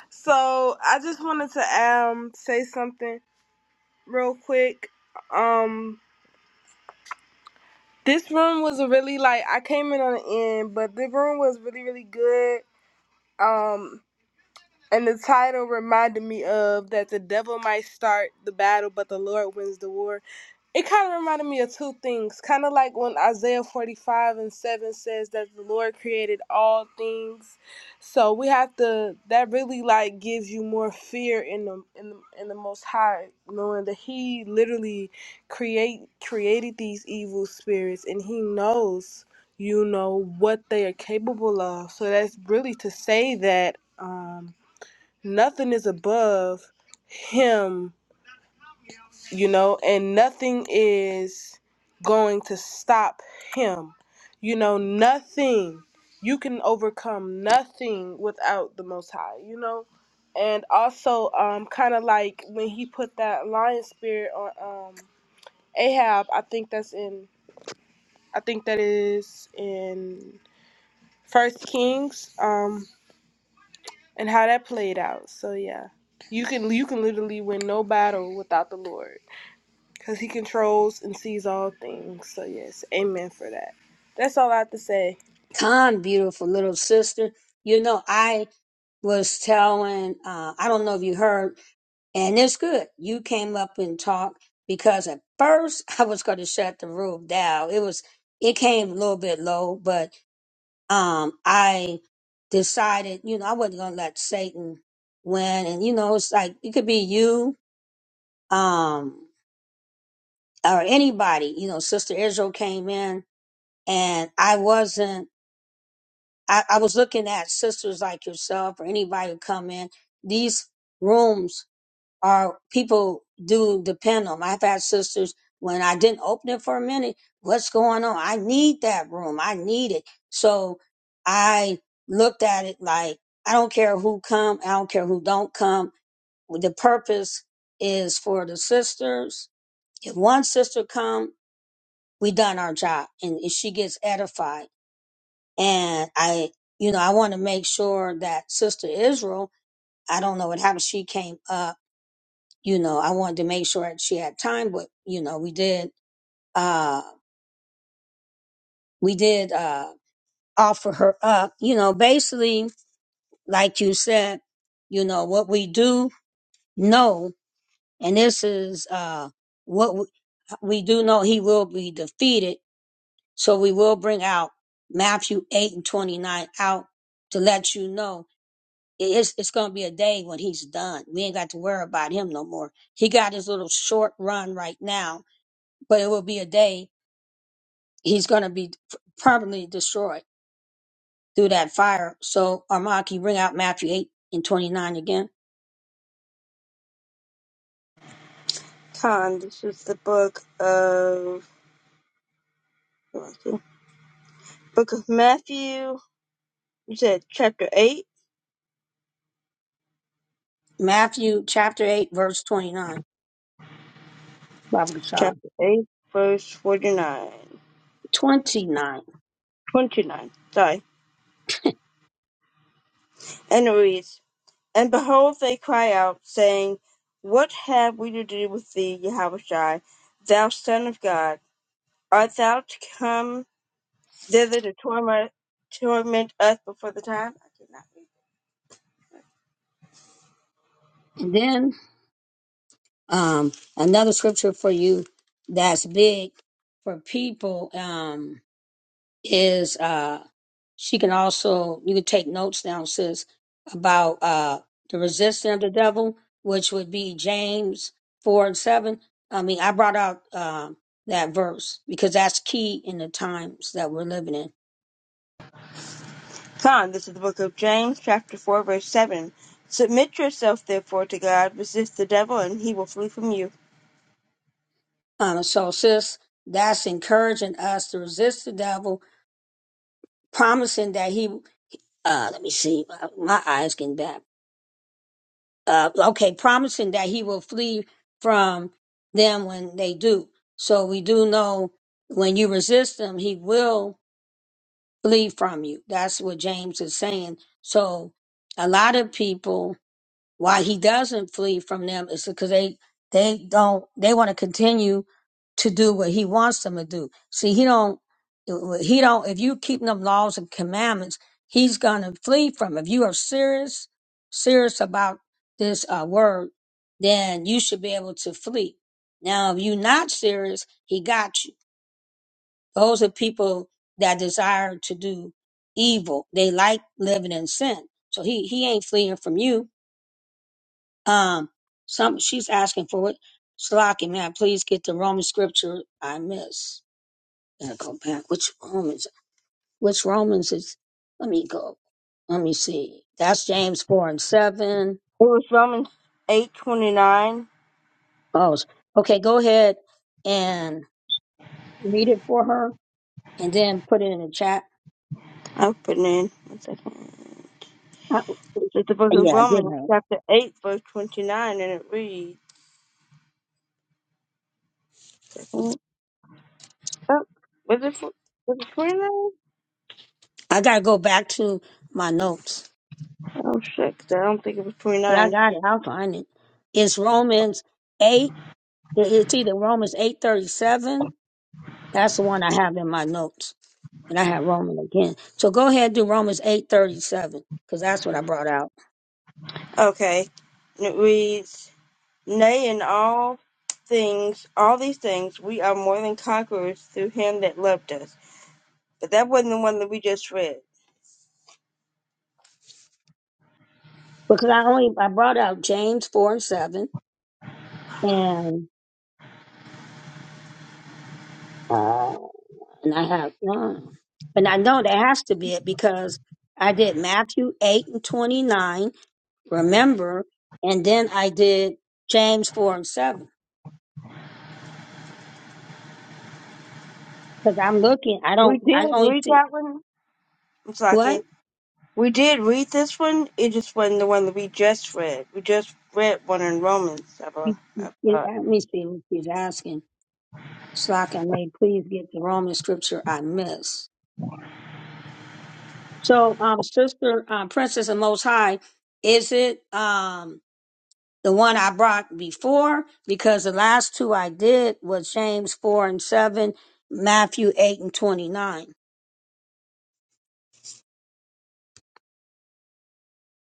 Speaker 6: so I just wanted to um say something real quick. Um, this room was a really like I came in on the end, but the room was really really good. Um, and the title reminded me of that the devil might start the battle, but the Lord wins the war. It kind of reminded me of two things. Kind of like when Isaiah 45 and 7 says that the Lord created all things. So we have to, that really like gives you more fear in the, in the, in the Most High, knowing that He literally create created these evil spirits and He knows, you know, what they are capable of. So that's really to say that um, nothing is above Him you know, and nothing is going to stop him. You know, nothing. You can overcome nothing without the Most High, you know? And also, um, kind of like when he put that lion spirit on um, Ahab, I think that's in, I think that is in First Kings, um, and how that played out. So yeah, you can you can literally win no battle without the Lord. because he controls and sees all things. So, yes, amen for that. That's all I have to say.
Speaker 2: Con, beautiful little sister. You know, I was telling, uh, I don't know if you heard, and it's good. You came up and talked because at first I was going to shut the room down. It was, it came a little bit low, but, um, I decided, you know, I wasn't going to let Satan win. And, you know, it's like, it could be you, um, or anybody, you know, Sister Israel came in and I wasn't I, I was looking at sisters like yourself or anybody who come in. These rooms are people do depend on. 'em. I've had sisters when I didn't open it for a minute. What's going on? I need that room. I need it. So I looked at it like I don't care who come. I don't care who don't come. The purpose is for the sisters. If one sister come, we done our job, and she gets edified and I, you know, I want to make sure that Sister Israel, I don't know what happened. She came up, you know, I wanted to make sure that she had time, but you know, we did, uh, we did, uh, offer her up, you know, basically, like you said, you know, what we do know, and this is, uh, what we, we do know he will be defeated. So we will bring out Matthew 8 and 29 out to let you know it's it's gonna be a day when he's done. We ain't got to worry about him no more. He got his little short run right now, but it will be a day he's gonna be p- permanently destroyed through that fire. So Armand, can you bring out Matthew eight and twenty nine again?
Speaker 1: Khan. This is the book of Book of Matthew. You said chapter eight,
Speaker 2: Matthew chapter eight, verse twenty nine. Bible child.
Speaker 1: chapter eight, verse forty nine,
Speaker 2: Twenty nine.
Speaker 1: twenty nine. Sorry, and it reads. And behold, they cry out, saying, What have we to do with thee, Yahushua, thou Son of God? Art thou to come thither to torment, torment us before the time? I did not read.
Speaker 2: And then um another scripture for you that's big for people. Um is uh, she can also you can take notes down, sis, about uh, the resistance of the devil, which would be James four and seven. I mean, I brought out um that verse because that's key in the times that we're living in.
Speaker 1: that. Con, this is the book of James, chapter 4, verse 7. Submit yourself, therefore, to God. Resist the devil, and he will flee from you.
Speaker 2: Um, so, sis, that's encouraging us to resist the devil, promising that he. Uh, let me see, my eyes getting bad. uh, okay, promising that he will flee from them when they do. So we do know when you resist him, he will flee from you. That's what James is saying. So a lot of people why he doesn't flee from them is because they they don't they want to continue to do what he wants them to do. See, he don't he don't if you keep them laws and commandments, he's gonna flee from. If you are serious serious about this uh, word, then you should be able to flee. Now, if you're not serious, he got you. Those are people that desire to do evil. They like living in sin. So he he ain't fleeing from you um, some she's asking for it. Shalaki, may I please get the Roman scripture I miss? Gotta go back. Which Romans? Which Romans is? Let me go. Let me see. That's James four and seven.
Speaker 1: It was Romans eight twenty nine.
Speaker 2: Oh, s- okay. Go ahead and read it for her, and then put it in the chat.
Speaker 1: I'll put it in. One second.
Speaker 2: I,
Speaker 1: This is the book of
Speaker 2: yeah, I did
Speaker 1: Romans,
Speaker 2: have. it.
Speaker 1: chapter 8, verse 29, and it reads. Oh, was it fo- was it twenty nine?
Speaker 2: I gotta go back to my notes,
Speaker 1: Oh shit! 'cause I don't think it was twenty
Speaker 2: but I
Speaker 1: nine.
Speaker 2: got it. I'll find it. It's Romans eight. it- It's either Romans eight thirty seven That's the one I have in my notes. And I have Roman again. So go ahead and do Romans eight thirty seven, because that's what I brought out.
Speaker 1: Okay, and it reads, "Nay, in all things, all these things, we are more than conquerors through Him that loved us." But that wasn't the one that we just read.
Speaker 2: Because I only I brought out James four and seven and uh and I have no and I know that has to be it because I did Matthew eight and twenty nine, remember, and then I did James four and seven. Because I'm looking I don't
Speaker 1: We did
Speaker 2: I only
Speaker 1: read
Speaker 2: see
Speaker 1: that one. I'm sorry,
Speaker 2: what?
Speaker 1: kid. We did read this one. It just wasn't the one that we just read. We just read one in Romans. I thought.
Speaker 2: You- you-
Speaker 1: I thought.
Speaker 2: Let me see what she's asking. so I can may please get the Roman scripture I miss. So, um, sister, um, princess of most high, is it, um, the one I brought before? Because the last two I did was James four and seven, Matthew eight and 29.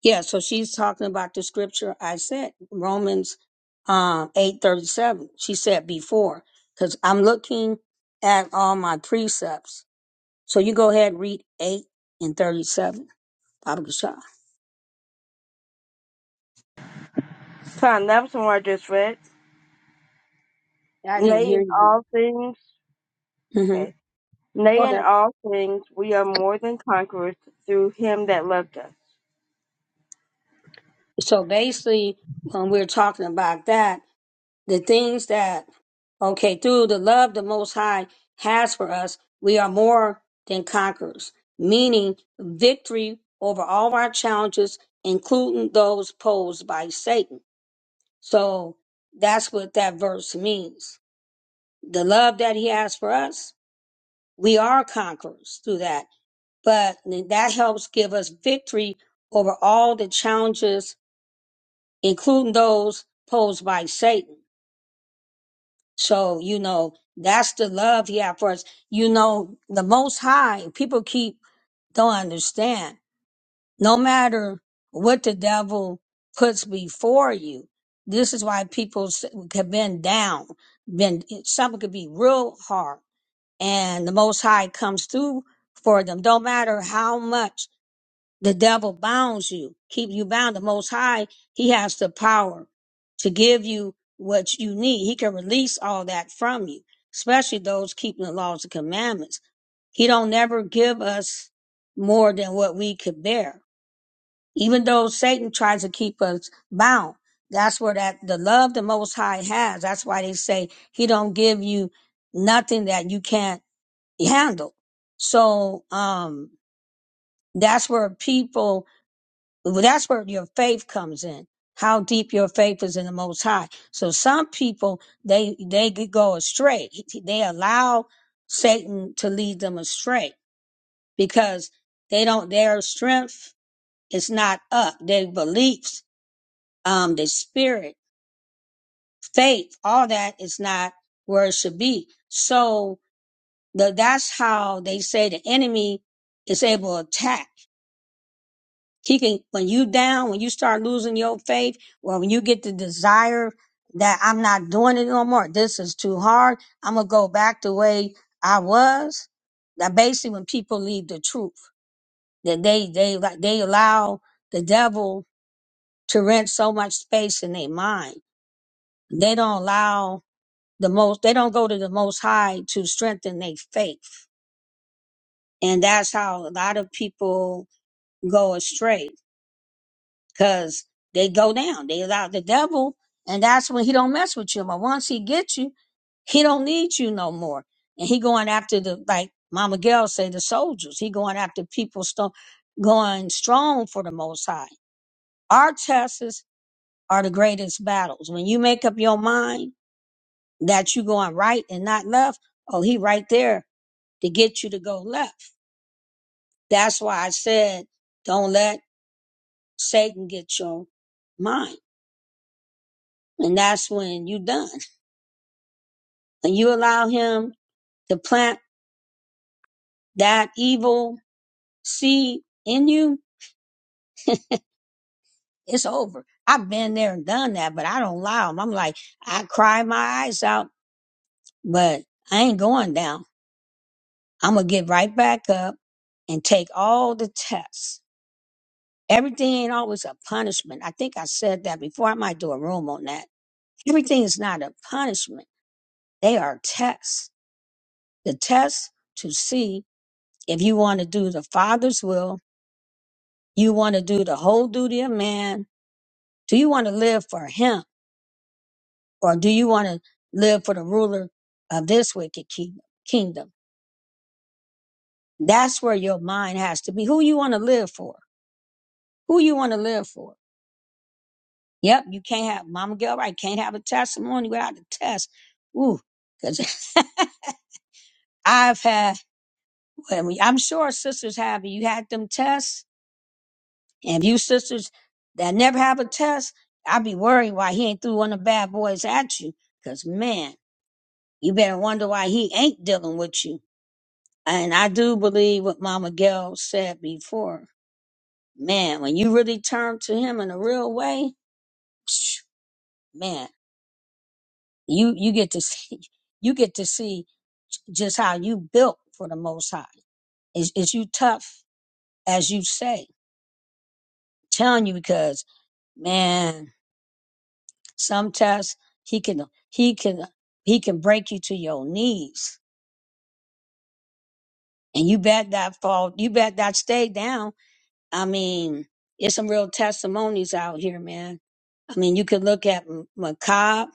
Speaker 2: Yeah. So she's talking about the scripture I said, Romans, um, eight thirty seven. She said before, cause I'm looking at all my precepts. So you go ahead and read eight and 37. Baba Gashar.
Speaker 1: Con, that was the one I just read.
Speaker 2: I didn't
Speaker 1: Nay,
Speaker 2: hear
Speaker 1: in
Speaker 2: you.
Speaker 1: all things.
Speaker 2: hmm
Speaker 1: okay. Nay,
Speaker 2: Go
Speaker 1: in
Speaker 2: ahead.
Speaker 1: all things we are more than conquerors through him that loved us.
Speaker 2: So basically, when we're talking about that, the things that, okay, through the love the Most High has for us, we are more than conquerors, meaning victory over all of our challenges, including those posed by Satan. So that's what that verse means. The love that he has for us, we are conquerors through that. But that helps give us victory over all the challenges including those posed by Satan. So, you know, that's the love he had for us. You know, the most high, people keep don't understand. No matter what the devil puts before you, this is why people s- have been down, been something could be real hard. And the most high comes through for them. Don't matter how much. The devil bounds you, keep you bound. The Most High, He has the power to give you what you need. He can release all that from you, especially those keeping the laws and commandments. He don't never give us more than what we could bear. Even though Satan tries to keep us bound, that's where that the love the Most High has. That's why they say He don't give you nothing that you can't handle. So um, that's where people well, that's where your faith comes in how deep your faith is in the most high so some people they they could go astray they allow satan to lead them astray because they don't their strength is not up their beliefs um their spirit faith all that is not where it should be so the, that's how they say the enemy is able to attack He can, when you down, when you start losing your faith, well, when you get the desire that I'm not doing it no more, this is too hard. I'm going to go back the way I was. That basically when people leave the truth, that they, they, like, they allow the devil to rent so much space in their mind. They don't allow the most, they don't go to the most high to strengthen their faith. And that's how a lot of people go astray because they go down. They allow the devil, and that's when he don't mess with you. But once he gets you, he don't need you no more. And he going after the like Mama Gail say the soldiers. He going after people sto- going strong for the Most High. Our tests are the greatest battles. When you make up your mind that you going right and not left, oh, he right there to get you to go left. That's why I said, don't let Satan get your mind. And that's when you done. and you allow him to plant that evil seed in you, it's over. I've been there and done that, but I don't allow him. I'm like, I cry my eyes out, but I ain't going down. I'm going to get right back up and take all the tests. Everything ain't always a punishment. I think I said that before. I might do a room on that. Everything is not a punishment. They are tests. The tests to see if you want to do the Father's will You want to do the whole duty of man. Do you want to live for him or do you want to live for the ruler of this wicked king- kingdom? That's where your mind has to be. Who you want to live for? Who you want to live for? Yep, you can't have Mama Gilbright can't have a testimony without a test. Ooh, because I've had. well, I'm sure sisters have. You had them tests, and you sisters that never have a test, I'd be worried why he ain't threw one of the bad boys at you. Cause man. You better wonder why he ain't dealing with you. And I do believe what Mama Gail said before. Man, when you really turn to him in a real way, psh, man, you you get to see you get to see just how you built for the most high. Is is you tough as you say? telling you because man, sometimes he can he can he can break you to your knees, and you bet that fall. You bet that stay down I mean, there's some real testimonies out here, man. I mean, you could look at M- Macab,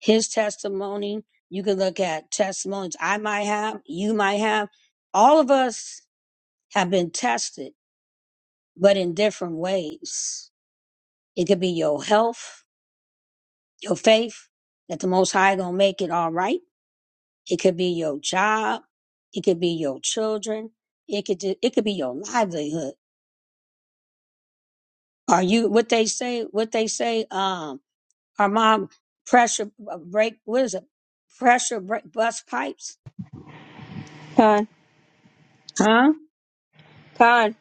Speaker 2: his testimony. You could look at testimonies I might have, you might have. All of us have been tested, but in different ways. It could be your health, your faith that the Most High gonna make it all right. It could be your job. It could be your children. It could ju- it could be your livelihood. Are you what they say? What they say? um, Our mom pressure break brake, what is it? Pressure brake bus pipes.
Speaker 1: Con,
Speaker 2: Huh?
Speaker 1: con,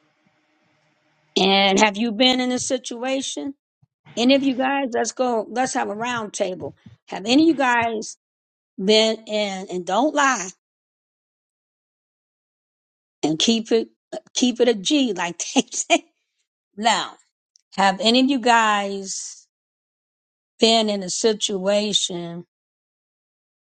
Speaker 2: And have you been in a situation? Any of you guys, let's go, let's have a round table. Have any of you guys been in, and don't lie and keep it, keep it a G like they say. Now, have any of you guys been in a situation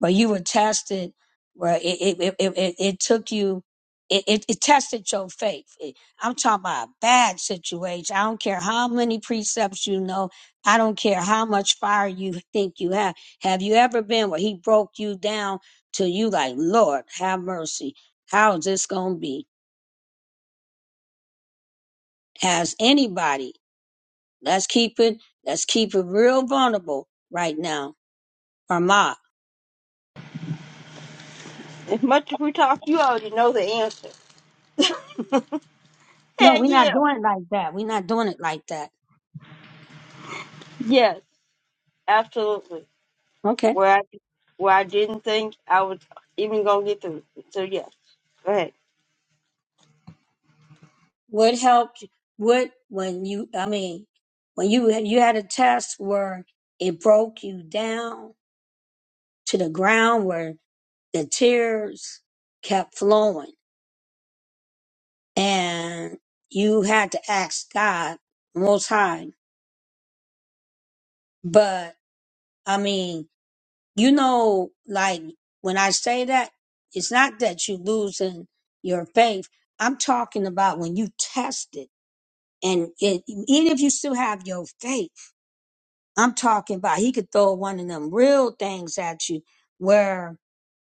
Speaker 2: but you were tested where it it it, it, it it took you it, it, it tested your faith. It- I'm talking about a bad situation. I don't care how many precepts you know. I don't care how much fire you think you have. Have you ever been where he broke you down till you like, Lord, have mercy. How is this going to be? Has anybody, let's keep it, let's keep it real vulnerable right now. Or ma.
Speaker 1: as much as we talk, you already know the answer.
Speaker 2: No,
Speaker 1: Hell
Speaker 2: we're
Speaker 1: yeah.
Speaker 2: not doing it like that. We're not doing it like that.
Speaker 1: Yes, absolutely.
Speaker 2: Okay.
Speaker 1: Where I, where I didn't think I was even going to get through. So, yes. Go ahead.
Speaker 2: What helped? What when you? I mean, when you you had a test where it broke you down to the ground, where the tears kept flowing, and you had to ask God Most High. But I mean, you know, like when I say that, it's not that you losing your faith. I'm talking about when you test it, and it, even if you still have your faith. I'm talking about he could throw one of them real things at you where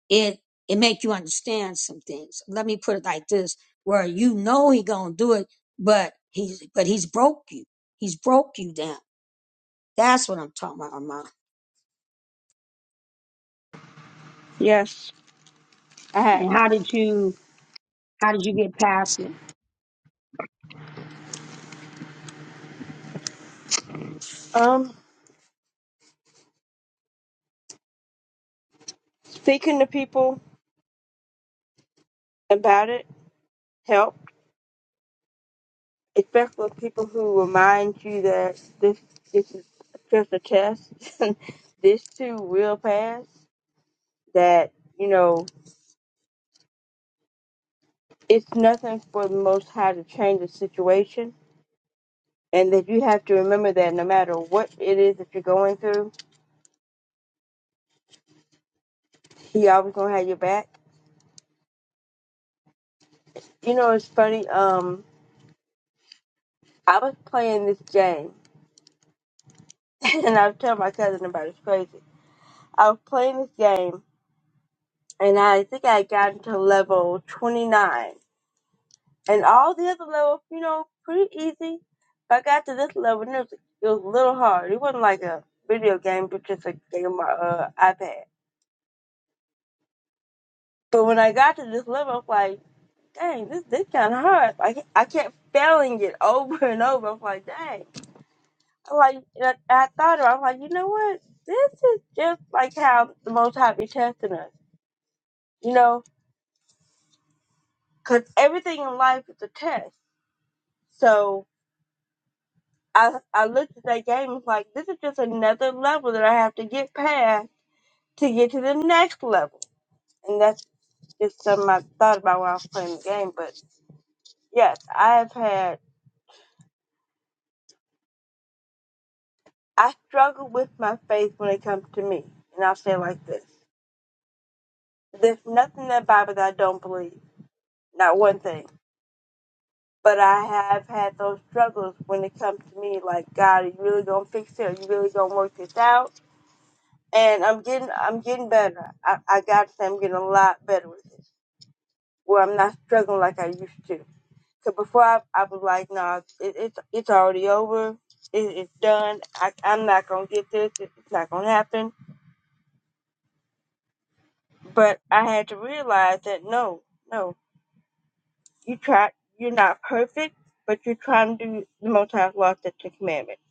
Speaker 2: it it make you understand some things. Let me put it like this: where you know he gonna do it, but he's but he's broke you. He's broke you down. That's what I'm talking about, Armand.
Speaker 1: Yes, I have.
Speaker 2: And how did you how did you get past it?
Speaker 1: Um, speaking to people about it helped, especially people who remind you that this, this is just a test. this too will pass. that you know it's nothing for the Most High to change the situation, and that you have to remember that no matter what it is that you're going through, He always gonna have your back. You know, it's funny. Um, I was playing this game, and I was telling my cousin about it. It's crazy. I was playing this game, and I think I had gotten to level 29, and all the other levels, you know, pretty easy. But I got to this level, and it was, it was a little hard. It wasn't like a video game, but just a game on my uh, iPad But when I got to this level, I'm like, dang, this this kind of hard. Like I kept failing it over and over. I'm like, dang. I'm like, and I, and I thought about. it, I'm like, you know what? This is just like how the Most High be testing us. You know, because everything in life is a test. So I I looked at that game. It's like, this is just another level that I have to get past to get to the next level. And that's just something I thought about while I was playing the game. But yes, I have had. I struggle with my faith when it comes to me, and I'll say it like this: There's nothing in the Bible that I don't believe, not one thing. But I have had those struggles when it comes to me, like God, are you really gonna fix it? Are you really gonna work this out? And I'm getting, I'm getting better. I, I gotta say, I'm getting a lot better with this. where I'm not struggling like I used to. Cause before I, I was like, nah, it, it's it's already over, it, it's done. I, I'm not gonna get this. It, it's not gonna happen But I had to realize that no, no, you try, you're not perfect, but you're trying to do the most high law the Ten Commandments.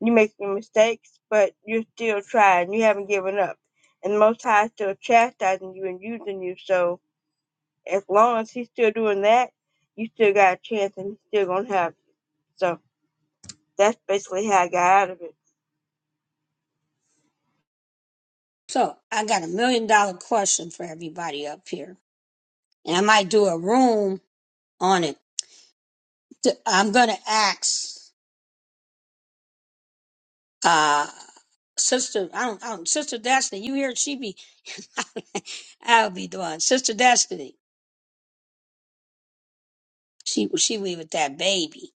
Speaker 1: You're making mistakes, but you're still trying. You haven't given up, and the Most High is still chastising you and using you. So as long as He's still doing that, you still got a chance, and He's still gonna have. You. So that's basically how I got out of it.
Speaker 2: So I got a million dollar question for everybody up here, and I might do a room on it. Th- I'm gonna ask. uh Sister, I don't, I don't, Sister Destiny, you hear she be I'll be doing Sister Destiny. She she leave with that baby.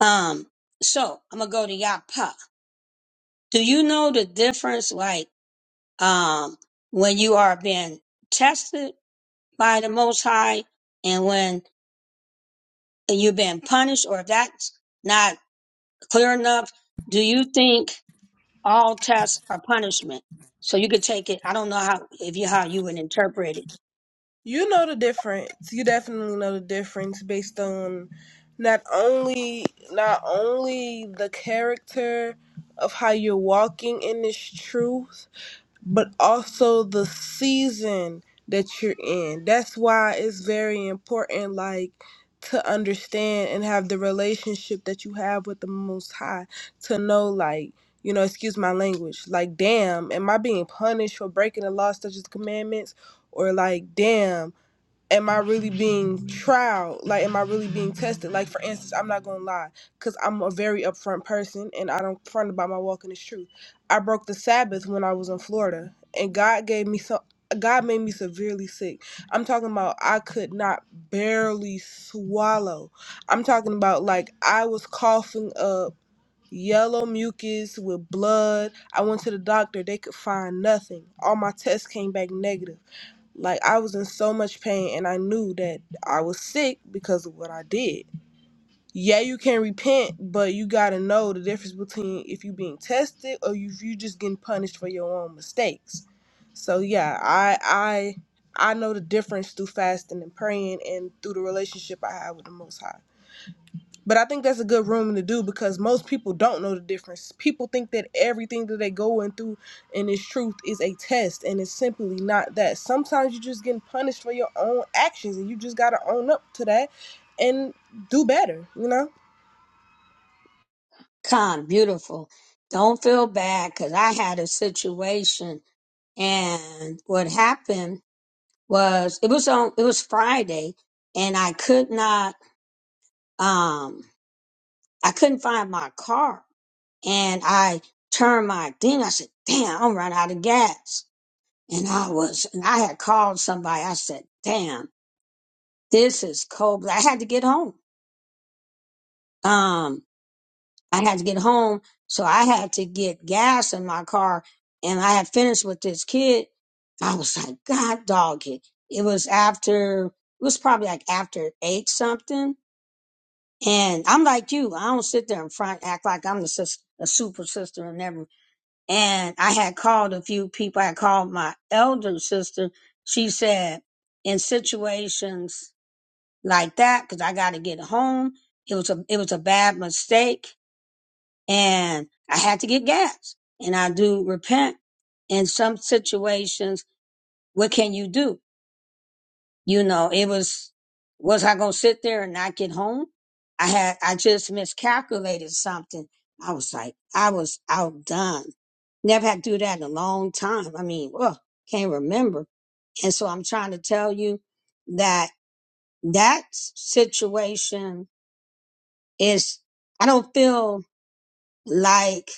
Speaker 2: Um, so I'm gonna go to Yapa. Do you know the difference, like, um, when you are being tested by the Most High and when you're being punished, or if that's not clear enough, do you think all tests are punishment? So you could take it. I don't know how if you how you would interpret it.
Speaker 6: You know the difference. You definitely know the difference based on not only not only the character of how you're walking in this truth but also the season that you're in. That's why it's very important, like, to understand and have the relationship that you have with the Most High, to know, like, you know, excuse my language, like, damn, am I being punished for breaking the law, such as commandments? Or, like, damn am I really being tried? Like, am I really being tested? Like, for instance, I'm not gonna lie, because I'm a very upfront person and I don't front about my walk in this truth. I broke the Sabbath when I was in Florida, and God gave me some. God made me severely sick. I'm talking about I could not barely swallow. I'm talking about like I was coughing up yellow mucus with blood. I went to the doctor, they could find nothing. All my tests came back negative. Like I was in so much pain and I knew that I was sick because of what I did. Yeah, you can repent, but you gotta know the difference between if you being tested or you you just getting punished for your own mistakes. So yeah, I I I know the difference through fasting and praying and through the relationship I have with the Most High. But I think that's a good room to do because most people don't know the difference. People think that everything that they going through and its truth is a test, and it's simply not that. Sometimes you're just getting punished for your own actions, and you just gotta own up to that and do better. You know,
Speaker 2: Con, beautiful. Don't feel bad because I had a situation And what happened was it was on it was Friday and I could not um I couldn't find my car and I turned my thing. I said, damn, I'm running out of gas. And I was and I had called somebody. I said, damn, this is cold. But I had to get home. Um I had to get home, so I had to get gas in my car, and I had finished with this kid. I was like, God, dog it. It was after, it was probably like after eight something. And I'm like you, I don't sit there in front, act like I'm the sis, a super sister and everything. And I had called a few people. I had called my elder sister. She said, in situations like that, because I got to get home, it was a, it was a bad mistake and I had to get gas and I do repent in some situations. What can you do? You know, it was, was I going to sit there and not get home? I had, I just miscalculated something. I was like, I was outdone. Never had to do that in a long time. I mean, ugh, can't remember. And so I'm trying to tell you that that situation is, I don't feel like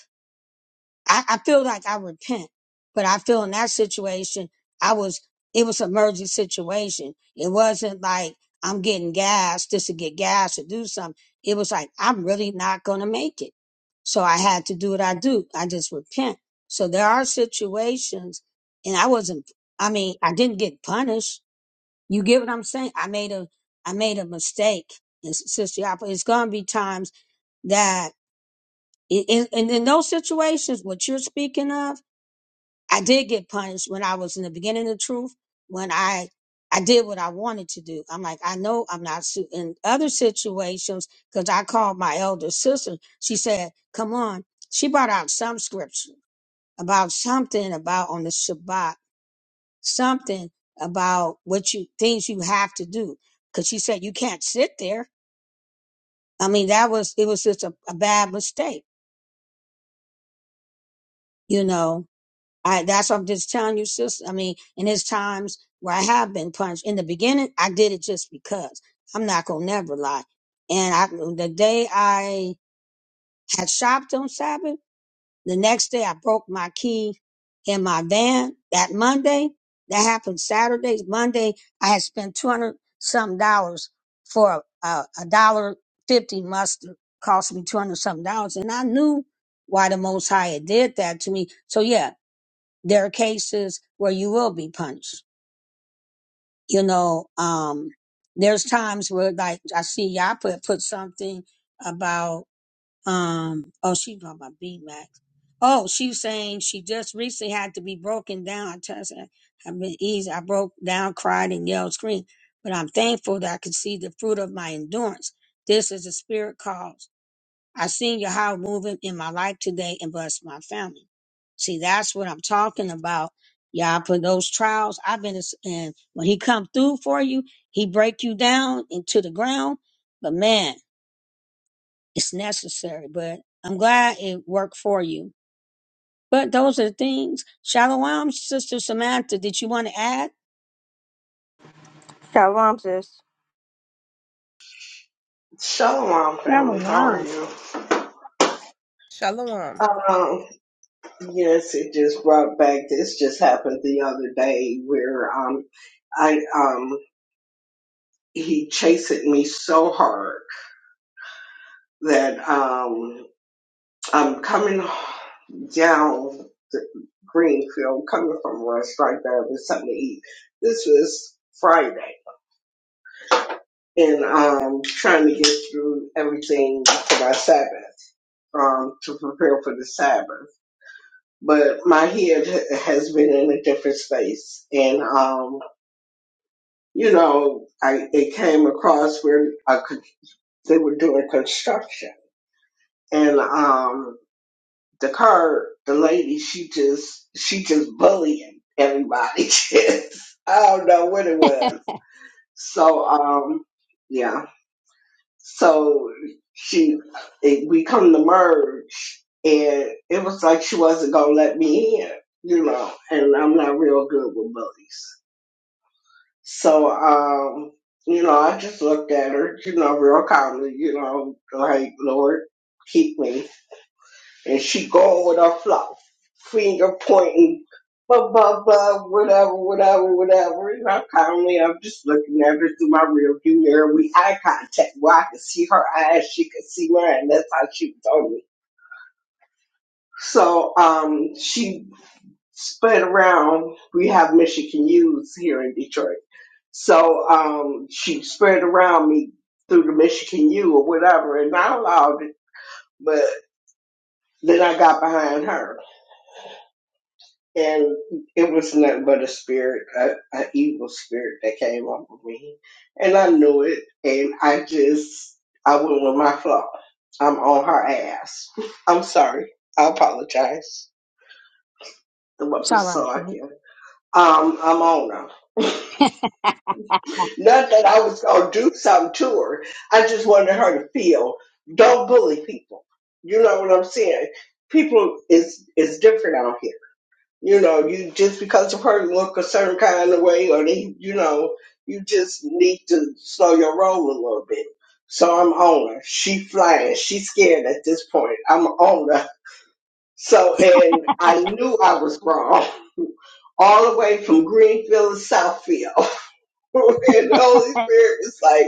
Speaker 2: I, I feel like I repent, but I feel in that situation, I was, it was an emergency situation. It wasn't like I'm getting gas just to get gas or do something. It was like, I'm really not going to make it. So I had to do what I do. I just repent. So there are situations and I wasn't, I mean, I didn't get punished. You get what I'm saying? I made a, I made a mistake. And Sister Yapa, it's going to be times that in, in, in those situations, what you're speaking of, I did get punished when I was in the beginning of truth, when I I did what I wanted to do. I'm like, I know I'm not su-. in other situations because I called my elder sister. She said, "Come on." She brought out some scripture about something about on the Shabbat, something about what you things you have to do. Because she said you can't sit there. I mean, that was it was just a, a bad mistake, you know. I, that's what I'm just telling you, sister. I mean, in his times where I have been punched in the beginning, I did it just because I'm not gonna never lie. And I, the day I had shopped on Sabbath, the next day I broke my key in my van. That Monday, that happened Saturday. Monday, I had spent two hundred some dollars for a a dollar fifty mustard. Cost me two hundred some dollars, and I knew why the Most High had did that to me. So yeah, there are cases where you will be punched. You know, um, there's times where like I see y'all put put something about um oh she's talking about B Max. Oh, she's saying she just recently had to be broken down. I tell her, I've been easy. I broke down, cried, and yelled, screamed. But I'm thankful that I could see the fruit of my endurance. This is a spirit call. I seen your how moving in my life today and bless my family. See, that's what I'm talking about. Y'all put those trials. I've been and when he come through for you, he break you down into the ground. But man, it's necessary. But I'm glad it worked for you. But those are the things. Shalom, Sister Samantha. Did you want to add?
Speaker 1: Shalom, sis.
Speaker 7: Shalom, family. How are
Speaker 2: Shalom.
Speaker 7: you?
Speaker 6: shalom.
Speaker 7: Um, yes, it just brought back. This just happened the other day where um, I um, he chased me so hard that um, I'm coming down the Greenfield, coming from a restaurant there with something to eat. This was Friday, and um, trying to get through everything for my Sabbath, um, to prepare for the Sabbath. but my head ha- has been in a different space and um you know i it came across where I could, they were doing construction and um the car the lady she just she just bullying everybody Just, i don't know what it was so um yeah so she it, we come to merge and it was like she wasn't gonna let me in you know and i'm not real good with bullies So, um, you know, I just looked at her, you know, real calmly, you know, like, Lord, keep me. And she going with her fluff, finger pointing, blah, blah, blah, whatever, whatever, whatever. You know, calmly, I'm just looking at her through my rearview mirror. We eye contact where I could see her eyes, she could see mine. That's how she was on me. So, um, she spread around. We have Michigan U's here in Detroit. So um, she spread around me through the Michigan U or whatever, and I allowed it. But then I got behind her, and it was nothing but a spirit, a, a evil spirit that came over me, and I knew it. And I just, I went with my flow. I'm on her ass. I'm sorry. I apologize. The what
Speaker 2: It's all
Speaker 7: was
Speaker 2: right,
Speaker 7: so I
Speaker 2: sis.
Speaker 7: can. Um, I'm on her. Not that I was going to do something to her. I just wanted her to feel. Don't bully people. You know what I'm saying? People is is different out here. You know, you just because of her look a certain kind of way, or they, you know, you just need to slow your roll a little bit. So I'm on her. She flying. She's scared at this point. I'm on her. So and I knew I was wrong all the way from Greenfield to Southfield. and the Holy Spirit was like.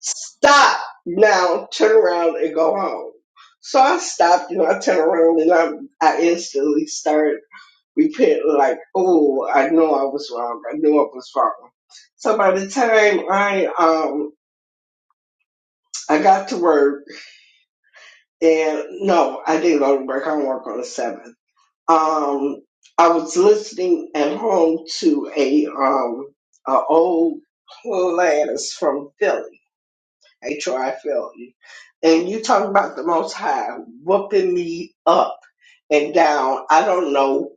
Speaker 7: Stop now, turn around and go home. So I stopped and I turned around and I, I instantly started repenting like, oh, I know I was wrong. I knew I was wrong. So by the time I um I got to work and no, I didn't go to work. I don't work on the seventh. Um, I was listening at home to a um an old class from Philly H R I try, you. And you talking about the Most High whooping me up and down. I don't know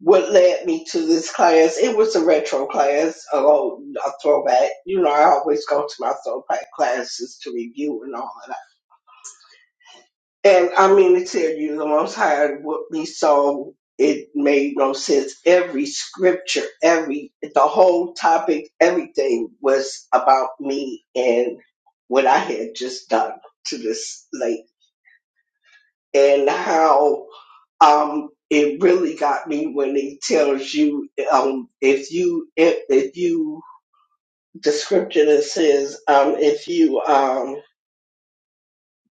Speaker 7: what led me to this class. It was a retro class, a, a throwback. You know, I always go to my throwback classes to review and all and I mean to tell you, the Most High what we saw, it made no sense. Every scripture, every the whole topic, everything was about me and what I had just done to this lady, and how um it really got me when it tells you um if you if, if you the scripture that says um if you um,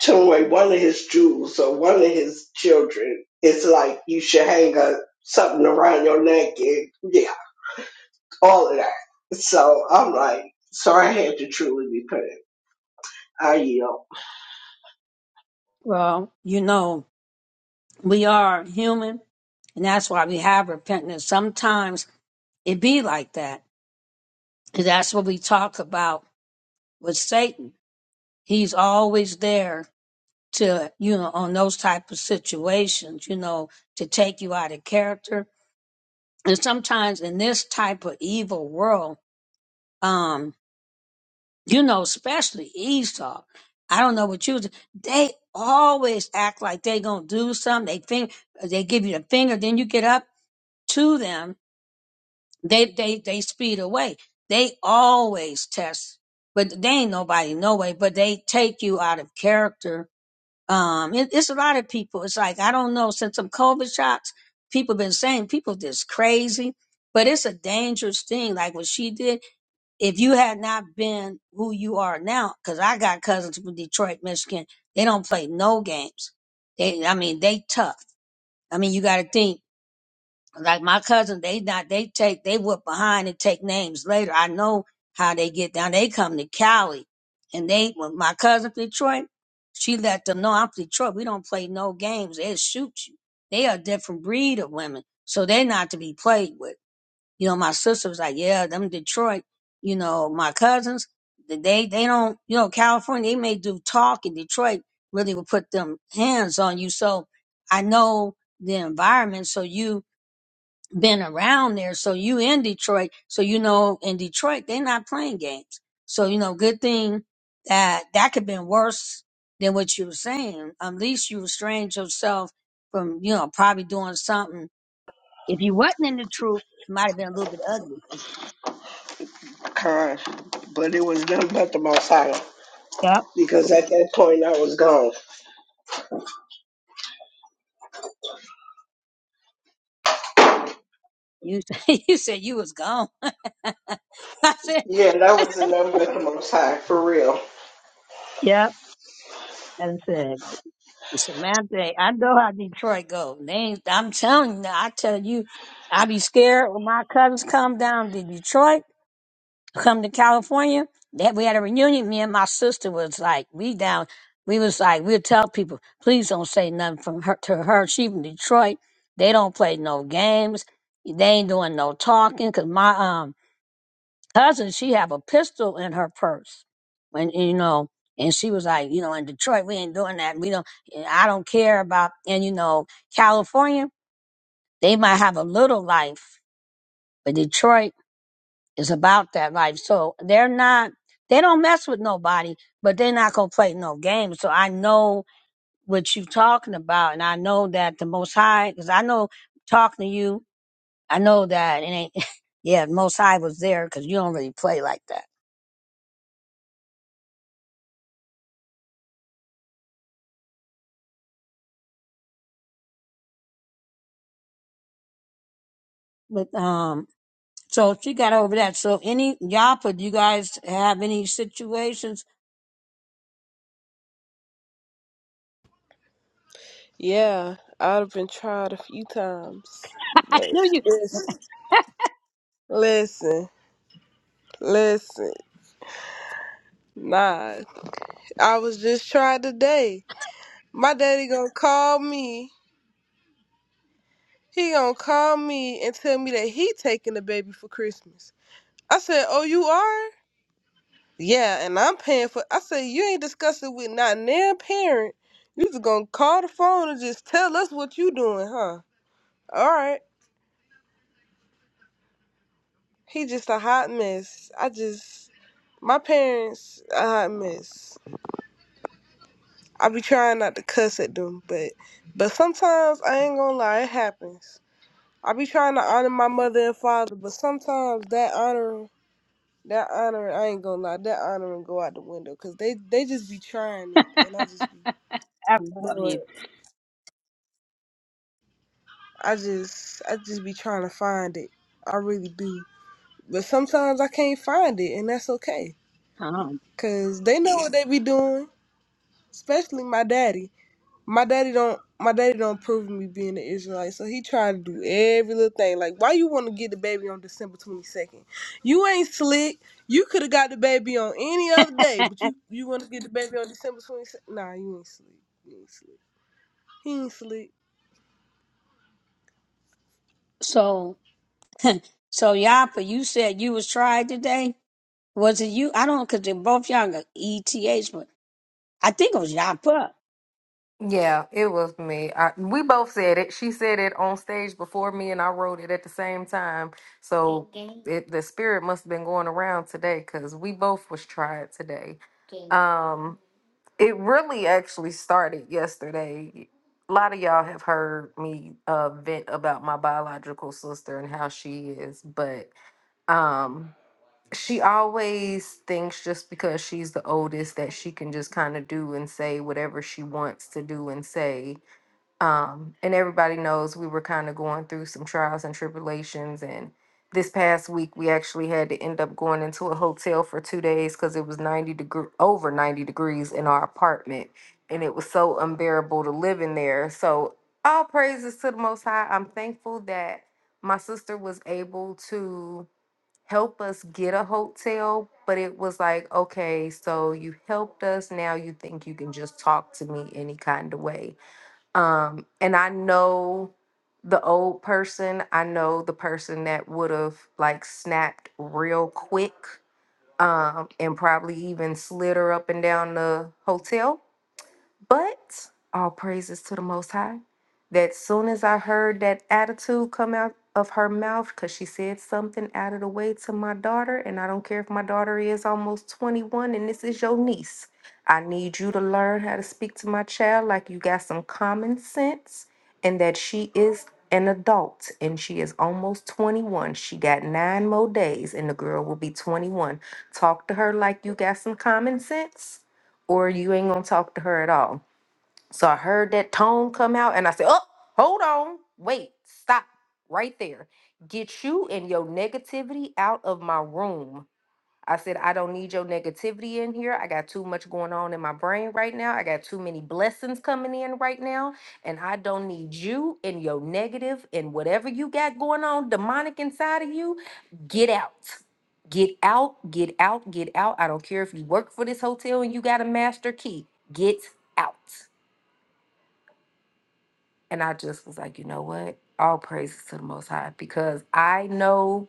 Speaker 7: Toy, one of his jewels or one of his children, it's like you should hang a something around your neck and yeah, all of that. So I'm like, so I had to truly be put in. I yield.
Speaker 2: Well, you know, we are human. And that's why we have repentance. Sometimes it be like that. And that's what we talk about with Satan. He's always there to, you know, on those type of situations, you know, to take you out of character. And sometimes in this type of evil world, um, you know, especially Esau, I don't know what you, they always act like they gonna do something. They think they give you the finger, then you get up to them They they they speed away. They always test, but they ain't nobody no way. But they take you out of character. Um, it, it's a lot of people. It's like I don't know since some COVID shots, people been saying people just crazy, but it's a dangerous thing. Like what she did. If you had not been who you are now, because I got cousins from Detroit, Michigan, they don't play no games. They, I mean, they tough. I mean, you got to think like my cousin, they not they take they went behind and take names later. I know how they get down. They come to Cali, and they when my cousin from Detroit, she let them know I'm from Detroit. We don't play no games. They'll shoot you. They are a different breed of women, so they're not to be played with. You know, my sister was like, yeah, them Detroit. You know, my cousins, they they don't. You know, California, they may do talk in Detroit. Really, will put them hands on you. So I know the environment. So you been around there. So you in Detroit. So you know in Detroit they're not playing games. So you know, good thing that that could have been worse than what you were saying. At least you restrained yourself from you know probably doing something. If you wasn't in the truth, it might have been a little bit ugly.
Speaker 7: Kind. But it was nothing but the most high.
Speaker 2: Yep.
Speaker 7: Because at that point I was gone.
Speaker 2: You you said you was gone. I said,
Speaker 7: Yeah, that was nothing but the most high for real.
Speaker 2: yep. And I said Samantha, I know how Detroit go. They ain't, I'm telling you, I tell you, I be scared when my cousins come down to Detroit. come to California, that we had a reunion. Me and my sister was like, we down, we was like, we'll tell people, please don't say nothing from her to her. She from Detroit. They don't play no games. They ain't doing no talking. Cause my um cousin, she have a pistol in her purse. When you know, and she was like, you know, in Detroit, we ain't doing that. We don't. I don't care about. And you know, California, they might have a little life, but Detroit. It's about that life. So they're not, they don't mess with nobody, but they're not going to play no games. So I know what you're talking about. And I know that the Most High, because I know talking to you, I know that it ain't, yeah, the Most High was there because you don't really play like that. But, um, so she got over that. So any y'all put you guys have any situations?
Speaker 6: Yeah, I've been tried a few times,
Speaker 2: I
Speaker 6: but
Speaker 2: knew you.
Speaker 6: listen, listen, listen. Nah, I was just tried today. My daddy gonna call me He gonna call me and tell me that he taking the baby for Christmas. I said, Oh, you are? Yeah, and I'm paying for I said, You ain't discussing with not damn parent. You just gonna call the phone and just tell us what you doing, huh? Alright. He just a hot mess. I just my parents a hot mess. I be trying not to cuss at them, but but sometimes I ain't gonna lie, it happens. I be trying to honor my mother and father, but sometimes that honor. That honor, I ain't gonna lie, that honor and go out the window because they they just be trying it, and I just be
Speaker 2: I love
Speaker 6: Lord,
Speaker 2: you.
Speaker 6: I just I just be trying to find it. I really do, but sometimes I can't find it, and that's okay,
Speaker 2: Um,
Speaker 6: cause they know what they be doing, especially my daddy. my daddy don't my daddy don't approve of me being an Israelite, so he tried to do every little thing. Like, why you want to get the baby on December twenty second? You ain't slick. You could have got the baby on any other day, but you you want to get the baby on December twenty second? Nah, you ain't slick. You ain't slick. He ain't slick.
Speaker 2: So so Yapa, you said you was tried today. Was it you? I don't because they're both young ETH, but I think it was Yapa.
Speaker 8: Yeah, it was me. I, we both said it. She said it on stage before me, and I wrote it at the same time. So Mhm. it, the spirit must have been going around today because we both was tried today. Okay. Um, it really actually started yesterday. A lot of y'all have heard me uh, vent about my biological sister and how she is, but um, she always thinks just because she's the oldest that she can just kind of do and say whatever she wants to do and say um, and everybody knows we were kind of going through some trials and tribulations. And this past week, we actually had to end up going into a hotel for two days because it was 90 degree over 90 degrees in our apartment. And it was so unbearable to live in there. So, all praises to the Most High. I'm thankful that my sister was able to help us get a hotel, but it was like, okay, so you helped us. Now you think you can just talk to me any kind of way um, and I know the old person, I know the person that would have like snapped real quick um, and probably even slid her up and down the hotel but all praises to the Most High. That soon as I heard that attitude come out of her mouth, because she said something out of the way to my daughter, and I don't care if my daughter is almost 21 and this is your niece. I need you to learn how to speak to my child like you got some common sense and that she is an adult and she is almost 21. She got nine more days and the girl will be 21. Talk to her like you got some common sense or you ain't gonna talk to her at all so I heard that tone come out and I said, Oh, hold on. Wait, stop right there. Get you and your negativity out of my room. I said, I don't need your negativity in here. I got too much going on in my brain right now. I got too many blessings coming in right now. And I don't need you and your negative and whatever you got going on demonic inside of you get out. Get out, get out, get out. I don't care if you work for this hotel and you got a master key. Get out. And I just was like, you know what? All praises to the Most High because I know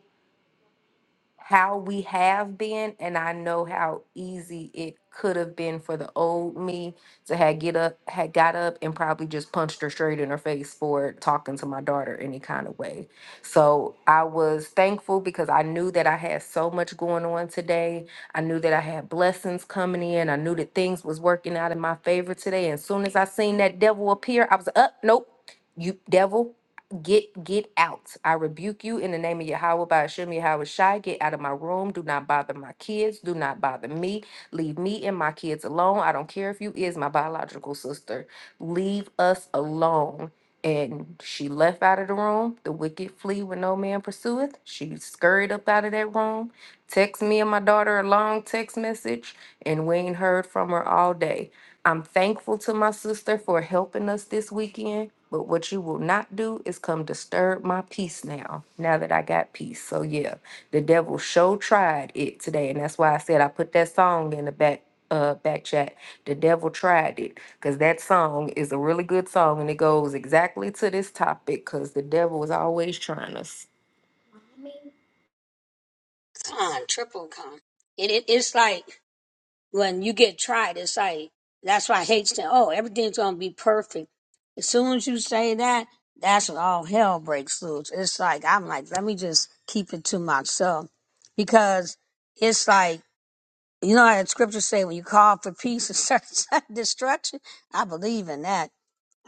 Speaker 8: how we have been and I know how easy it could have been for the old me to had get up had got up and probably just punched her straight in her face for talking to my daughter any kind of way. So I was thankful because I knew that I had so much going on today. I knew that I had blessings coming in. I knew that things was working out in my favor today. And as soon as I seen that devil appear, I was up, nope, you devil. Get get out. I rebuke you in the name of Yahweh by Hashem Yahweh Shai. Get out of my room. Do not bother my kids. Do not bother me. Leave me and my kids alone. I don't care if you is my biological sister. Leave us alone. And she left out of the room. The wicked flee when no man pursueth. She scurried up out of that room Text me and my daughter a long text message, and we ain't heard from her all day. I'm thankful to my sister for helping us this weekend, but what you will not do is come disturb my peace now, now that I got peace. So, yeah, the devil sure tried it today, and that's why I said I put that song in the back. Uh, back chat. The devil tried it because that song is a really good song and it goes exactly to this topic because the devil is always trying us.
Speaker 2: Con, triple con. It, it it's like when you get tried, it's like that's why I hate saying, "Oh, everything's gonna be perfect." As soon as you say that, that's when all hell breaks loose. It's like I'm like, let me just keep it to myself because it's like you know how the scriptures say when you call for peace and search for destruction. I believe in that.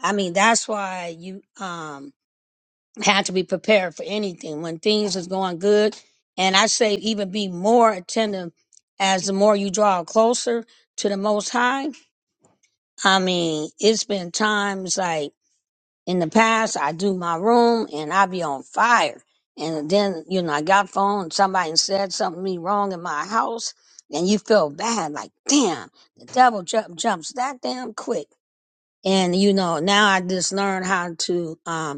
Speaker 2: I mean, that's why you um had to be prepared for anything when things is going good. And I say even be more attentive as the more you draw closer to the Most High. I mean, it's been times like in the past I do my room and I be on fire, and then you know I got phone and somebody said something to me wrong in my house, and you feel bad like damn the devil jump jumps that damn quick. And you know now I just learned how to. um,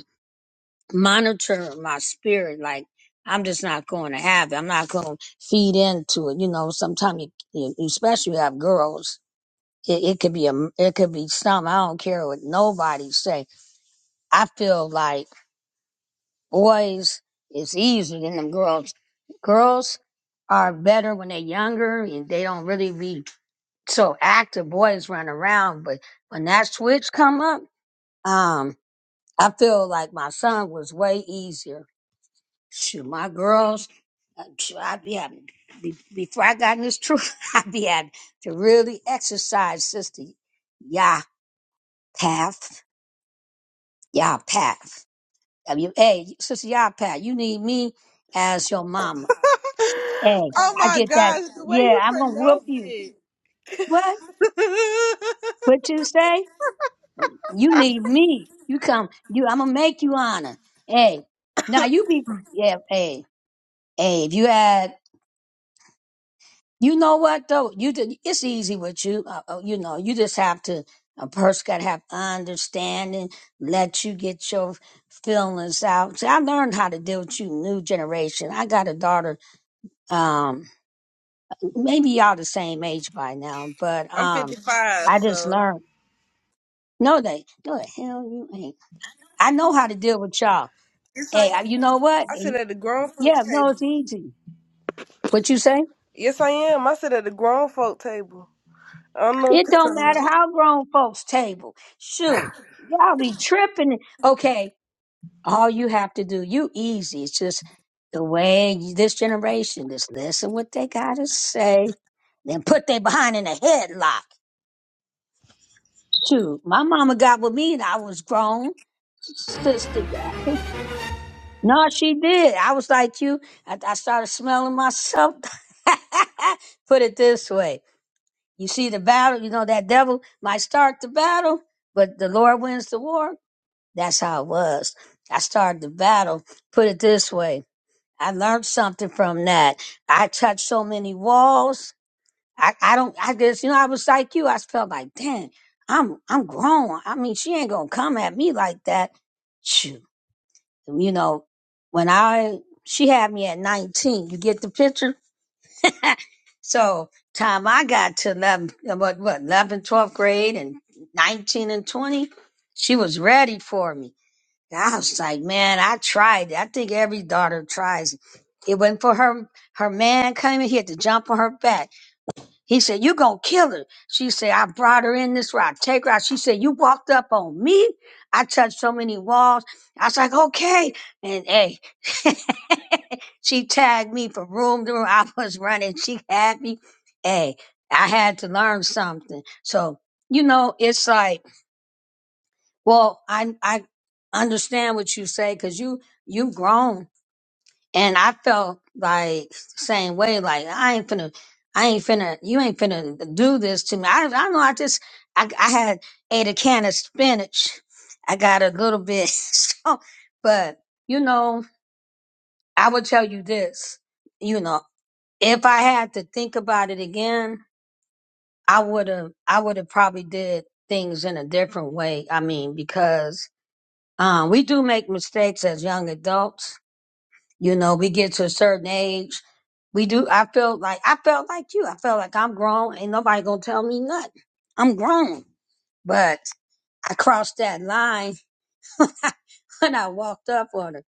Speaker 2: monitor my spirit. Like I'm just not going to have it. I'm not going to feed into it. You know, sometimes you, you you- especially you have girls, it, it could be a, it could be something. I don't care what nobody say. I feel like boys is easier than them girls. Girls are better when they're younger and they don't really be so active. Boys run around, but when that switch come up, um, I feel like my son was way easier Shoot, my girls, uh, shoot, I be having, be, before I got in this truth, I be having to really exercise, Sister Yah Path, Yah Path. W A, Sister Yah Path, you need me as your mama. Hey,
Speaker 6: oh
Speaker 2: I
Speaker 6: my
Speaker 2: get that.
Speaker 6: gosh, the way
Speaker 2: Yeah,
Speaker 6: you
Speaker 2: I'm gonna whoop
Speaker 6: pronounce
Speaker 2: you.
Speaker 6: it.
Speaker 2: What? What you say? You need me. You come. You. I'm gonna make you honor. Hey, now you be. Yeah. Hey. Hey. If you had You know what though? You did, it's easy with you. Uh, uh, you know, you just have to. A person got to have understanding. Let you get your feelings out. See, I learned how to deal with you, new generation. I got a daughter. Um, maybe y'all the same age by now, but
Speaker 6: I'm
Speaker 2: um,
Speaker 6: fifty five,
Speaker 2: I just
Speaker 6: so
Speaker 2: learned. No, they no the hell you ain't. I know how to deal with y'all.
Speaker 6: yes I
Speaker 2: Hey, I- you
Speaker 6: am.
Speaker 2: know what?
Speaker 6: I
Speaker 2: Eh,
Speaker 6: sit at the grown folks
Speaker 2: Yeah, no,
Speaker 6: table.
Speaker 2: it's easy. What you say?
Speaker 6: Yes I am. I sit at the grown folk table. I don't know what
Speaker 2: It
Speaker 6: you're
Speaker 2: don't
Speaker 6: talking about.
Speaker 2: matter how grown folks table. Shoot, y'all be tripping. Okay, all you have to do, you easy. It's just the way you- this generation just listen what they gotta say, then put they behind in a headlock. Shoot, my mama got with me and I was grown. Sister got No, she did. I was like you. I, I started smelling myself. put it this way. You see the battle, you know, that devil might start the battle, but the Lord wins the war. That's how it was. I started the battle. Put it this way. I learned something from that. I touched so many walls. I, I don't, I guess you know, I was like you. I felt like, dang, I'm, I'm grown. I mean, she ain't going to come at me like that. Shoot. You know, when I, she had me at 19. You get the picture? So time I got to 11, uh, what, what, 11, 12th grade and 19 and 20, she was ready for me. I was like, man, I tried. it. I think every daughter tries. It It wasn't for her. Her man came in, he had to jump on her back. He said, you going to kill her. She said, I brought her in this rock. Take her out. She said, You walked up on me. I touched so many walls. I was like, Okay. And hey, she tagged me from room to room. I was running. She had me. Hey, I had to learn something. So, you know, it's like, well, I, I understand what you say because you, you've grown and I felt like same way, like I ain't finna, I ain't finna, you ain't finna do this to me. I, I know I just, I, I had ate a can of spinach. I got a little bit, so, but you know, I would tell you this, you know, if I had to think about it again, I would have, I would have probably did things in a different way. I mean, because, um, we do make mistakes as young adults You know, we get to a certain age. We do. I feel like I felt like you. I felt like I'm grown. Ain't nobody gonna tell me nothing. I'm grown. But I crossed that line when I walked up on her,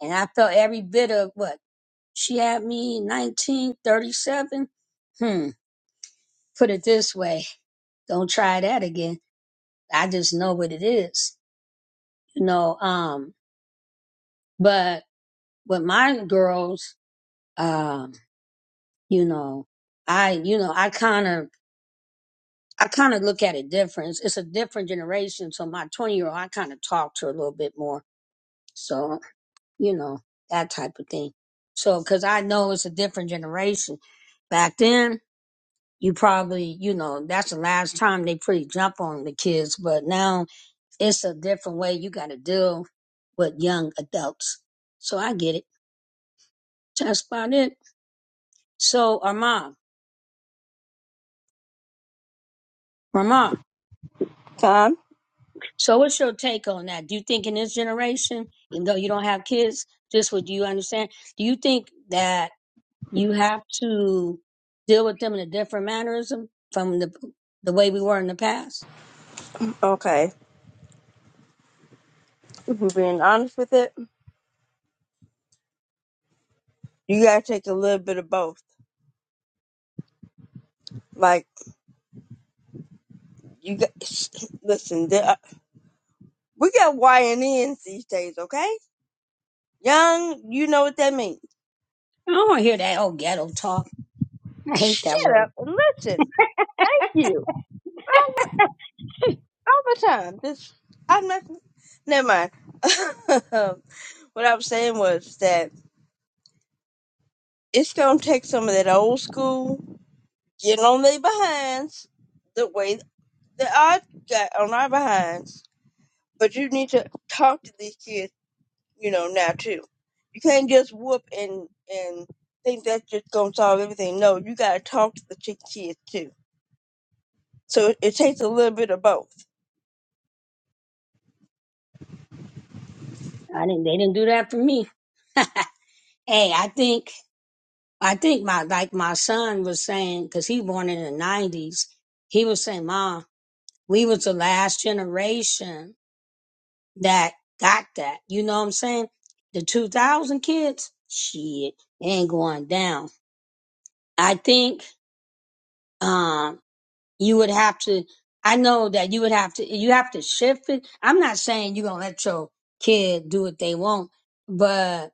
Speaker 2: and I felt every bit of what she had me 1937. Hmm. Put it this way, don't try that again. I just know what it is, you know. Um, but with my girls, um, you know, I, you know, I kind of I kind of look at it different. It's it's a different generation. So my 20 year old, I kind of talk to her a little bit more. So, you know, that type of thing. So, cause I know it's a different generation. Back then, you probably, you know, that's the last time they pretty jump on the kids. But now it's a different way you got to deal with young adults. So I get it. That's about it. So, Armand, Armand.
Speaker 1: Time.
Speaker 2: So, what's your take on that? Do you think in this generation, even though you don't have kids, just what you understand, do you think that you have to deal with them in a different mannerism from the the way we were in the past?
Speaker 1: Okay. If we're being honest with it, you gotta take a little bit of both. Like. You got, listen, there are, we got YNNs these days, okay? Young, you know what that means.
Speaker 2: I don't want to hear that old ghetto talk. I hate that
Speaker 1: Shut
Speaker 2: word.
Speaker 1: up and listen. Thank you. All, the- all the time. This, I'm not, never mind. what I was saying was that it's going to take some of that old school getting on their behinds the way that I got on our behinds. But you need to talk to these kids you know, now too. You can't just whoop and and think that's just gonna solve everything. No, you gotta talk to the chick kids too. So it, it takes a little bit of both.
Speaker 2: I didn't. They didn't do that for me. hey, I think I think my like my son was saying because he born in the nineties. He was saying, "Mom, we was the last generation that got that. You know what I'm saying? The 2000 kids, shit, it ain't going down. I think, um, you would have to, I know that you would have to, you have to shift it. I'm not saying you're going to let your kid do what they want, but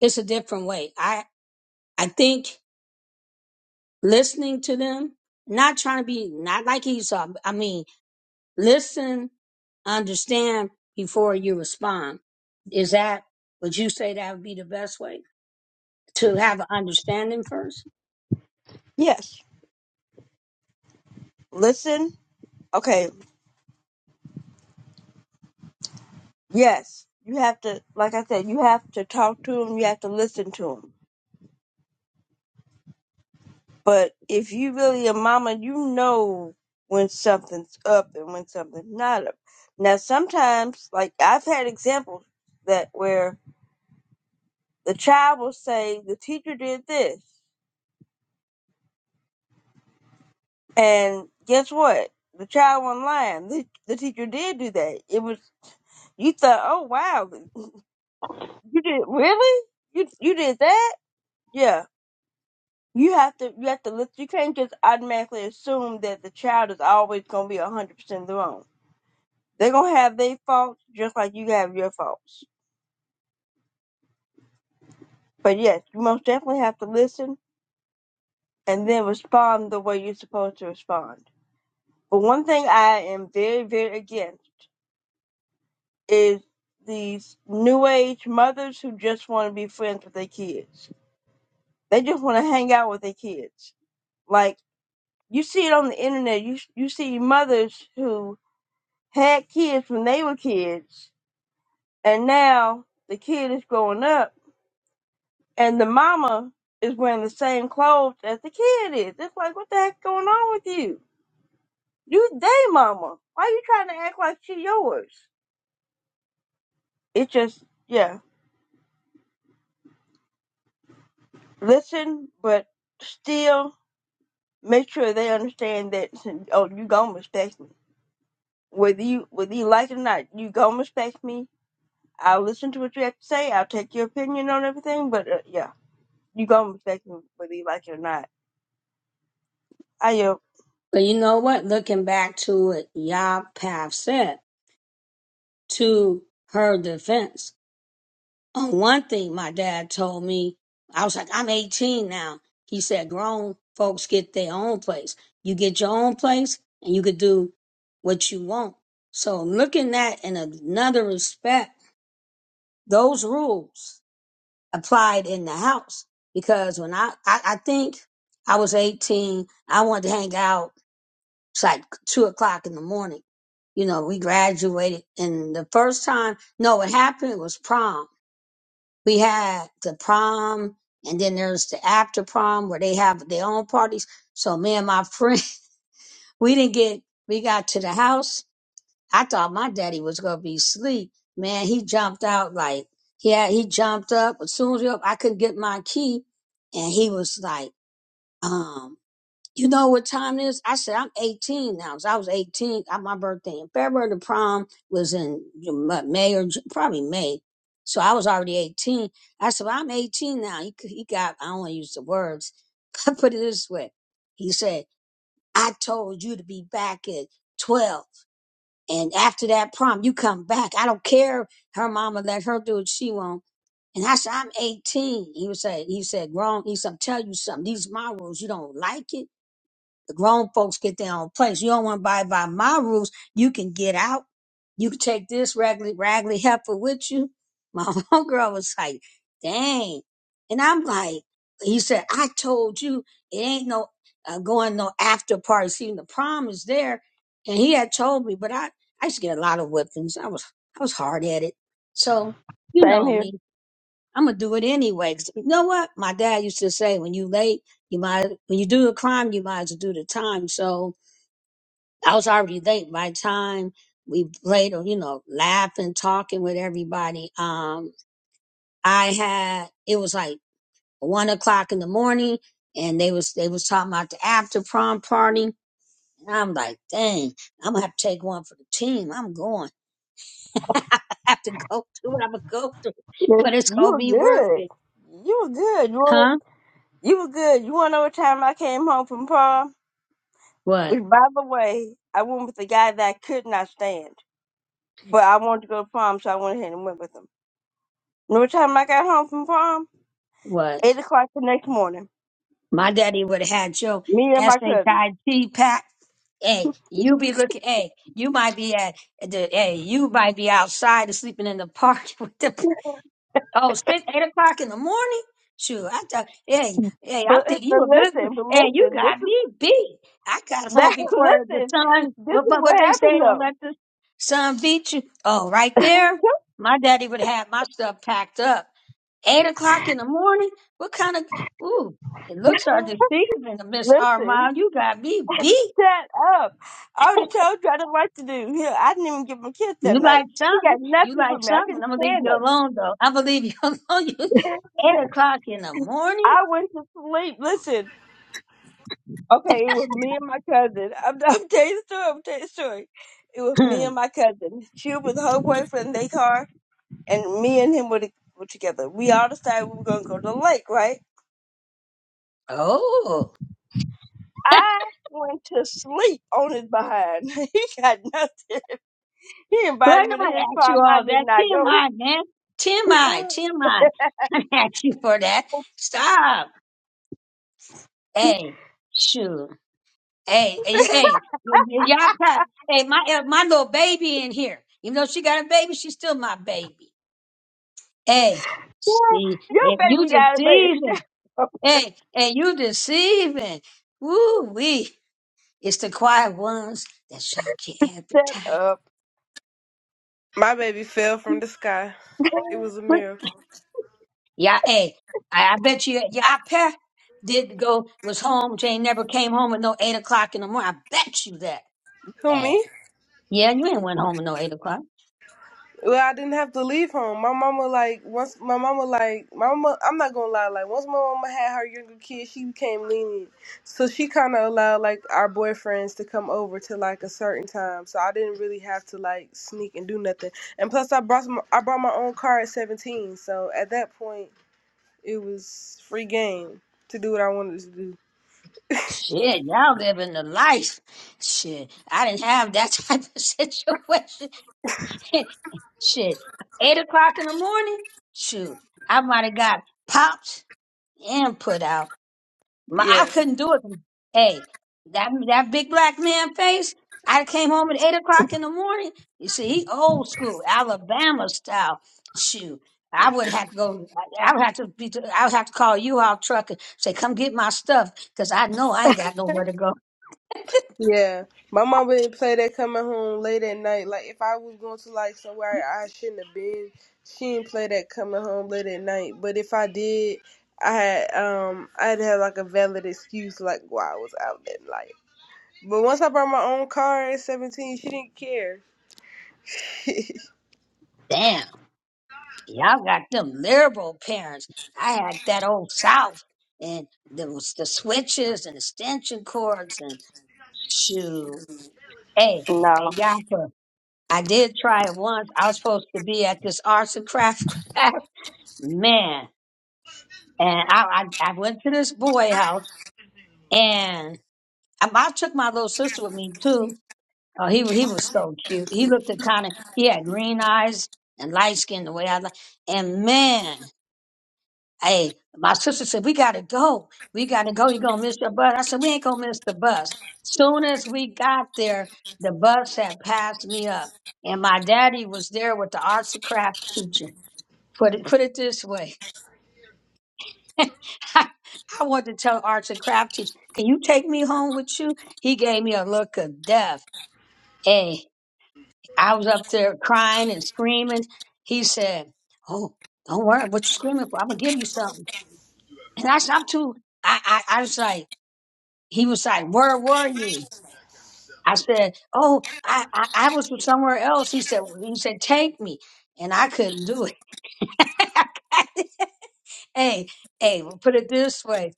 Speaker 2: it's a different way. I, I think listening to them, not trying to be, not like Esau. I mean, listen, understand before you respond. Is that, would you say that would be the best way? to have an understanding first.
Speaker 1: Yes, listen. Okay, yes, you have to. Like I said, you have to talk to them. You have to listen to them. But if you really a mama, you know when something's up and when something's not up. Now sometimes, like I've had examples that where the child will say the teacher did this And guess what? The child went not lying. The, the teacher did do that. It was you thought, oh wow, you did really? You you did that? Yeah. You have to you have to listen. You can't just automatically assume that the child is always gonna be hundred percent wrong. They're gonna have their faults just like you have your faults. But yes, you most definitely have to listen and then respond the way you're supposed to respond. But one thing I am very very against. is these new age mothers who just want to be friends with their kids. They just want to hang out with their kids. Like you see it on the internet, you you see mothers who had kids when they were kids, and now the kid is growing up, and the mama is wearing the same clothes as the kid is. It's like what the heck going on with you? You they mama. Why you trying to act like she yours? It just yeah. Listen, but still make sure they understand that oh you gonna respect me whether you whether you like it or not you gonna respect me i'll listen to what you have to say i'll take your opinion on everything but uh, yeah you gonna respect me whether you like it or not i am
Speaker 2: But you know what? Looking back to what Yah Path said to her defense, on one thing my dad told me, I was like, I'm 18 now. He said, grown folks get their own place. You get your own place and you could do what you want. So looking at in another respect, those rules applied in the house because when I, I, I think I was 18, I wanted to hang out It's like two o'clock in the morning. You know, we graduated and the first time, no, what happened was prom. We had the prom and then there's the after prom where they have their own parties. So me and my friend, we didn't get, we got to the house. I thought my daddy was going to be asleep. Man, he jumped out like, yeah, he jumped up. As soon as he up, I couldn't get my key and he was like, um, you know what time it is? I said I'm 18 now. So I was 18. Got my birthday in February. The prom was in May or Ju- probably May. So I was already 18. I said, well, I'm 18 now. He, c- he got, I don't want to use the words. I put it this way. He said, I told you to be back at 12. And after that prom, you come back. I don't care. If Her mama let her do what she want. And I said, I'm 18. He was saying, he said, grown. He said, I'm telling you something. These are my rules. You don't like it? The grown folks get their own place. You don't want to abide by my rules. You can get out. You can take this raggedy, raggedy heifer with you. My homegirl was like, dang. And I'm like, he said, I told you it ain't no uh, going no after party. See, the prom is there. And he had told me, but I, I used to get a lot of whippings. I was, I was hard at it. So, you
Speaker 1: same
Speaker 2: know
Speaker 1: here
Speaker 2: me. I'm gonna do it anyway. 'Cause you know what? My dad used to say, when you late, you might when you do a crime, you might as well do the time. So I was already late by the time we played, or you know, laughing, talking with everybody. Um, I had it was like one o'clock in the morning, and they was they was talking about the after prom party. And I'm like, dang, I'm gonna have to take one for the team. I'm going. I have to go through what I'm gonna go through,
Speaker 1: yes,
Speaker 2: but it's
Speaker 1: you
Speaker 2: gonna
Speaker 1: were
Speaker 2: be worth
Speaker 1: good
Speaker 2: it,
Speaker 1: you were good you were,
Speaker 2: huh?
Speaker 1: you were good you want to know what time i came home from prom
Speaker 2: What?
Speaker 1: which by the way i went with the guy that i could not stand but i wanted to go to prom so i went ahead and went with him you know what time i got home from prom
Speaker 2: What?
Speaker 1: eight o'clock the next morning
Speaker 2: My daddy would have had your
Speaker 1: Me and my cousin.
Speaker 2: S-H-I-T pack. Hey, you be looking, hey, you might be at the, hey, you might be outside and sleeping in the park with the, oh, six, eight o'clock in the morning? Sure, I thought, hey, hey, I'm
Speaker 1: But,
Speaker 2: thinking
Speaker 1: but
Speaker 2: you a good, gr-
Speaker 1: listen, but
Speaker 2: hey, you
Speaker 1: listen, this
Speaker 2: got
Speaker 1: is
Speaker 2: me beat. I got home
Speaker 1: that
Speaker 2: before the
Speaker 1: listen,
Speaker 2: sun,
Speaker 1: this
Speaker 2: what,
Speaker 1: is
Speaker 2: what,
Speaker 1: what
Speaker 2: what they
Speaker 1: happened
Speaker 2: say, don't
Speaker 1: though.
Speaker 2: let the sun beat you. Oh, right there, my daddy would have had my stuff packed up eight o'clock in the morning. What kind of ooh? It looks are deceiving, Miss
Speaker 1: listen,
Speaker 2: Armand. You got me beat.
Speaker 1: shut up. I already told you I didn't like to do. Hell, I didn't even give him a kiss that
Speaker 2: You
Speaker 1: night.
Speaker 2: like
Speaker 1: He
Speaker 2: something?
Speaker 1: got
Speaker 2: You
Speaker 1: nothing
Speaker 2: like
Speaker 1: from me. I
Speaker 2: something?
Speaker 1: couldn't
Speaker 2: I'm gonna leave
Speaker 1: stand
Speaker 2: you
Speaker 1: him.
Speaker 2: alone though. I believe you alone. You eight o'clock in the morning.
Speaker 1: I went to sleep. Listen, okay, it was me and my cousin. I'm, I'm telling you the story. I'm telling you the story. It was me
Speaker 2: Hmm.
Speaker 1: and my cousin. She was with her boyfriend in their car, and me and him were, to, were together. We all decided we were going to go to the lake, right?
Speaker 2: Oh,
Speaker 1: I went to sleep on his behind. He got nothing. He invited
Speaker 2: right.
Speaker 1: me to
Speaker 2: Nobody
Speaker 1: his
Speaker 2: asked you
Speaker 1: farm. I
Speaker 2: all
Speaker 1: did
Speaker 2: that.
Speaker 1: not go.
Speaker 2: TMI, man. TMI, TMI. I T M I. I asked you for that. Stop. Hey, shoot. Hey, hey, hey, y- y- y'all try. Hey, my eh, my little baby in here. Even though she got a baby, she's still my baby. Hey,
Speaker 1: Girl,
Speaker 2: she,
Speaker 1: your
Speaker 2: and you
Speaker 1: baby got a baby. Shut
Speaker 2: deceiving.
Speaker 1: up.
Speaker 2: Hey, and you deceiving. Woo wee. It's the quiet ones that shock you every
Speaker 1: Shut
Speaker 2: time.
Speaker 1: up.
Speaker 6: My baby fell from the sky. It was a
Speaker 2: But
Speaker 6: miracle.
Speaker 2: yeah, hey, I, I bet you y'all pair did go was home. Jane never came home at no eight o'clock in the morning. I bet you that
Speaker 6: Who
Speaker 2: bad.
Speaker 6: me?
Speaker 2: Yeah, you ain't went home at no eight o'clock.
Speaker 6: Well, I didn't have to leave home. My mama like once my mama like my mama I'm not gonna lie, like once my mama had her younger kid, she became lenient. So she kinda allowed like our boyfriends to come over to like a certain time. So I didn't really have to like sneak and do nothing. And plus I brought some, I brought my own car at seventeen, so at that point it was free game to do what I wanted to do.
Speaker 2: Shit, y'all living the life. Shit, I didn't have that type of situation. Shit, eight o'clock in the morning. Shoot, I might have got popped and put out. My,
Speaker 6: Yeah.
Speaker 2: I couldn't do it. Hey, that that big black man face. I came home at eight o'clock in the morning. You see, he old school Alabama style. Shoot. I would have to go. I I would have to be. I would have to call you out truck and say, "Come get my stuff," because I know I ain't got nowhere to go.
Speaker 6: Yeah, my mom would play that coming home late at night. Like if I was going to like somewhere I shouldn't have been, she didn't play that coming home late at night. But if I did, I had um I'd have like a valid excuse like why I was out that night. But once I brought my own car at seventeen, she didn't care.
Speaker 2: Damn, y'all got them liberal parents. I had that old South, and there was the switches and extension cords and shoot. Hey, hey,
Speaker 1: No.
Speaker 2: y'all. for- I did try it once. I was supposed to be at this arts and craft class, man, and I, I I went to this boy house, and I, I took my little sister with me too. Oh, he wa- he was so cute. He looked kind of he had green eyes and light skin the way I like, and man. Hey, my sister said, We gotta go. We gotta go. You're gonna miss your bus. I said, We ain't gonna miss the bus. Soon as we got there, the bus had passed me up. And my daddy was there with the arts and craft teacher. Put it put it this way. I, I wanted to tell arts and craft teacher, can you take me home with you? He gave me a look of death. Hey, I was up there crying and screaming. He said, Oh, don't worry what you screaming for. I'm gonna give you something. And I said, I'm too I I, I was like he was like, "Where were you?" I said, "Oh, I I, I was somewhere else." He said, "He said take me," and I couldn't do it. hey, hey, we'll put it this way.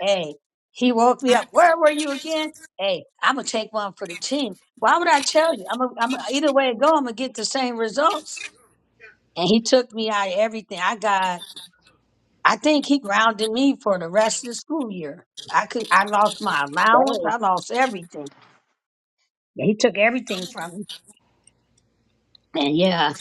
Speaker 2: Hey, he woke me up. Where were you again? Hey, I'm gonna take one for the team. Why would I tell you? I'm, a, I'm a, either way it go, I'm gonna get the same results. And he took me out of everything. I got. I think he grounded me for the rest of the school year. I could. I lost my allowance.
Speaker 1: Dang.
Speaker 2: I lost everything. Yeah, He took everything from me. And yeah,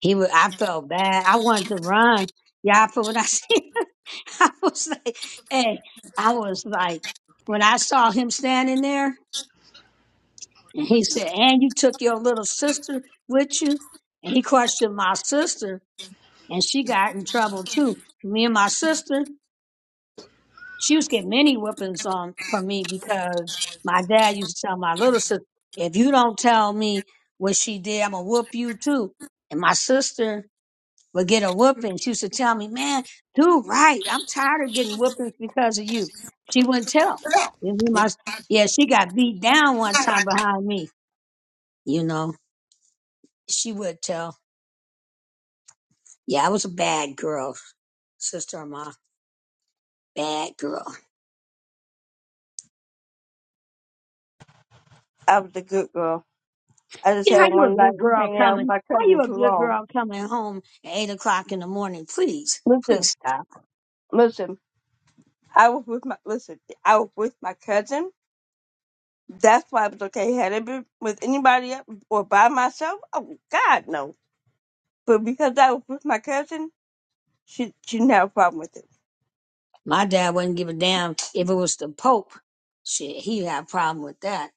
Speaker 2: he was. I felt bad. I wanted to run. Yeah, for when I see, I was like, hey, I was like, when I saw him standing there, and he said, "And you took your little sister with you," and he questioned my sister, and she got in trouble too. Me and my sister, she was getting many whippings on from me because my dad used to tell my little sister, "If you don't tell me what she did, I'm gonna whoop you too." And my sister but get a whooping. She used to tell me, man, do right. I'm tired of getting whoopings because of you. She wouldn't tell. And we must- yeah, she got beat down one time behind me. You know, she would tell. Yeah, I was a bad girl, sister in law. Bad girl.
Speaker 1: I was a good girl. I just
Speaker 2: Yeah,
Speaker 1: had
Speaker 2: how you a
Speaker 1: one night
Speaker 2: good
Speaker 1: was
Speaker 2: girl
Speaker 1: hanging out with
Speaker 2: coming?
Speaker 1: my
Speaker 2: How
Speaker 1: cousin
Speaker 2: you a
Speaker 1: too
Speaker 2: good
Speaker 1: long.
Speaker 2: girl coming home at eight o'clock in the morning? Please, please
Speaker 1: Listen,
Speaker 2: stop.
Speaker 1: listen. I was with my listen. I was with my cousin. That's why it was okay. Had it been with anybody else or by myself, oh God, no. But because I was with my cousin, she she didn't have a problem with it.
Speaker 2: My dad wouldn't give a damn if it was the Pope. Shit, he had a problem with that.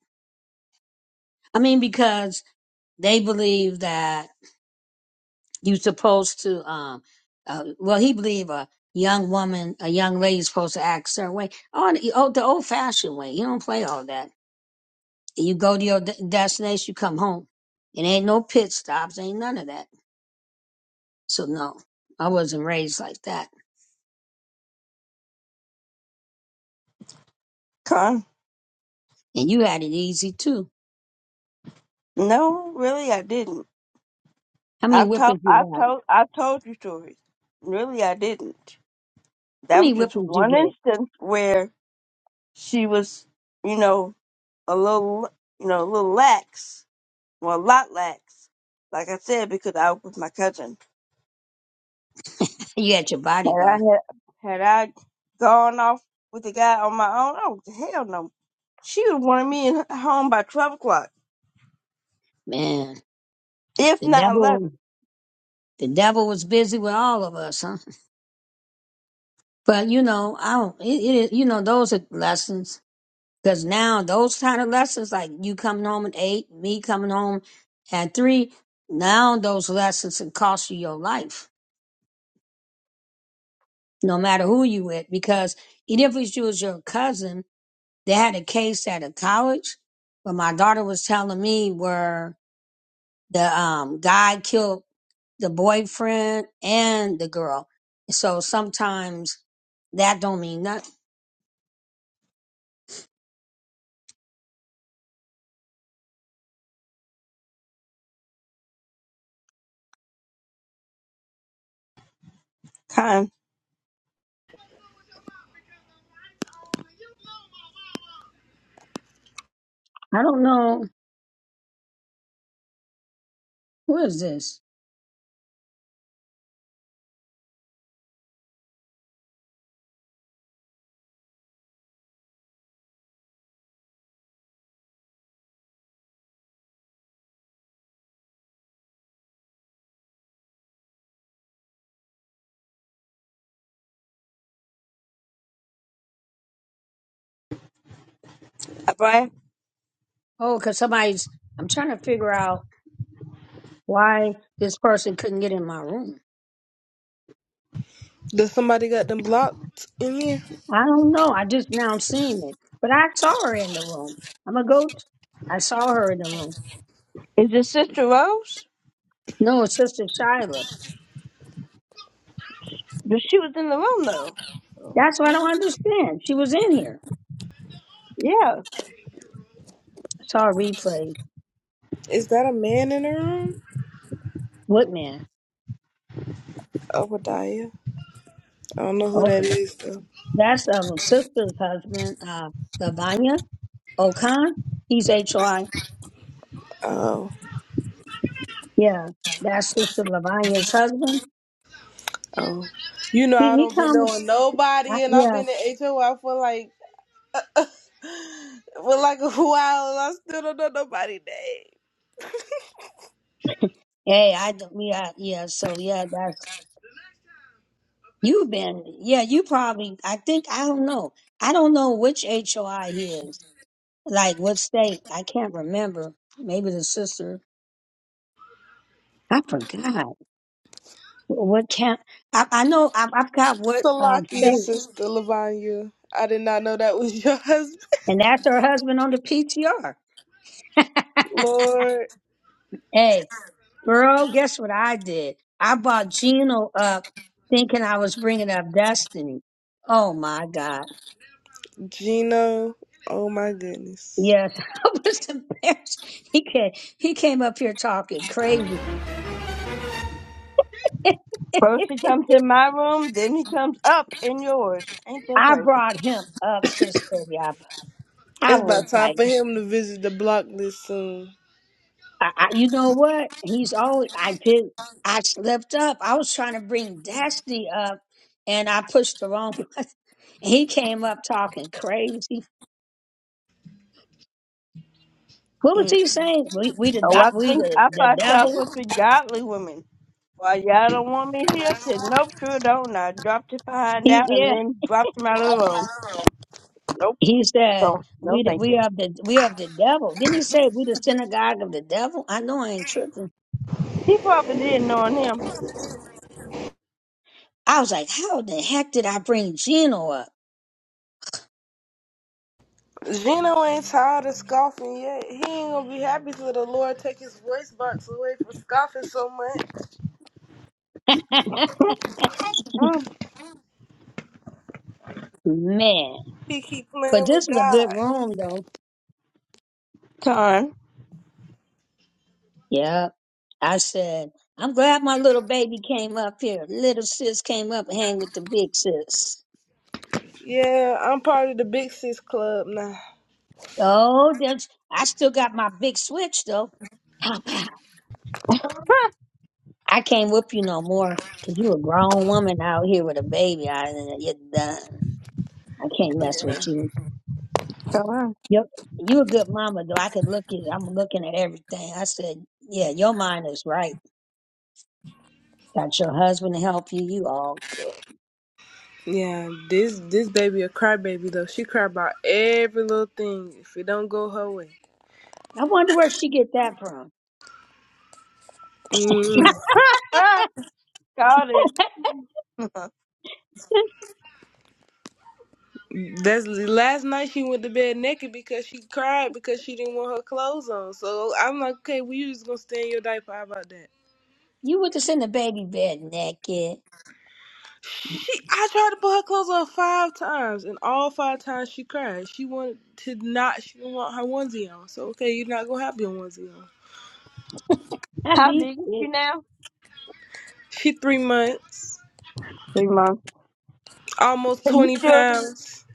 Speaker 2: I mean, because they believe that you supposed to um uh, well he believe a young woman a young lady's supposed to act a certain way on the, oh, the old fashioned way you don't play all that you go to your de- destination you come home it ain't no pit stops ain't none of that so no i wasn't raised like that
Speaker 1: Con?
Speaker 2: and you had it easy too
Speaker 1: No, really, I didn't.
Speaker 2: how many
Speaker 1: I've told,
Speaker 2: whippings you
Speaker 1: I've
Speaker 2: got
Speaker 1: told, I've told you stories. Really, I didn't.
Speaker 2: how
Speaker 1: That was
Speaker 2: many
Speaker 1: just
Speaker 2: whippings you
Speaker 1: one
Speaker 2: get
Speaker 1: instance where she was, you know, a little, you know, a little lax, well, a lot lax. Like I said, because I was with my cousin.
Speaker 2: you had your
Speaker 1: Had I
Speaker 2: bodyguard
Speaker 1: had, had I gone off with the guy on my own, oh hell no, she would have wanted me in home by twelve o'clock,
Speaker 2: man
Speaker 1: if
Speaker 2: the
Speaker 1: not
Speaker 2: devil
Speaker 1: eleven.
Speaker 2: the devil was busy with all of us huh but you know i don't it, it you know those are lessons Because now those kind of lessons, like you coming home at eight, me coming home at three, now those lessons can cost you your life, no matter who you with. Because even if it was your cousin, they had a case at a college, but my daughter was telling me where the um, guy killed the boyfriend and the girl. So sometimes that don't mean nothing.
Speaker 1: Con,
Speaker 2: I don't know. Who is this?
Speaker 1: bye.
Speaker 2: Oh, because somebody's, I'm trying to figure out why this person couldn't get in my room.
Speaker 6: Does somebody got them blocked in here?
Speaker 2: I don't know. I just now seen it, but I saw her in the room. I'm a goat. I saw her in the room.
Speaker 1: Is this Sister Rose?
Speaker 2: No, it's Sister Shiloh.
Speaker 1: But she was in the room though. So,
Speaker 2: That's what I
Speaker 1: well,
Speaker 2: don't understand. She was in here.
Speaker 1: yeah.
Speaker 2: I saw a replay.
Speaker 6: Is that a man in the room?
Speaker 2: What man?
Speaker 6: Obadiah. I don't know who
Speaker 2: Oh,
Speaker 6: that
Speaker 2: but
Speaker 6: is though.
Speaker 2: that's um sister's husband, uh, Lavanya Okan. He's HOI.
Speaker 6: Oh.
Speaker 2: Yeah, that's Sister Lavanya's husband.
Speaker 6: Oh. You know
Speaker 2: He
Speaker 6: I
Speaker 2: he
Speaker 6: don't be
Speaker 2: comes.
Speaker 6: knowing
Speaker 2: I,
Speaker 6: nobody and I've
Speaker 2: yeah.
Speaker 6: been in HOI for like for like a while and I still don't know nobody's name.
Speaker 2: Hey, I yeah yeah. So yeah, that's. You've been, yeah, you probably, I think, I don't know. I don't know which HOI he is, like what state. I can't remember. Maybe the sister. I forgot. What can't, I, I know, I, I forgot what um,
Speaker 6: Salakia's
Speaker 2: state.
Speaker 6: sister, Lavanya. I did not know that was your husband.
Speaker 2: And that's her husband on the PTR.
Speaker 6: Lord
Speaker 2: Hey, girl, guess what I did? I bought Gino up thinking I was bringing up Destiny. Oh my God.
Speaker 6: Gino. Oh my goodness.
Speaker 2: Yes, I was embarrassed. He came, he came up here talking crazy.
Speaker 1: First he comes in my room, then he comes up in yours. Ain't that
Speaker 2: I
Speaker 1: crazy?
Speaker 2: brought him up, sister. Yeah, I
Speaker 6: It's
Speaker 2: was
Speaker 6: about time
Speaker 2: like,
Speaker 6: for him to visit the block list soon.
Speaker 2: I, I, you know what? He's always. I did. I slipped up. I was trying to bring Destiny up, and I pushed the wrong. button. he came up talking crazy. What was
Speaker 6: Mm.
Speaker 2: he saying? We we the
Speaker 1: Oh, I
Speaker 2: do- we
Speaker 1: think
Speaker 2: the,
Speaker 1: I
Speaker 2: the
Speaker 1: thought y'all
Speaker 2: devil.
Speaker 1: supposed to be godly women. Why y'all don't want me here? I said, nope, sure don't. And I dropped it behind
Speaker 2: He
Speaker 1: out and
Speaker 2: yeah.
Speaker 1: then dropped him out of the room. Nope,
Speaker 2: He said
Speaker 1: don't. No,
Speaker 2: we the,
Speaker 1: thank
Speaker 2: we
Speaker 1: you.
Speaker 2: of the we of the devil. Didn't he say we the synagogue of the devil? I know I ain't tripping.
Speaker 1: He probably didn't know him.
Speaker 2: I was like, how the heck did I bring Gino up?
Speaker 6: Gino ain't tired of scoffing yet. He ain't gonna be happy till the Lord take his voice box away from scoffing so much.
Speaker 1: Mm,
Speaker 2: Man,
Speaker 6: He keep
Speaker 2: but
Speaker 6: playing with
Speaker 2: this is a good
Speaker 6: God.
Speaker 2: room though.
Speaker 1: Darn.
Speaker 2: Yeah, I said, I'm glad my little baby came up here. Little sis came up and hang with the big sis.
Speaker 6: Yeah, I'm part of the Big Sis Club now.
Speaker 2: Oh, there's, I still got my big switch though. Pow, pow. I can't whoop you no more 'cause you a grown woman out here with a baby. I, you're done. I can't mess
Speaker 6: Yeah.
Speaker 2: with you.
Speaker 1: Darn.
Speaker 2: Yep. You a good mama though. I could look at, I'm looking at everything. I said, yeah, your mind is right. Got your husband to help you. You all good.
Speaker 6: Yeah, this this baby a crybaby though. She cry about every little thing if it don't go her way.
Speaker 2: I wonder where she get that from.
Speaker 6: Mm.
Speaker 1: Ah, got it.
Speaker 6: That's last night she went to bed naked because she cried because she didn't want her clothes on. So I'm like, okay, we just gonna stay in your diaper. How about that?
Speaker 2: You were just in the baby bed naked.
Speaker 6: She, I tried to put her clothes on five times, and all five times she cried. She wanted to not. She didn't want her onesie on. So okay, you're not gonna have your onesie on.
Speaker 2: Not
Speaker 1: How
Speaker 2: these
Speaker 1: big is she
Speaker 2: kids.
Speaker 1: now?
Speaker 6: She three months.
Speaker 1: Three months.
Speaker 6: almost
Speaker 1: Can you
Speaker 6: 20
Speaker 1: still do,
Speaker 6: pounds.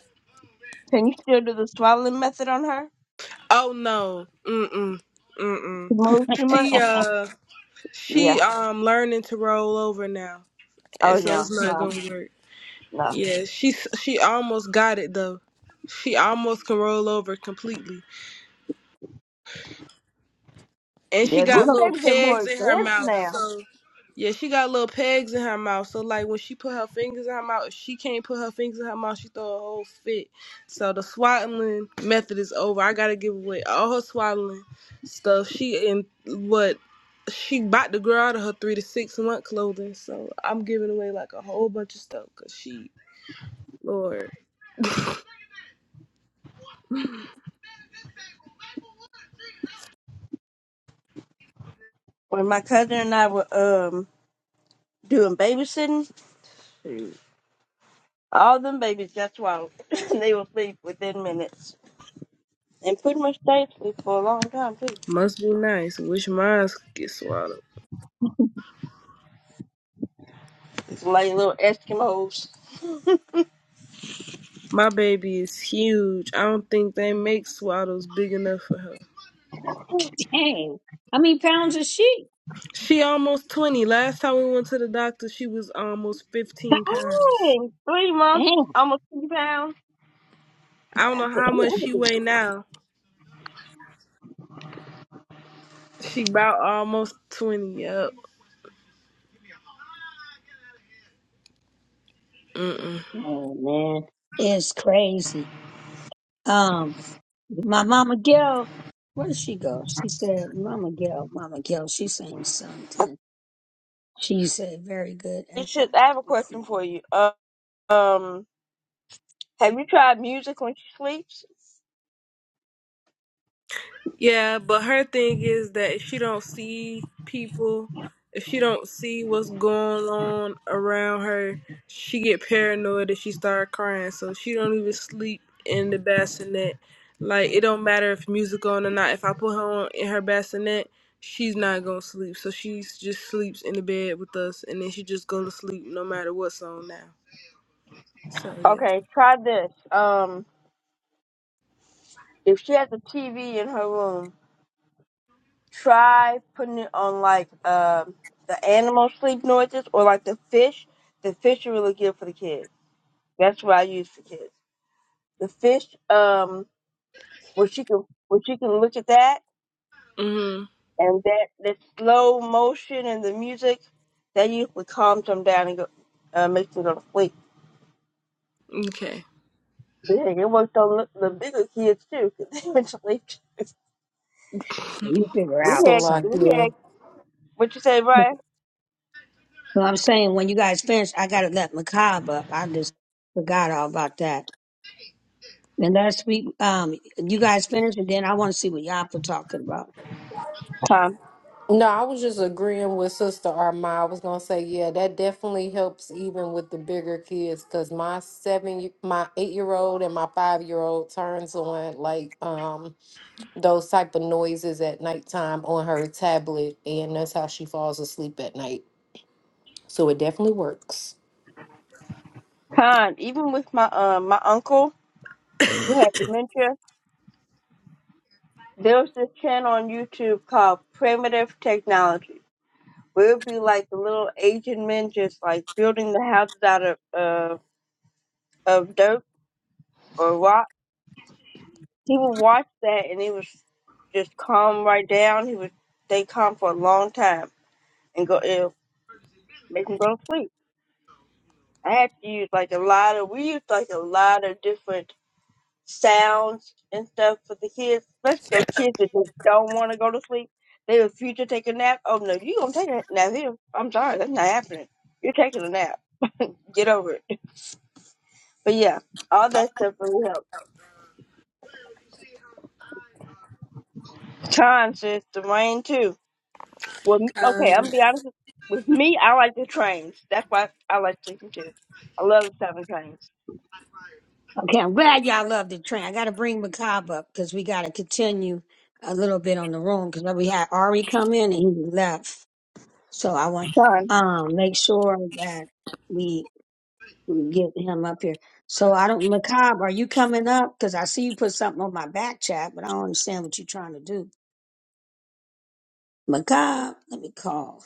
Speaker 1: can you still do the swallowing method on her?
Speaker 6: Oh no. Mm-mm. Mm-mm.
Speaker 1: Move too much?
Speaker 6: She uh
Speaker 1: Yeah.
Speaker 6: she um learning to roll over now.
Speaker 1: Oh
Speaker 6: And so
Speaker 1: yeah.
Speaker 6: it's not
Speaker 1: No,
Speaker 6: gonna work.
Speaker 1: no.
Speaker 6: Yeah, she she almost got it though. She almost can roll over completely. and she
Speaker 1: Yeah,
Speaker 2: I
Speaker 1: these
Speaker 6: got
Speaker 2: don't,
Speaker 6: little
Speaker 1: babies are more
Speaker 6: pegs in her
Speaker 1: advanced
Speaker 6: mouth.
Speaker 1: now.
Speaker 6: So yeah, she got little pegs in her mouth. So like when she put her fingers in her mouth, if she can't put her fingers in her mouth, she throw a whole fit. So the swaddling method is over. I gotta give away all her swaddling stuff. She in what she bought the girl out of her three to six month clothing. So I'm giving away like a whole bunch of stuff because she, Lord,
Speaker 1: When my cousin and I were um doing babysitting, all them babies got swallowed. they were asleep within minutes. And pretty much stayed asleep for a long time too.
Speaker 6: must be nice. Wish mine get swallowed.
Speaker 1: It's like little Eskimos.
Speaker 6: My baby is huge. I don't think they make swaddles big enough for her.
Speaker 2: dang. How many pounds is she?
Speaker 6: She almost 20. Last time we went to the doctor, she was almost 15 pounds.
Speaker 1: Dang, three months,
Speaker 2: Damn,
Speaker 1: almost two pounds.
Speaker 6: I don't know how much she weigh
Speaker 1: You
Speaker 6: now. She about almost 20. Yep. Mm-mm.
Speaker 2: damn, man. It's crazy. Um, my mama Gail, where did she go? She said, Mama Gail, Mama Gail, she saying something. She said, very good and
Speaker 1: should
Speaker 2: fine.
Speaker 1: I have a question
Speaker 2: Cool.
Speaker 1: for you. Uh, um have you tried music when she sleeps?
Speaker 6: Yeah, but her thing is that if she don't see people, if she don't see what's going on around her, she get paranoid and she start crying. So she don't even sleep in the bassinet. Like it don't matter if music on or not. If I put her on in her bassinet, she's not gonna sleep. So she just sleeps in the bed with us, and then she just go to sleep no matter what's on now. So yeah.
Speaker 1: Okay, try this. Um. if she has a TV in her room, try putting it on like um the animal sleep noises or like the fish. The fish are really good for the kids. That's what I use for kids. The fish, um, where she can where she can look at that
Speaker 6: Mhm.
Speaker 1: and that the slow motion and the music that usually calms them down and go uh, makes them go to sleep.
Speaker 6: Okay.
Speaker 1: But hey, it worked on the the bigger kids too, 'cause they went to sleep. Too.
Speaker 2: Well, You figure
Speaker 1: We
Speaker 2: out
Speaker 1: had we
Speaker 2: something.
Speaker 8: Salakia.
Speaker 1: had what you say, Brian?
Speaker 2: So I'm saying when you guys finish, I gotta let Macab up. I just forgot all about that. And last we um, you guys finish, and then I want to see what y'all were talking about.
Speaker 8: No, I was just agreeing with Sister Arma. I was gonna say, yeah, that definitely helps even with the bigger kids, cause my seven, y- my eight year old and my five year old turns on like um those type of noises at nighttime on her tablet, and that's how she falls asleep at night. So it definitely works.
Speaker 1: Con, even with my um my uncle who had dementia, there was this channel on YouTube called Primitive Technology, where it would be like the little Asian men just like building the houses out of uh, of dirt or rock. He would watch that and he was just calm right down. He would stay calm for a long time and go it make him go to sleep. I had to use like a lot of we used like a lot of different sounds and stuff for the kids, especially those kids that just don't want to go to sleep. They refuse to take a nap. Oh no, you gonna take a nap here? I'm sorry, that's not happening. You're taking a nap. Get over it. But yeah, all that stuff really helps. Time says the rain too. Well, me-
Speaker 6: Uh,
Speaker 1: okay, I'm gonna be honest. With with me, I like the trains. That's why I like sleeping too. I love the seven trains.
Speaker 2: Okay, I'm glad y'all love the train. I gotta bring Macab up because we gotta continue a little bit on the room because we had Ari come in and he left. So I want
Speaker 1: Time.
Speaker 2: um make sure that we we get him up here. So I don't, Macabre, are you coming up? Because I see you put something on my back chat, but I don't understand what you're trying to do. Macabre, let me call.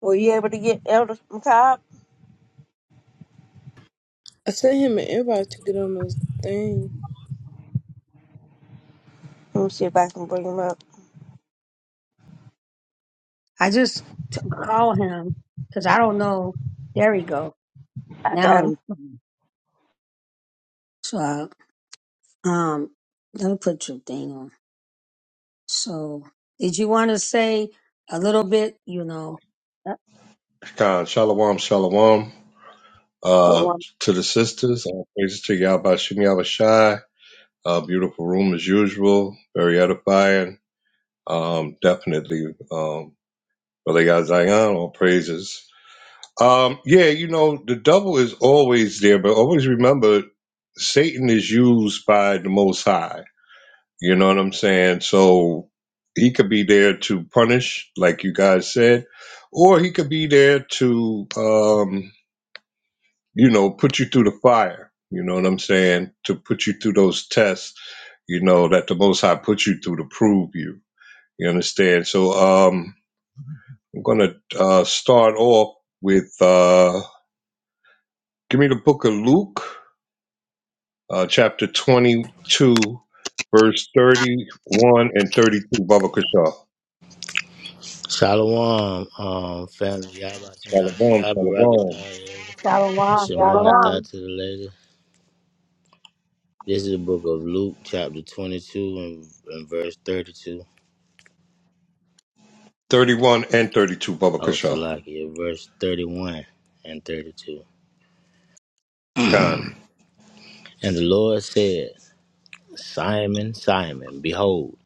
Speaker 1: Were you able to get Elder McCobb?
Speaker 6: I sent him an invite to get on those things.
Speaker 1: Let me see if I can bring him up.
Speaker 2: I just t- call him because I don't know. There we go.
Speaker 1: I
Speaker 2: Now,
Speaker 1: got him.
Speaker 2: he's coming. so uh, um, let me put your thing on. So, did you want to say a little bit? You know, uh,
Speaker 3: Khan, Shalom, Shalom. Uh,
Speaker 1: Hold on.
Speaker 3: to the sisters, uh, praise to Yabashim Yabashai. Uh, beautiful room as usual. Very edifying. Um, definitely, um, Brother Yazayan, all praises. Um, yeah, you know, the devil is always there, but always remember Satan is used by the Most High. You know what I'm saying? So he could be there to punish, like you guys said, or he could be there to, um, you know, put you through the fire. You know what I'm saying? To put you through those tests, you know, that the Most High put you through to prove you. You understand? So um, I'm going to uh, start off with uh, give me the book of Luke, uh, chapter 22, verse 31 and 32, Baba Kasha.
Speaker 9: Shalom, um, family. Y'all about to say
Speaker 3: Shalom,
Speaker 9: Ashab
Speaker 3: shalom.
Speaker 9: Barakatah.
Speaker 2: Shalom,
Speaker 1: Hold
Speaker 9: Shema
Speaker 2: Yazam,
Speaker 9: Thought
Speaker 1: on.
Speaker 9: to the lady. This is the book of Luke, chapter 22, and, and verse 32.
Speaker 3: 31 and 32, Baba
Speaker 9: Oh,
Speaker 3: Kushal.
Speaker 9: Salakia, verse 31 and 32.
Speaker 3: Khan,
Speaker 9: And the Lord said, Simon, Simon, behold,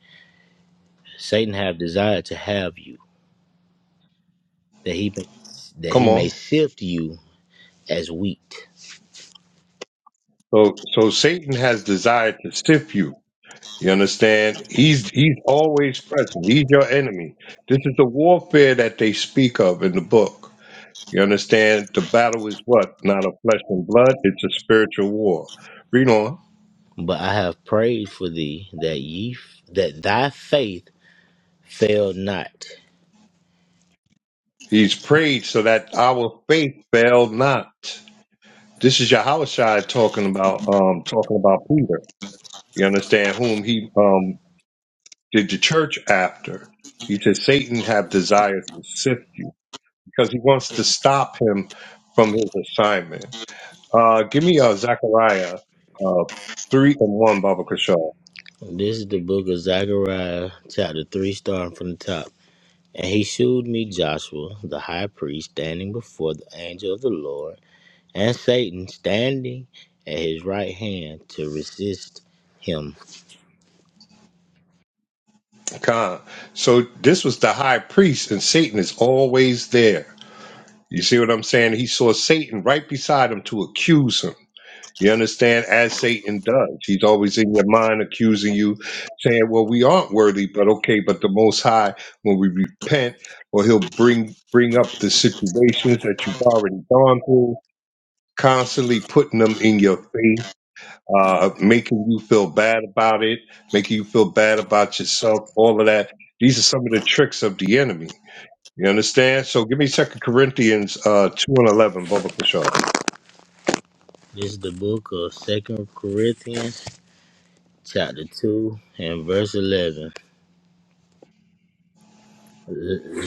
Speaker 9: Satan have desired to have you, that he that he
Speaker 3: come
Speaker 9: may
Speaker 3: on.
Speaker 9: sift you as wheat.
Speaker 3: So, so Satan has desired to sift you. You understand? He's he's always present. He's your enemy. This is the warfare that they speak of in the book. You understand? The battle is what? Not of flesh and blood. It's a spiritual war. Read on.
Speaker 9: But I have prayed for thee that ye that thy faith fail not.
Speaker 3: He's prayed so that our faith fail not. This is Yahushua talking about um talking about Peter. You understand whom he um did the church after. He said Satan have desire to sift you because he wants to stop him from his assignment. Uh, give me uh, Zechariah uh, three and one, Baba Kashaw.
Speaker 9: This is the book of Zechariah, chapter 3, starting from the top. And he shewed me Joshua, the high priest, standing before the angel of the Lord, and Satan standing at his right hand to resist him.
Speaker 3: Khan. So this was the high priest, and Satan is always there. You see what I'm saying? He saw Satan right beside him to accuse him. You understand? As Satan does. He's always in your mind accusing you, saying, Well, we aren't worthy, but okay, but the most high, when we repent, well, he'll bring bring up the situations that you've already gone through, constantly putting them in your face, uh, making you feel bad about it, making you feel bad about yourself, all of that. These are some of the tricks of the enemy. You understand? So give me Second Corinthians uh, two and eleven, Baba Kashaw.
Speaker 9: This is the book of Second Corinthians, chapter 2, and verse 11. L-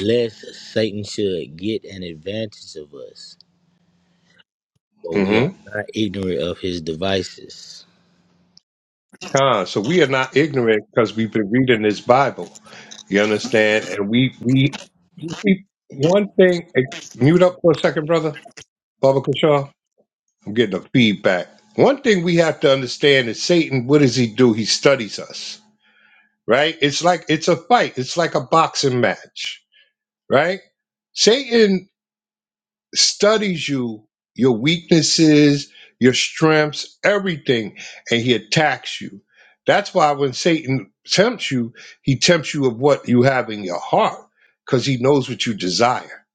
Speaker 9: Lest Satan should get an advantage of us, for we are not ignorant of his devices.
Speaker 3: Con. So we are not ignorant because we've been reading this Bible. You understand? And we we you see one thing. eh, Mute up for a second, brother. Baba Kashaw. I'm getting a feedback. One thing we have to understand is Satan. What does he do? He studies us, right? It's like it's a fight. It's like a boxing match, right? Satan studies you, your weaknesses, your strengths, everything, and he attacks you. That's why when Satan tempts you, he tempts you of what you have in your heart because he knows what you desire.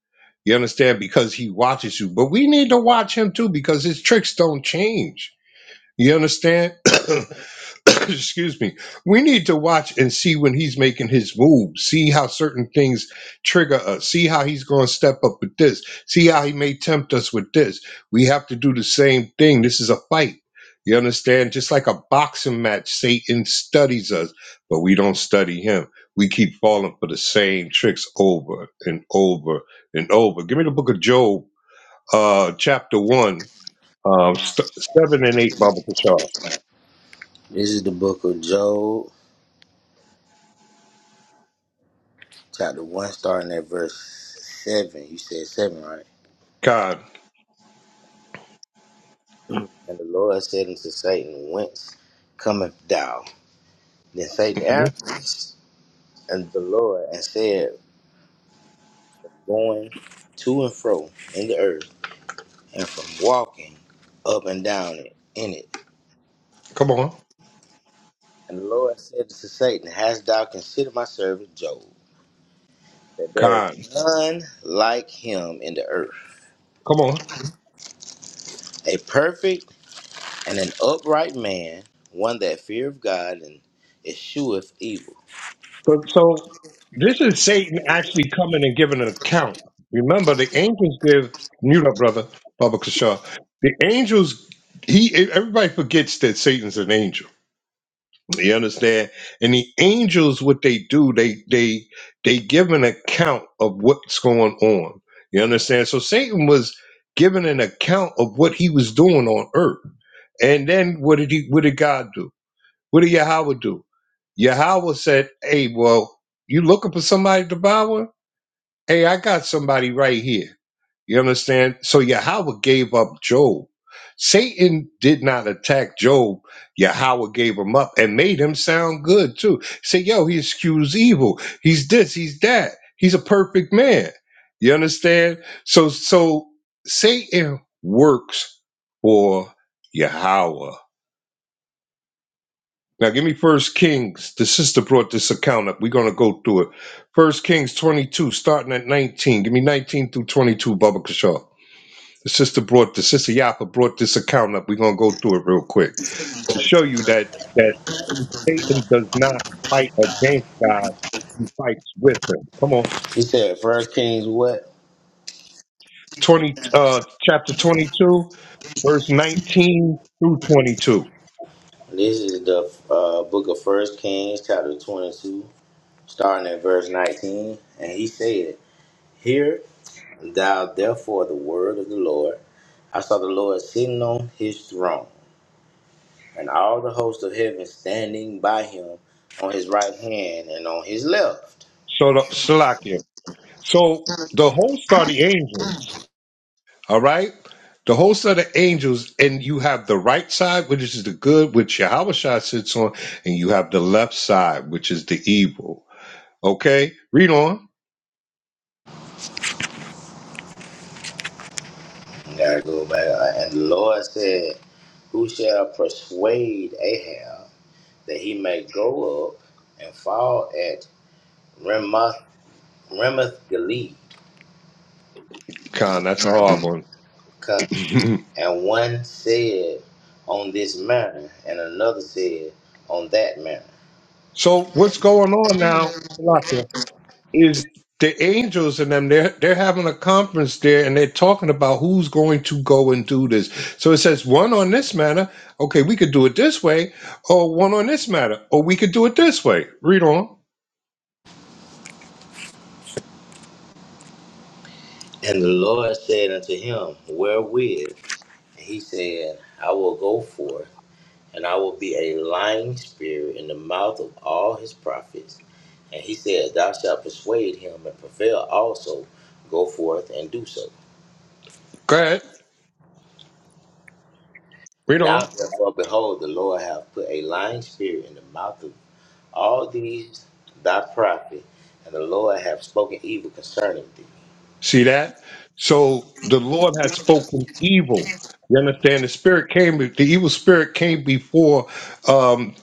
Speaker 3: You understand? Because he watches you. But we need to watch him too because his tricks don't change you understand? Excuse me. We need to watch and see when he's making his moves. See how certain things trigger us. See how he's going to step up with this. See how he may tempt us with this. We have to do the same thing. This is a fight. You understand? Just like a boxing match, Satan studies us, but we don't study him. We keep falling for the same tricks over and over and over. Give me the book of Job, uh, chapter one, um, st- seven and eight, Baba Kishar.
Speaker 9: This is the book of Job, chapter 1, starting at verse 7. You said 7, right?
Speaker 3: God,
Speaker 9: And the Lord said unto Satan, Whence cometh thou? Then Satan
Speaker 3: Mhm.
Speaker 9: answered and the Lord and said, Going to and fro in the earth, and from walking up and down it- in it.
Speaker 3: come on,
Speaker 9: And the Lord said unto Satan, Hast thou considered my servant Job? That there
Speaker 3: God,
Speaker 9: is none like him in the earth,
Speaker 3: come on.
Speaker 9: a perfect and an upright man, one that feareth God and escheweth evil.
Speaker 3: So, so this is Satan actually coming and giving an account. Remember, the angels give mute up, brother Baba Kashaw. The angels, he everybody forgets that Satan's an angel. You understand? And the angels, what they do, they they they give an account of what's going on. You understand? So Satan was giving an account of what he was doing on earth. And then what did he? What did God do? What did Yahweh do? Yahweh said, Hey, well, you looking for somebody to devour? Hey, I got somebody right here. You understand? So Yahweh gave up Job. Satan did not attack Job. Yahweh gave him up and made him sound good too. Say, yo, he excused evil. He's this, he's that. He's a perfect man. You understand? So so Satan works for Yahweh. Now give me First Kings. The sister brought this account up. We're gonna go through it. First Kings 22, starting at 19. Give me 19 through 22, Baba Kashaw. The sister brought the sister Yapa brought this account up. We're gonna go through it real quick to show you that that Satan does not fight against God, he fights with him. Come on.
Speaker 9: He said, First Kings what?
Speaker 3: 20 uh chapter 22, verse 19 through 22.
Speaker 9: This is the uh, book of First Kings, chapter 22, starting at verse 19. And he said, Hear thou therefore the word of the Lord. I saw the Lord sitting on his throne, and all the hosts of heaven standing by him on his right hand and on his left.
Speaker 3: Shut up, Salakia. So the host are the angels. All right? The hosts of the angels, and you have the right side, which is the good, which Yahushua sits on, and you have the left side, which is the evil. Okay? Read on.
Speaker 9: You gotta go back. And the Lord said, Who shall persuade Ahab that he may go up and fall at Ramoth, Ramoth
Speaker 3: Con, that's a hard one.
Speaker 9: And one said on this mountain, and another said on that mountain.
Speaker 3: so what's going on now, Salakia, is the angels and them, they're, they're having a conference there, and they're talking about who's going to go and do this. So it says, one on this matter, okay, we could do it this way, or one on this matter, or we could do it this way. Read on.
Speaker 9: And the Lord said unto him, Wherewith? And he said, I will go forth, and I will be a lying spirit in the mouth of all his prophets. And he said, Thou shalt persuade him and prevail also. Go forth and do so.
Speaker 3: Go ahead. Read
Speaker 9: Now
Speaker 3: on.
Speaker 9: therefore, behold, the Lord hath put a lying spirit in the mouth of all these thy prophets, and the Lord hath spoken evil concerning thee.
Speaker 3: See that? So the Lord had spoken evil. You understand? The spirit came, the evil spirit came before um,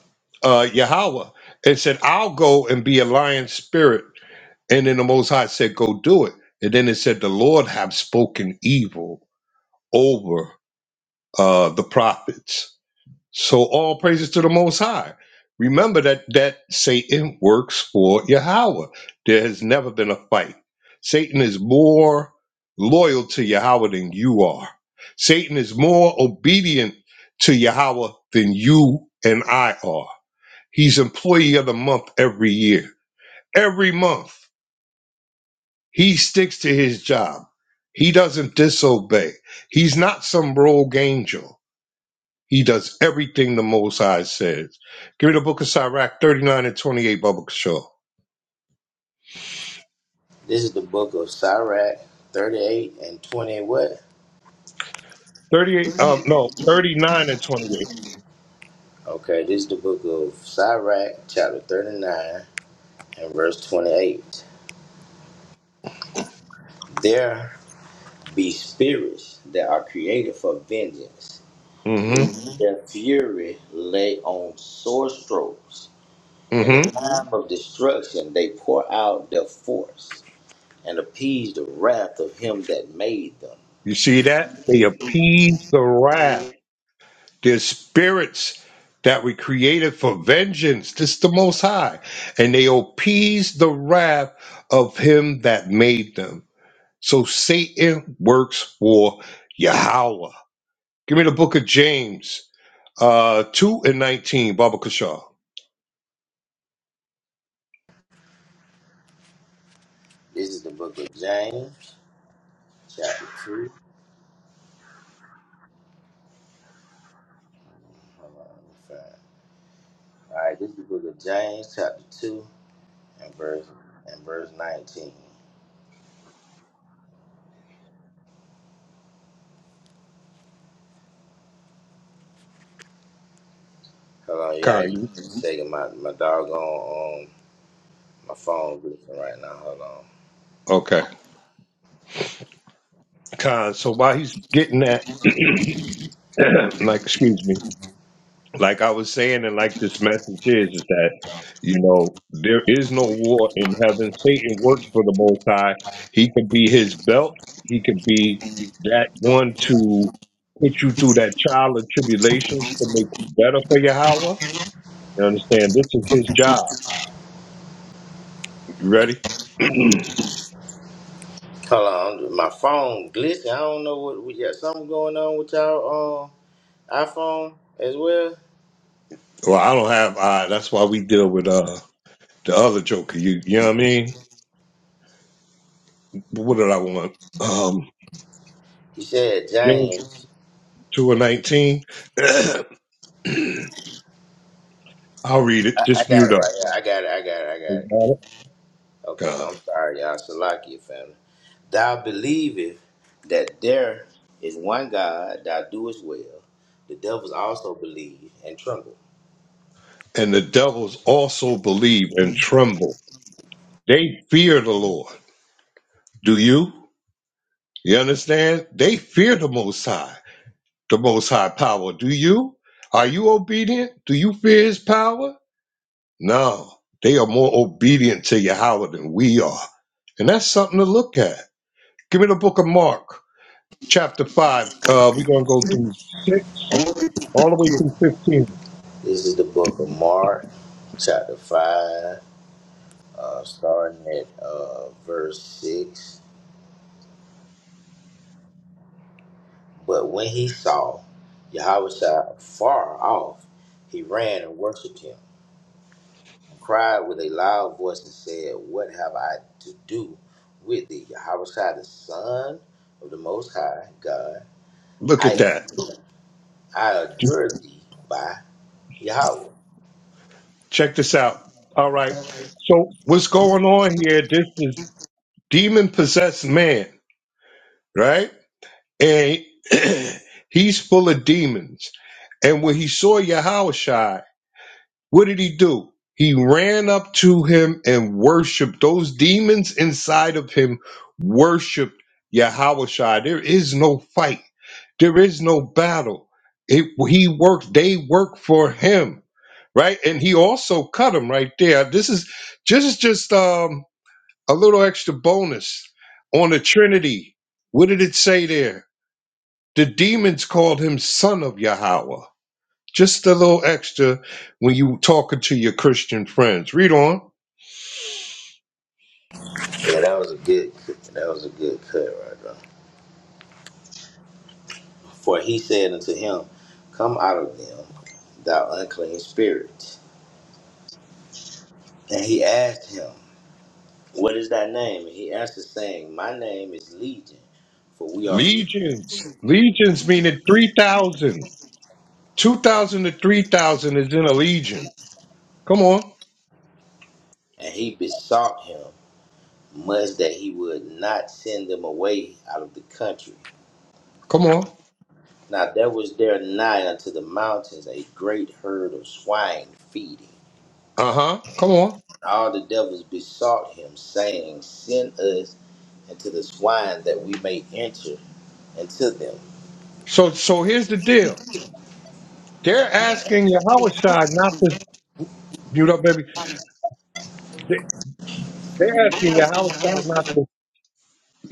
Speaker 3: uh, Yahweh and said, I'll go and be a lion spirit. And then the Most High said, Go do it. And then it said, The Lord have spoken evil over uh, the prophets. So all praises to the Most High. Remember that that Satan works for Yahweh. There has never been a fight. Satan is more loyal to Yahweh than you are. Satan is more obedient to Yahweh than you and I are. He's employee of the month every year. Every month, he sticks to his job. He doesn't disobey. He's not some rogue angel. He does everything the Most High says. Give me the book of Sirach, 39 and 28, Bubba Shaw.
Speaker 9: This is the book of Sirach 38 and 20. What?
Speaker 3: 38, um, no, 39 and 28.
Speaker 9: Okay, this is the book of Sirach, chapter 39 and verse 28. There be spirits that are created for vengeance, which
Speaker 3: Mm-hmm,
Speaker 9: hmm their fury lay on sore strokes. In the
Speaker 3: mm-hmm.
Speaker 9: hmm time of destruction, they pour out their force and appease the wrath of him that made them.
Speaker 3: You see that? They appease the wrath. Their spirits that were created for vengeance. This is the Most High. And they appease the wrath of him that made them. So Satan works for Yahweh. Give me the book of James, uh, 2 and 19, Baba Kashaw.
Speaker 9: This is the book of James, chapter 2. Hold on, let me find All right, this is the book of James, chapter 2, and verse and verse 19. Hold on, yeah,
Speaker 3: Khan,
Speaker 9: you
Speaker 3: you
Speaker 9: taking my, my doggone, um, my phone glitching right now. Hold on.
Speaker 3: okay? Khan. So while he's getting that, like, excuse me, like I was saying, and like this message is, is that you know there is no war in heaven. Satan works for the Most High. He can be his belt. He can be that one to put you through that trial of tribulations to make you better for your hour. You understand? This is his job. You ready? well,
Speaker 9: Hold on, my phone glitching. I don't know what, we got something going on with y'all, um, iPhone as well.
Speaker 3: I don't have. Uh, that's why we deal with uh the other Joker. You, you know what I mean? But what did I want? Um,
Speaker 9: You said
Speaker 3: James
Speaker 9: James.
Speaker 3: 2 and 19. I'll read it.
Speaker 9: I, I
Speaker 3: Just
Speaker 9: got it
Speaker 3: mute up.
Speaker 9: right here. I got it, I got it, I got
Speaker 3: You
Speaker 9: it.
Speaker 3: got it?
Speaker 9: Okay,
Speaker 3: God.
Speaker 9: I'm sorry, y'all. Salakia family. Thou believest that there is one God, thou doest well. The devils also believe and tremble.
Speaker 3: And the devils also believe and tremble. They fear the Lord. Do you? You understand? They fear the Most High, the Most High power. Do you? Are you obedient? Do you fear His power? No. They are more obedient to Yahweh than we are. And that's something to look at. Give me the book of Mark. chapter 5. Uh, we're going to go through 6 all the way through 15.
Speaker 9: This is the book of Mark, chapter 5, uh, starting at uh, verse 6. But when he saw Yahweh far off, he ran and worshipped him, and cried with a loud voice and said, What have I to do with thee, Yahweh the Son of the Most High God?
Speaker 3: Look at that.
Speaker 9: I adjure thee by Yahweh.
Speaker 3: Check this out. All right. So, what's going on here? This is demon possessed man, right? And he's full of demons. And when he saw Yahushua, what did he do? He ran up to him and worshiped. Those demons inside of him worshiped Yahushua. There is no fight There is no battle. It, he worked, they work for him, right? And he also cut him right there. This is just just um, a little extra bonus on the Trinity. What did it say there? The demons called him son of Yahweh. Just a little extra when you talking to your Christian friends. Read on.
Speaker 9: Yeah, that was a good that was a good cut right there. For he said unto him, Come out of them, thou unclean spirit. And he asked him, What is thy name? And he answered, saying, My name is Legion, for we are many."
Speaker 3: Legions. Legions meaning 3,000. 2,000 to 3,000 is in a legion. Come on.
Speaker 9: and he besought him much that he would not send them away out of the country.
Speaker 3: Come on.
Speaker 9: Now there was there nigh unto the mountains a great herd of swine feeding.
Speaker 3: Uh huh. Come on.
Speaker 9: All the devils besought him, saying, Send us into the swine that we may enter into them.
Speaker 3: So so here's the deal. They're asking Yahushua not to mute up, baby. They, they're asking Yahushua not to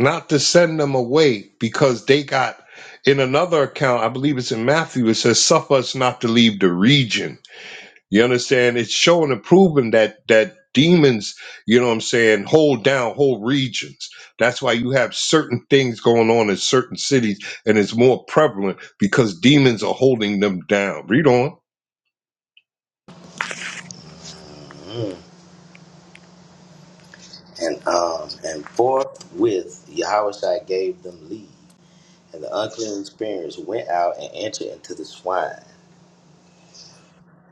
Speaker 3: not to send them away because they got in another account. I believe it's in Matthew. It says, "Suffer us not to leave the region." You understand? It's showing and proving that that demons, you know what I'm saying, hold down whole regions. That's why you have certain things going on in certain cities, and it's more prevalent because demons are holding them down. Read on.
Speaker 9: And um and forthwith Yahushua gave them leave, and the unclean spirits went out and entered into the swine.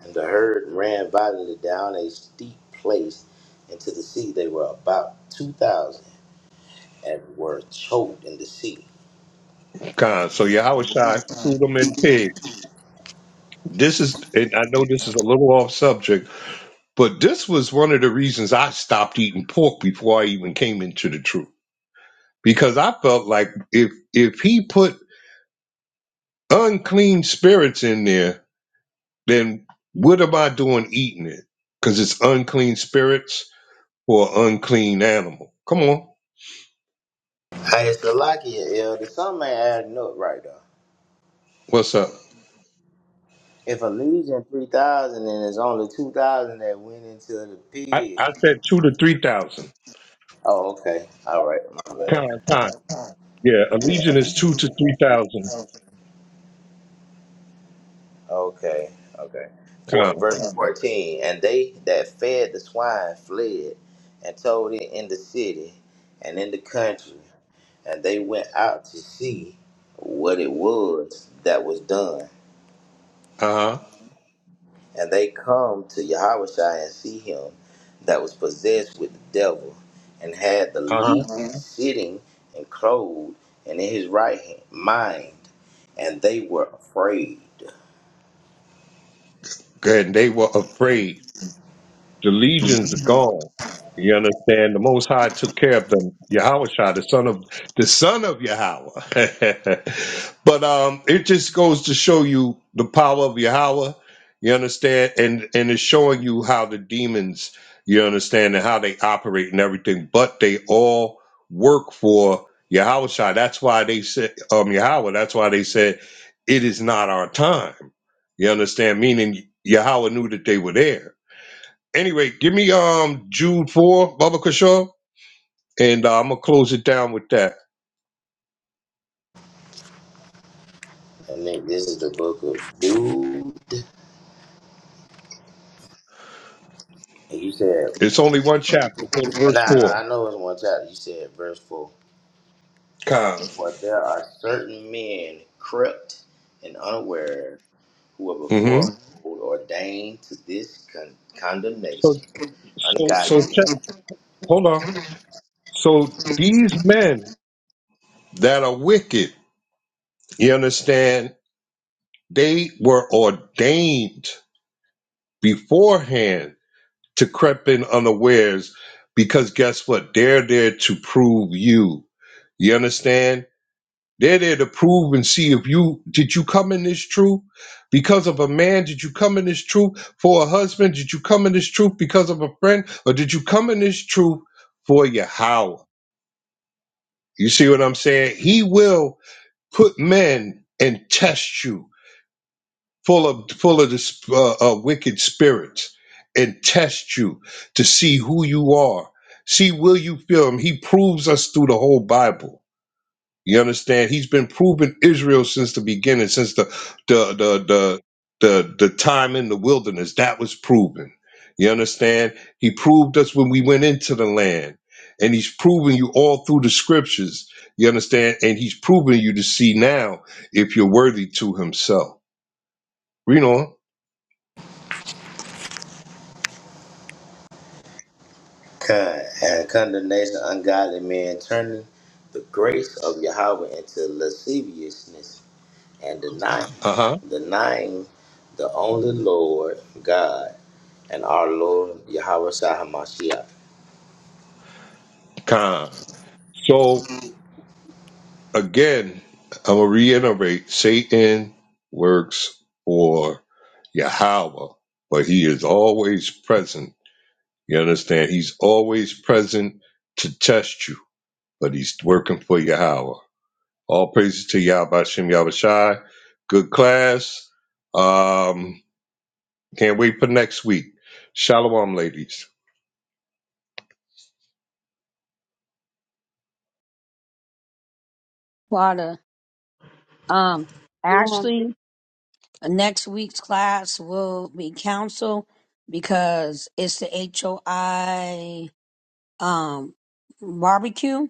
Speaker 9: And the herd ran violently down a steep place into the sea. They were about two thousand and were choked in the sea.
Speaker 3: Con. So Yahushua threw them in pigs. This is, and I know this is a little off subject, but this was one of the reasons I stopped eating pork before I even came into the truth. Because I felt like if if he put unclean spirits in there, then what am I doing eating it? Because it's unclean spirits or unclean animal. Come on,
Speaker 9: Hey, it's the lucky elder. Some may add note right though.
Speaker 3: what's up?
Speaker 9: If a Legion 3000 and it's only 2000 that went into the
Speaker 3: I, I
Speaker 9: pits.
Speaker 3: said two to three thousand.
Speaker 9: Oh, okay. All right. My bad.
Speaker 3: Con, con. Yeah, a
Speaker 9: Yeah,
Speaker 3: legion
Speaker 9: a
Speaker 3: is two to three thousand.
Speaker 9: thousand. Okay. Okay. For,
Speaker 3: Con.
Speaker 9: verse Yeah. 14 And they that fed the swine fled and told it in the city and in the country. And they went out to see what it was that was done.
Speaker 3: Uh huh.
Speaker 9: And they come to Yahushua and see him that was possessed with the devil and had the
Speaker 3: Uh huh.
Speaker 9: legion sitting and clothed and in his right hand, mind. And they were afraid.
Speaker 3: Good. And they were afraid. The legion's gone. You understand? The Most High took care of them. Yahweh the son of the son of Yahweh. but um, it just goes to show you the power of Yahweh. You understand? And and it's showing you how the demons, you understand, and how they operate and everything. But they all work for Yahweh That's why they said um Yahweh. That's why they said it is not our time. You understand? Meaning Yahweh knew that they were there. Anyway, give me um Jude four, Baba Kashaw, and uh, I'm gonna close it down with that.
Speaker 9: And then this is the book of Jude. And you said,
Speaker 3: It's only one chapter, go to
Speaker 9: nah,
Speaker 3: verse
Speaker 9: no,
Speaker 3: four.
Speaker 9: I know it's one chapter. You said verse 4.
Speaker 3: Kind.
Speaker 9: For there are certain men crept and unaware who were before
Speaker 3: Mm-hmm.
Speaker 9: ordained to this con-
Speaker 3: So
Speaker 9: condemnation,
Speaker 3: so so
Speaker 9: ungodly
Speaker 3: check. Hold on. So these men that are wicked, you understand, they were ordained beforehand to creep in unawares, because guess what? They're there to prove you. You understand? They're there to prove and see if you did you come in this truth because of a man? Did you come in this truth for a husband? Did you come in this truth because of a friend? Or did you come in this truth for your Howard? You see what I'm saying? He will put men and test you full of full of this uh, uh, wicked spirits and test you to see who you are. See, will you feel him? He proves us through the whole Bible. You understand? He's been proving Israel since the beginning, since the the the the the, the time in the wilderness. That was proven. You understand? He proved us when we went into the land. And he's proven you all through the scriptures. You understand? And he's proven you to see now if you're worthy to himself. Read on.
Speaker 9: kind and condemnation of ungodly men, turning the grace of Yahweh into lasciviousness and denying,
Speaker 3: Uh-huh.
Speaker 9: denying the only Lord God and our Lord Yahweh Shah Hamashiach.
Speaker 3: Con. So again, I'm gonna reiterate: Satan works for Yahweh, but he is always present. You understand? He's always present to test you, but he's working for Yahweh. All praises to Yahweh Hashem Yahweh Shai. Good class. Um, can't wait for next week. Shalom, ladies.
Speaker 2: Wada, um,
Speaker 1: Hold on.
Speaker 2: Ashley. Next week's class will be council because it's the HOI um barbecue.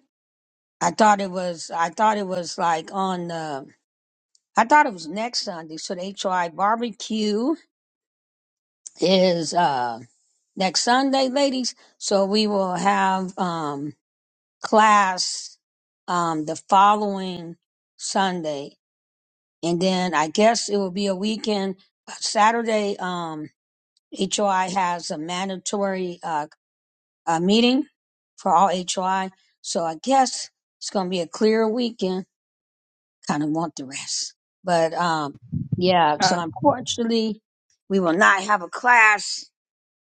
Speaker 2: I thought it was I thought it was like on the I thought it was next Sunday. So the HOI barbecue is uh next Sunday, ladies. So we will have um class um the following Sunday. And then I guess it will be a weekend Saturday. Um HOI has a mandatory uh, uh, meeting for all HOI. So I guess it's going to be a clear weekend. Kind of want the rest. But um, yeah,
Speaker 1: Time.
Speaker 2: so unfortunately, we will not have a class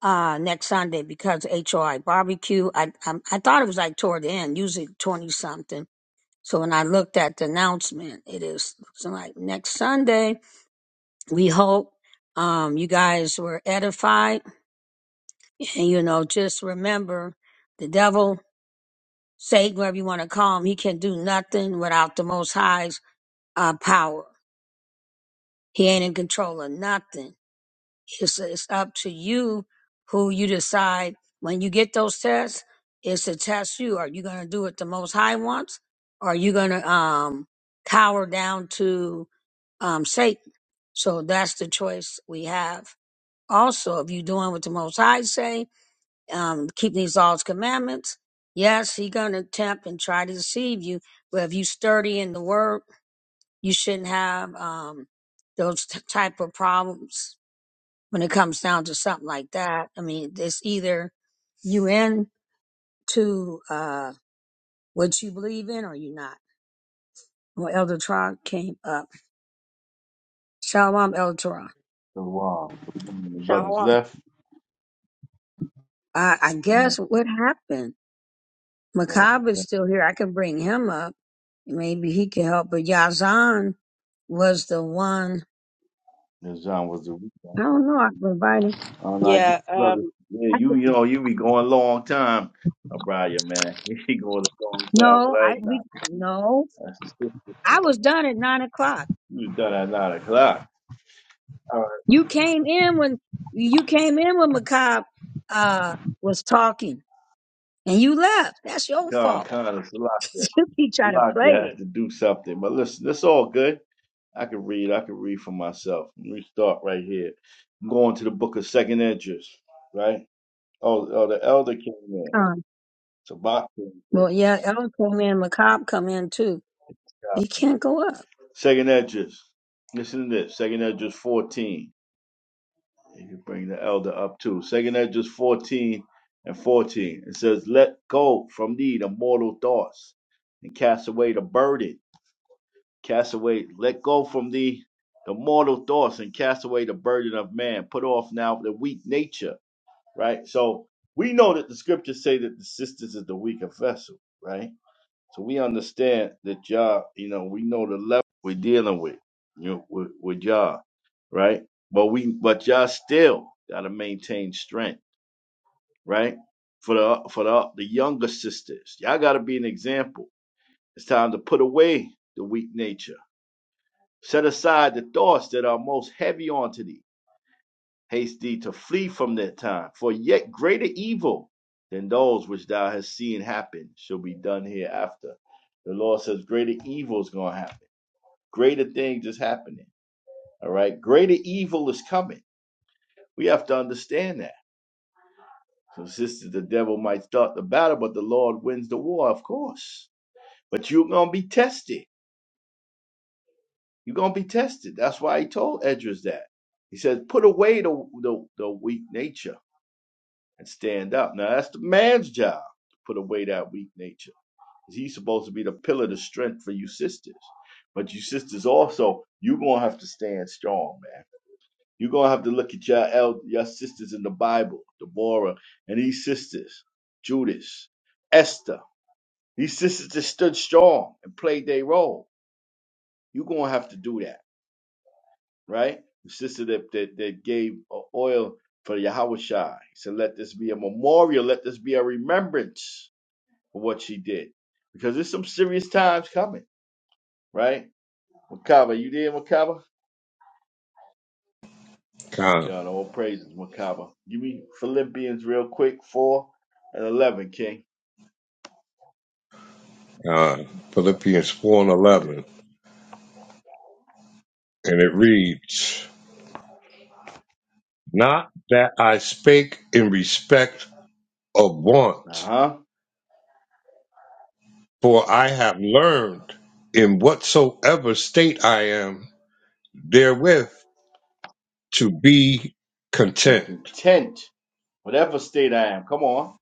Speaker 2: uh, next Sunday because HOI barbecue. I, I, um, I thought it was like toward the end, usually 20 something. So when I looked at the announcement, it is looks like next Sunday. We hope um, you guys were edified And you know, just remember the devil, Satan, whatever you want to call him, he can do nothing without the Most High's uh, power. He ain't in control of nothing. It's, it's up to you who you decide when you get those tests. It's to test you. Are you going to do what the Most High wants? Or are you going to um, cower down to um, Satan? So that's the choice we have. Also, if you're doing what the Most High say, um, keeping these laws, commandments. Yes, he gonna tempt and try to deceive you, but if you sturdy in the word, you shouldn't have um, those t- type of problems when it comes down to something like that. I mean, it's either you in to uh, what you believe in or you not. Well, Elder Torah came up. Shalom, Elder Torah.
Speaker 10: The wall. The one on the brother's
Speaker 1: Shalom.
Speaker 10: left.
Speaker 2: I, I
Speaker 10: And
Speaker 2: guess what happened?
Speaker 10: um,
Speaker 2: Makab is still here. I can bring him up. Maybe he can help. But Yazan was the one.
Speaker 10: and John was the
Speaker 2: I
Speaker 10: reason.
Speaker 2: don't know. I provided.
Speaker 10: And I guess,
Speaker 1: Yeah,
Speaker 10: brothers,
Speaker 1: um,
Speaker 10: yeah,
Speaker 2: I
Speaker 10: you,
Speaker 2: could,
Speaker 10: you know, you be going a long time, Abraya, man. You be going a long time,
Speaker 2: no,
Speaker 10: but I
Speaker 2: I
Speaker 10: ain't not.
Speaker 2: we no.
Speaker 10: That's a sister.
Speaker 2: I was done at nine o'clock.
Speaker 10: You was done at 9 o'clock. All right,
Speaker 2: You came in when you came in when Makab uh, was talking, and you left. That's your
Speaker 10: Con,
Speaker 2: fault.
Speaker 10: Con, it's Salakia.
Speaker 2: You keep trying to play
Speaker 10: Salakia
Speaker 2: it.
Speaker 10: has to do something. But listen, that's all good. I can read. I can read for myself. Let me start right here. I'm going to the book of Second Edges, right? Oh, oh the elder came in.
Speaker 2: Um,
Speaker 10: Shabbat.
Speaker 2: well, yeah, El come in. Makab come in too. He can't go up.
Speaker 10: Second Edges. Listen to this. Second Edges 14. You can bring the elder up too. Second Edges 14 and 14. It says, Let go from thee the mortal thoughts and cast away the burden. Cast away, let go from thee the mortal thoughts and cast away the burden of man. Put off now the weak nature, right? So we know that the scriptures say that the sisters is the weaker vessel, right? So we understand that Yah, you know, we know the level we're dealing with, you know, with, with Yah, right? But we, but Yah still gotta maintain strength, right? For the for the the younger sisters, y'all gotta be an example. It's time to put away the weak nature, set aside the thoughts that are most heavy onto thee. Haste thee to flee from that time, for yet greater evil than those which thou hast seen happen shall be done hereafter. The Lord says greater evil is gonna happen Greater things is happening. All right. Greater evil is coming. We have to understand that. So sisters, the devil might start the battle, but the Lord wins the war, of course. But you're gonna be tested. You're gonna be tested. That's why he told Edras that. He says, put away the, the, the weak nature and stand up. Now that's the man's job to put away that weak nature. He's supposed to be the pillar of strength for you sisters. But you sisters also, you're gonna have to stand strong, man You're gonna have to look at your el- your sisters in the Bible, Deborah and these sisters, Judas, Esther. These sisters that stood strong and played their role. You're gonna have to do that, right? The sister that that, that gave uh, oil for Yahweh Shai. He said, let this be a memorial, let this be a remembrance of what she did. Because there's some serious times coming, right? Makaba, you there, Makaba?
Speaker 3: Con,
Speaker 10: God, all praises, Makaba. Give me Philippians real quick, 4 and 11, King.
Speaker 3: con. Philippians 4 and
Speaker 10: Yeah.
Speaker 3: 11. And it reads, Not that I spake in respect of
Speaker 10: Uh
Speaker 3: want,
Speaker 10: huh.
Speaker 3: for I have learned in whatsoever state I am therewith to be content.
Speaker 10: Content. Whatever state I am. Come on.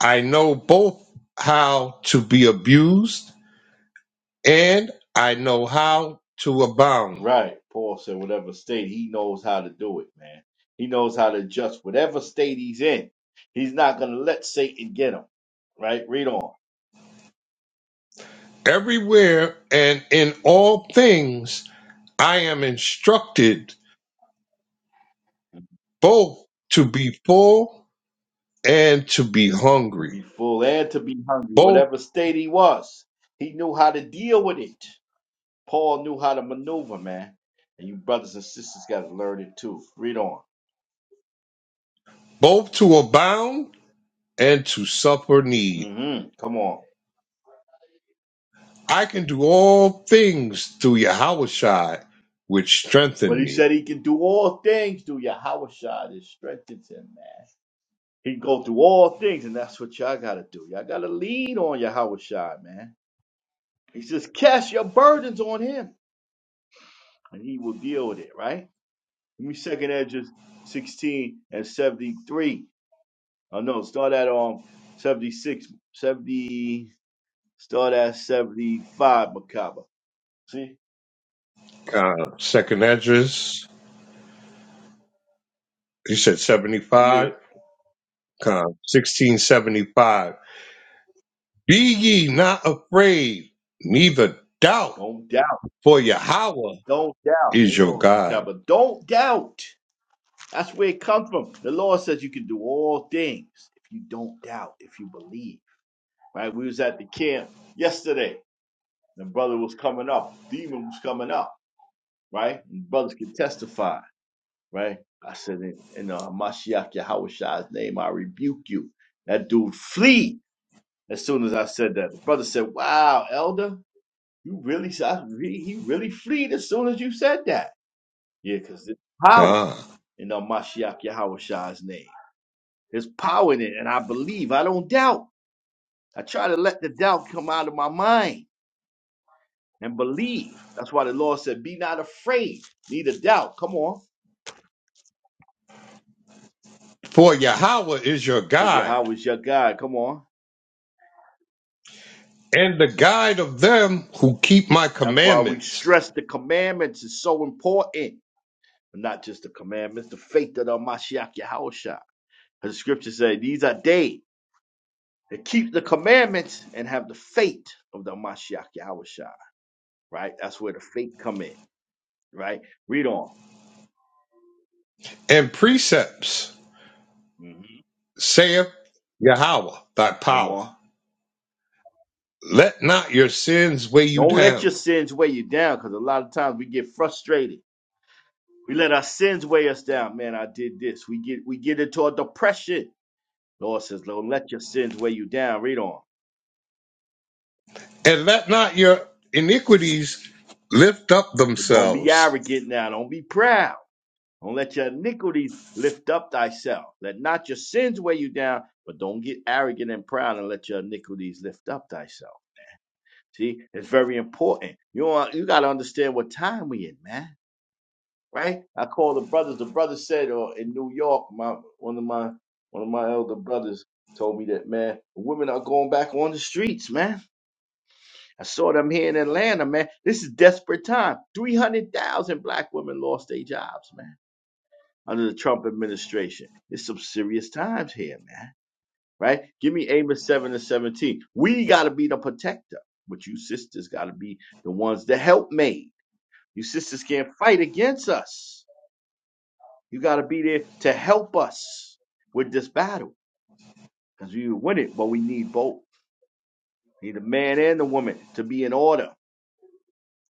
Speaker 3: I know both how to be abused and I know how to abound.
Speaker 10: Right. Paul said, whatever state, he knows how to do it, man. He knows how to adjust whatever state he's in. He's not going to let Satan get him. Right? Read on.
Speaker 3: Everywhere and in all things I am instructed both to be full and to be
Speaker 10: To
Speaker 3: hungry,
Speaker 10: be full and to be hungry,
Speaker 3: both
Speaker 10: whatever state he was, he knew how to deal with it. Paul knew how to maneuver, man. And you brothers and sisters got to learn it too. Read on.
Speaker 3: both to abound and to suffer need.
Speaker 10: hmm Come on.
Speaker 3: I can do all things through Yahweh which
Speaker 10: But
Speaker 3: strengthen
Speaker 10: he said
Speaker 3: me.
Speaker 10: he can do all things through Yahweh Shah that strengthens him, man. He can go through all things, and that's what y'all gotta do. Y'all gotta lean on Yahweh Shah, man. He says, cast your burdens on him, and he will deal with it, right? Give me second edges 16 and 73. Oh no, start at um 76, 70. start at 75, Macabre. See?
Speaker 3: Con, second address, he said
Speaker 10: Yeah.
Speaker 3: 75, Con 1675. Be ye not afraid, neither doubt,
Speaker 10: Don't doubt.
Speaker 3: for Yahweh
Speaker 10: Don't doubt.
Speaker 3: is
Speaker 10: Hold
Speaker 3: your
Speaker 10: on,
Speaker 3: guide.
Speaker 10: Macabre. Don't doubt. That's where it comes from. The Lord says you can do all things if you don't doubt, if you believe. Right? We was at the camp yesterday. The brother was coming up. Demon was coming up. Right? And brothers could testify. Right? I said, in, in uh, Mashiach Yahushua's name, I rebuke you. That dude flee as soon as I said that. The brother said, wow, elder, you really, I really he really fleed as soon as you said that. Yeah, because it's power
Speaker 3: Con.
Speaker 10: in uh, Mashiach Yahushua's name. There's power in it, and I believe. I don't doubt. I try to let the doubt come out of my mind and believe. That's why the Lord said, Be not afraid, neither doubt. Come on.
Speaker 3: For Yahweh is your
Speaker 10: For
Speaker 3: guide,
Speaker 10: Yahweh is your God. Come on.
Speaker 3: and the guide of them who keep my
Speaker 10: That's why we
Speaker 3: commandments
Speaker 10: stress the commandments is so important. And not just the commandments, the faith that are Mashiach Yahushua. As the scriptures say, these are they that keep the commandments and have the faith of the Mashiach Yahushua. Right? That's where the faith come in. Right? Read on.
Speaker 3: and precepts,
Speaker 10: hmm
Speaker 3: saith Yahweh, thy
Speaker 10: Come
Speaker 3: power.
Speaker 10: on.
Speaker 3: Let not your sins weigh you
Speaker 10: Don't let
Speaker 3: down,
Speaker 10: your sins weigh you down because a lot of times we get frustrated. We let our sins weigh us down. Man, I did this. We get we get into a depression. The Lord says, Don't let your sins weigh you down. Read on.
Speaker 3: and let not your iniquities lift up
Speaker 10: But don't be
Speaker 3: themselves.
Speaker 10: arrogant now. Don't be proud. Don't let your iniquity lift up thyself. Let not your sins weigh you down, but don't get arrogant and proud and let your iniquities lift up thyself. See, it's very important. You, want- you got to understand what time we in, man. right? I called the brothers. The brother said, or in New York, my one of my one of my elder brothers told me that man, women are going back on the streets, man. I saw them here in Atlanta, man. This is desperate time. Three hundred thousand black women lost their jobs, man, under the Trump administration. It's some serious times here, man. Right? Give me Amos seven and seventeen. We gotta be the protector, but you sisters gotta be the ones that help made. You sisters can't fight against us You got to be there to help us with this battle because we win it, but we need both. We need the man and the woman to be in order,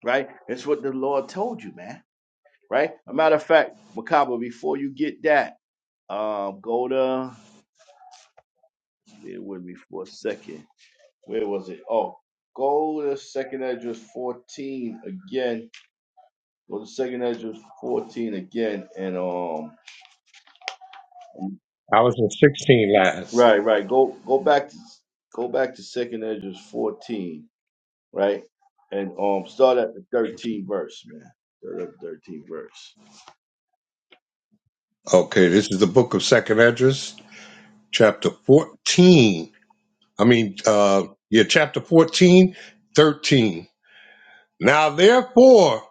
Speaker 10: right? That's what the Lord told you, man, right? A matter of fact, Macabre, before you get that, um, go to, bear with me for a second. Where was it? Oh, go to second Ezra 14 again. Go to second Ezra 14 again. And, um,
Speaker 3: I was in 16 last.
Speaker 10: right, right. Go, go back to, go back to second Ezra 14 right? And um, start at the 13th verse, man. Start at the 13th verse.
Speaker 3: Okay, this is the book of Second Edges, chapter 14. I mean, uh, yeah, chapter 14, 13. Now therefore,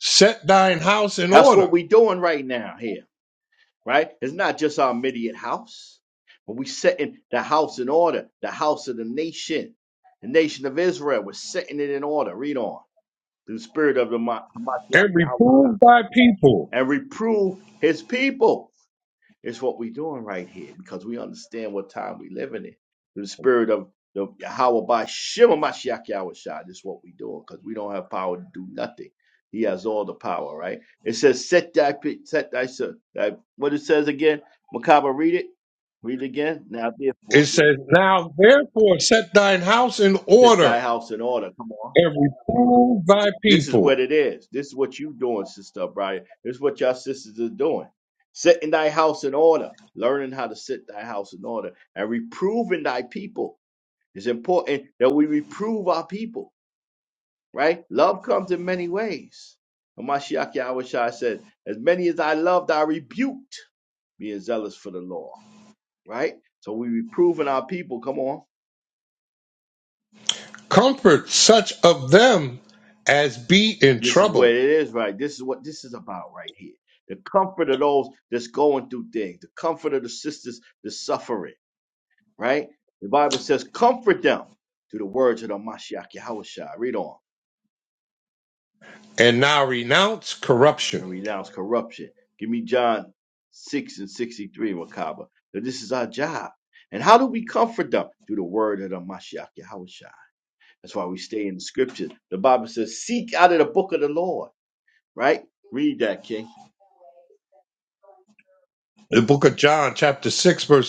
Speaker 3: set thine house in
Speaker 10: That's what
Speaker 3: order
Speaker 10: we doing right now here, right? It's not just our immediate house, but we setting the house in order, the house of the nation, the nation of Israel. We're setting it in order. Read on. Through the spirit of the Ma- Hamashiach
Speaker 3: and
Speaker 10: Yahweh God.
Speaker 3: reprove thy people.
Speaker 10: and reprove his people It's what we're doing right here because we understand what time we're living in. The spirit of the Yahweh by Shema Mashiach Yahweh Shai. This is what we're doing because we don't have power to do nothing. He has all the power, right? It says, set thy, set thy, se- thy what it says again. Makaba, read it. Read it again. Now, therefore,
Speaker 3: It
Speaker 10: yeah.
Speaker 3: says, Now therefore, set thine house in
Speaker 10: set thy
Speaker 3: order
Speaker 10: house in order. Come on.
Speaker 3: and reprove thy
Speaker 10: This is
Speaker 3: people
Speaker 10: what it is. This is what you doing, Sister Brian. This is what your sisters are doing. Setting thy house in order, learning how to set thy house in order, and reproving thy people. It's important that we reprove our people, right? Love comes in many ways. Hamashiach Yahweh Shai said, As many as I loved, I rebuked, being zealous for the law, right? So we reproving our people. Come on.
Speaker 3: Comfort such of them as be in
Speaker 10: This is what it
Speaker 3: trouble,
Speaker 10: is, right? This is what this is about right here. The comfort of those that's going through things, the comfort of the sisters that's suffering, right? The Bible says, comfort them through the words of the Mashiach Yahushua. Read on
Speaker 3: and now renounce corruption.
Speaker 10: and renounce corruption. Give me John 6 and 63, Makaba. So this is our job. And how do we comfort them? Through the word of the Mashiach Yahushua. That's why we stay in the scriptures. The Bible says, seek out of the book of the Lord, right? Read that, King.
Speaker 3: The book of John, chapter 6, verse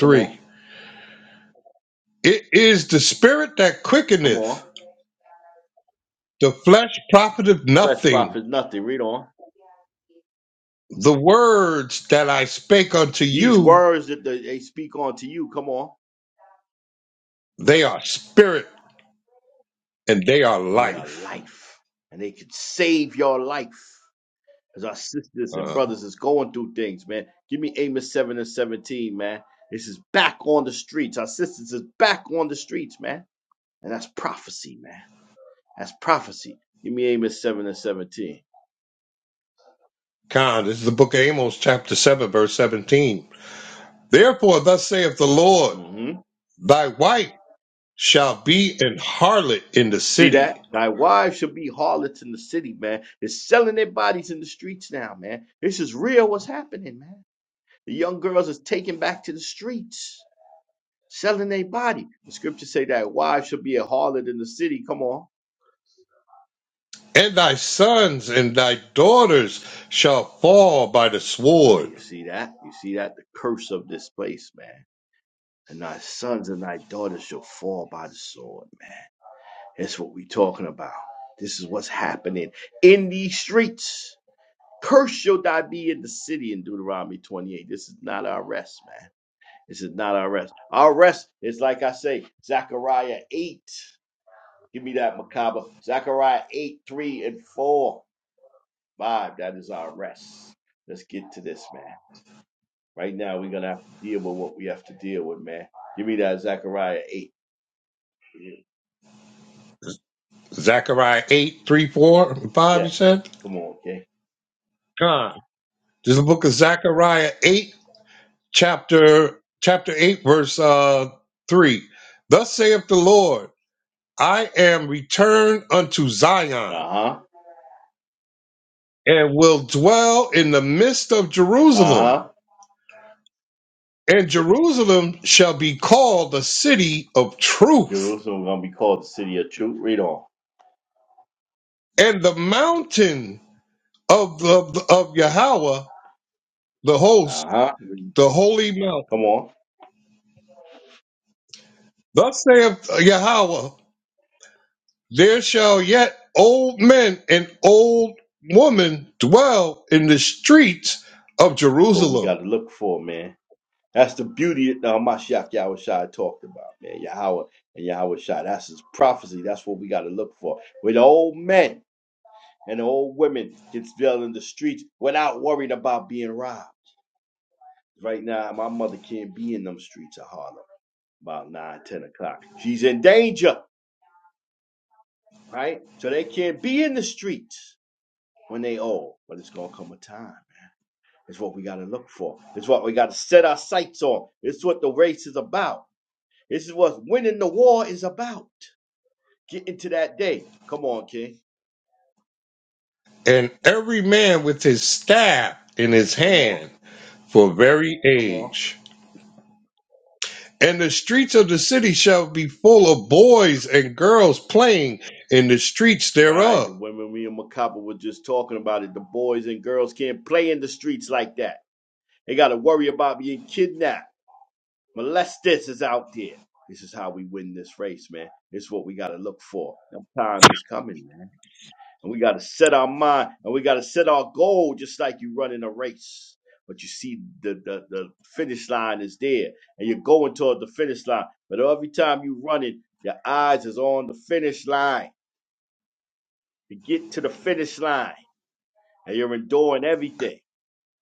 Speaker 10: Come on.
Speaker 3: It is the spirit that
Speaker 10: Come
Speaker 3: quickeneth,
Speaker 10: on.
Speaker 3: the flesh profiteth
Speaker 10: Flesh
Speaker 3: nothing.
Speaker 10: profits nothing. Read on.
Speaker 3: The words that I spake unto
Speaker 10: These
Speaker 3: you,
Speaker 10: words that they they speak unto you, come on,
Speaker 3: they are spirit and they are
Speaker 10: and they are
Speaker 3: life.
Speaker 10: life, and they can save your life. As our sisters and
Speaker 3: Uh,
Speaker 10: brothers is going through things, man. Give me Amos seven and seventeen, man. This is back on the streets. Our sisters is back on the streets, man, and that's prophecy, man. That's prophecy. Give me Amos seven and seventeen.
Speaker 3: Con, this is the book of Amos, chapter 7, verse 17. Therefore, thus saith the Lord,
Speaker 10: Mm-hmm.
Speaker 3: thy wife shall be an harlot in the
Speaker 10: See
Speaker 3: city
Speaker 10: that? Thy wives should be harlots in the city, man. They're selling their bodies in the streets now, man. This is real what's happening, man. The young girls is taken back to the streets, selling their body. The scriptures say that wives shall be a harlot in the city. Come on.
Speaker 3: And thy sons and thy daughters shall fall by the
Speaker 10: Now
Speaker 3: sword.
Speaker 10: you see that? You see that? The curse of this place, man. And thy sons and thy daughters shall fall by the sword, man. That's what we talking about. This is what's happening in these streets. Cursed shall thy be in the city in Deuteronomy 28. This is not our rest, man. This is not our rest. Our rest is like I say, Zechariah 8. Give me that macabre. Zechariah 8, 3, and 4. 5. That is our rest. Let's get to this, man. Right now, we're going to have to deal with what we have to deal with, man. Give me that Zechariah 8.
Speaker 3: Zechariah 8, three, four, and 5,
Speaker 10: Yeah,
Speaker 3: you said?
Speaker 10: come on, okay?
Speaker 3: God. This is the book of Zechariah 8, chapter chapter 8, verse uh 3. Thus saith the Lord, I am returned unto Zion,
Speaker 10: Uh huh.
Speaker 3: and will dwell in the midst of
Speaker 10: Uh
Speaker 3: Jerusalem.
Speaker 10: huh.
Speaker 3: And Jerusalem shall be called the city of truth,
Speaker 10: Jerusalem going to be called the city of truth. Read on.
Speaker 3: and the mountain of of, of Yahweh, the host,
Speaker 10: Uh huh.
Speaker 3: the holy mount.
Speaker 10: Come on.
Speaker 3: Thus saith Yahweh, there shall yet old men and old women dwell in the streets of
Speaker 10: What we got
Speaker 3: Jerusalem,
Speaker 10: to look for, man. That's the beauty that uh, Mashiach Yahweh talked about, man. Yahweh and Yahweh That's his prophecy. That's what we got to look for. With old men and old women can still in the streets without worrying about being robbed. Right now, my mother can't be in them streets of Harlem about 9, 10 o'clock. She's in danger, right? So they can't be in the streets when they old. But it's going to come a time. It's what we got to look for. It's what we got to set our sights on. It's what the race is about. This is what winning the war is about. Get into that day. Come on, King.
Speaker 3: and every man with his staff in his
Speaker 10: Come on.
Speaker 3: hand for very
Speaker 10: Come on.
Speaker 3: age. And the streets of the city shall be full of boys and girls playing in the streets
Speaker 10: Right. The
Speaker 3: thereof.
Speaker 10: women me and Macabre were just talking about it. The boys and girls can't play in the streets like that. They gotta worry about being kidnapped. Molesters is out there. This is how we win this race, man. It's what we gotta look for. That time is coming, man. And we gotta set our mind and we gotta set our goal just like you running a race. But you see the, the, the finish line is there and you're going toward the finish line. But every time you run it, your eyes is on the finish line to get to the finish line. and you're enduring everything.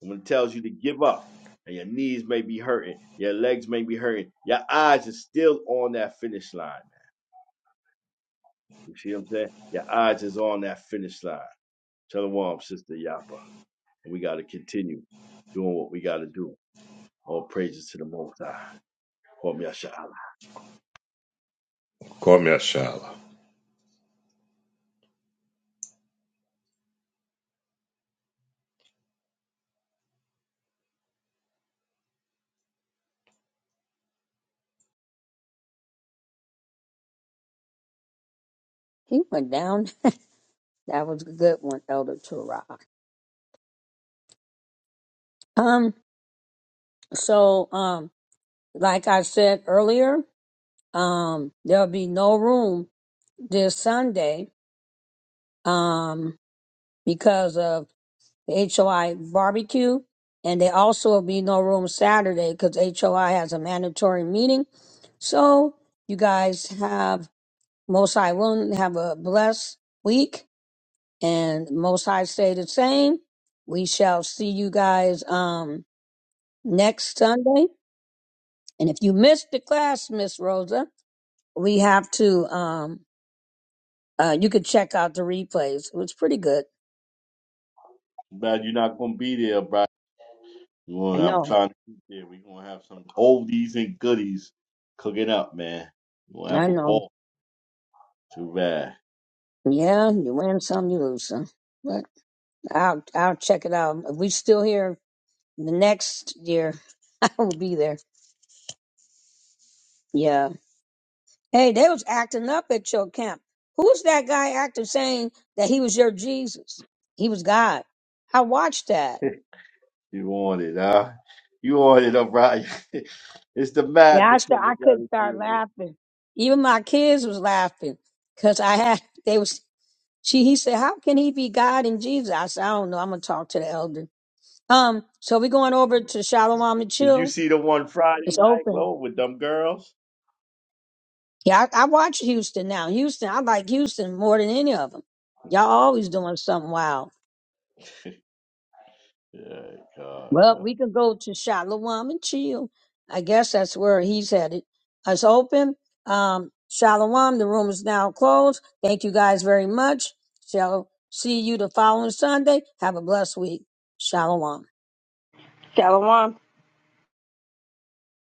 Speaker 10: And when it tells you to give up, and your knees may be hurting, your legs may be hurting, your eyes is still on that finish line. You see what I'm saying? Your eyes is on that finish line. Shalom, Sister Yapa. And we got to continue doing what we got to do. All praises to the Most High. Om Yasha'Allah.
Speaker 3: Kwame Ashala.
Speaker 2: He went down. That was a good one, Elder Torah. Um, So, um, like I said earlier, um, there'll be no room this Sunday, um, because of the HOI barbecue. And there also will be no room Saturday because HOI has a mandatory meeting. So you guys have most high willing have a blessed week and most high stay the same. We shall see you guys, um, next Sunday. And if you missed the class, Miss Rosa, we have to um uh you could check out the replays. It was pretty good.
Speaker 10: Glad you're not going to be there, bro.
Speaker 2: I
Speaker 10: I'm
Speaker 2: know,
Speaker 10: trying to be there. We're going to have some oldies and goodies cooking up, man. We're going to
Speaker 2: I
Speaker 10: have a
Speaker 2: know.
Speaker 10: ball. Too bad.
Speaker 2: Yeah, you win some, you lose some. But I'll I'll check it out. If we still here the next year, I will be there. Yeah, Hey, they was acting up at your camp. Who's that guy acting saying that he was your Jesus? He was God. I watched that.
Speaker 10: You want it, huh? You want it, all right. it's the
Speaker 2: Yeah, I
Speaker 10: madness that
Speaker 2: st-
Speaker 10: we
Speaker 2: I
Speaker 10: got
Speaker 2: couldn't
Speaker 10: to deal
Speaker 2: start
Speaker 10: with.
Speaker 2: laughing. Even my kids was laughing because I had they was She he said, How can he be God and Jesus? I said, I don't know. I'm gonna talk to the elder. Um, so we going over to Shalom and
Speaker 10: Did you
Speaker 2: Chill.
Speaker 10: see the one Friday
Speaker 2: It's
Speaker 10: night,
Speaker 2: open.
Speaker 10: Lo, with them girls?
Speaker 2: Yeah, I, I watch Houston now. Houston, I like Houston more than any of them. Y'all always doing something wild.
Speaker 10: Yeah, God.
Speaker 2: Well, we can go to Shalom and Chill. I guess that's where he's headed. It's open. Um, Shalom, the room is now closed. Thank you guys very much. Shall see you the following Sunday. Have a blessed week. Shalom.
Speaker 1: Shalom.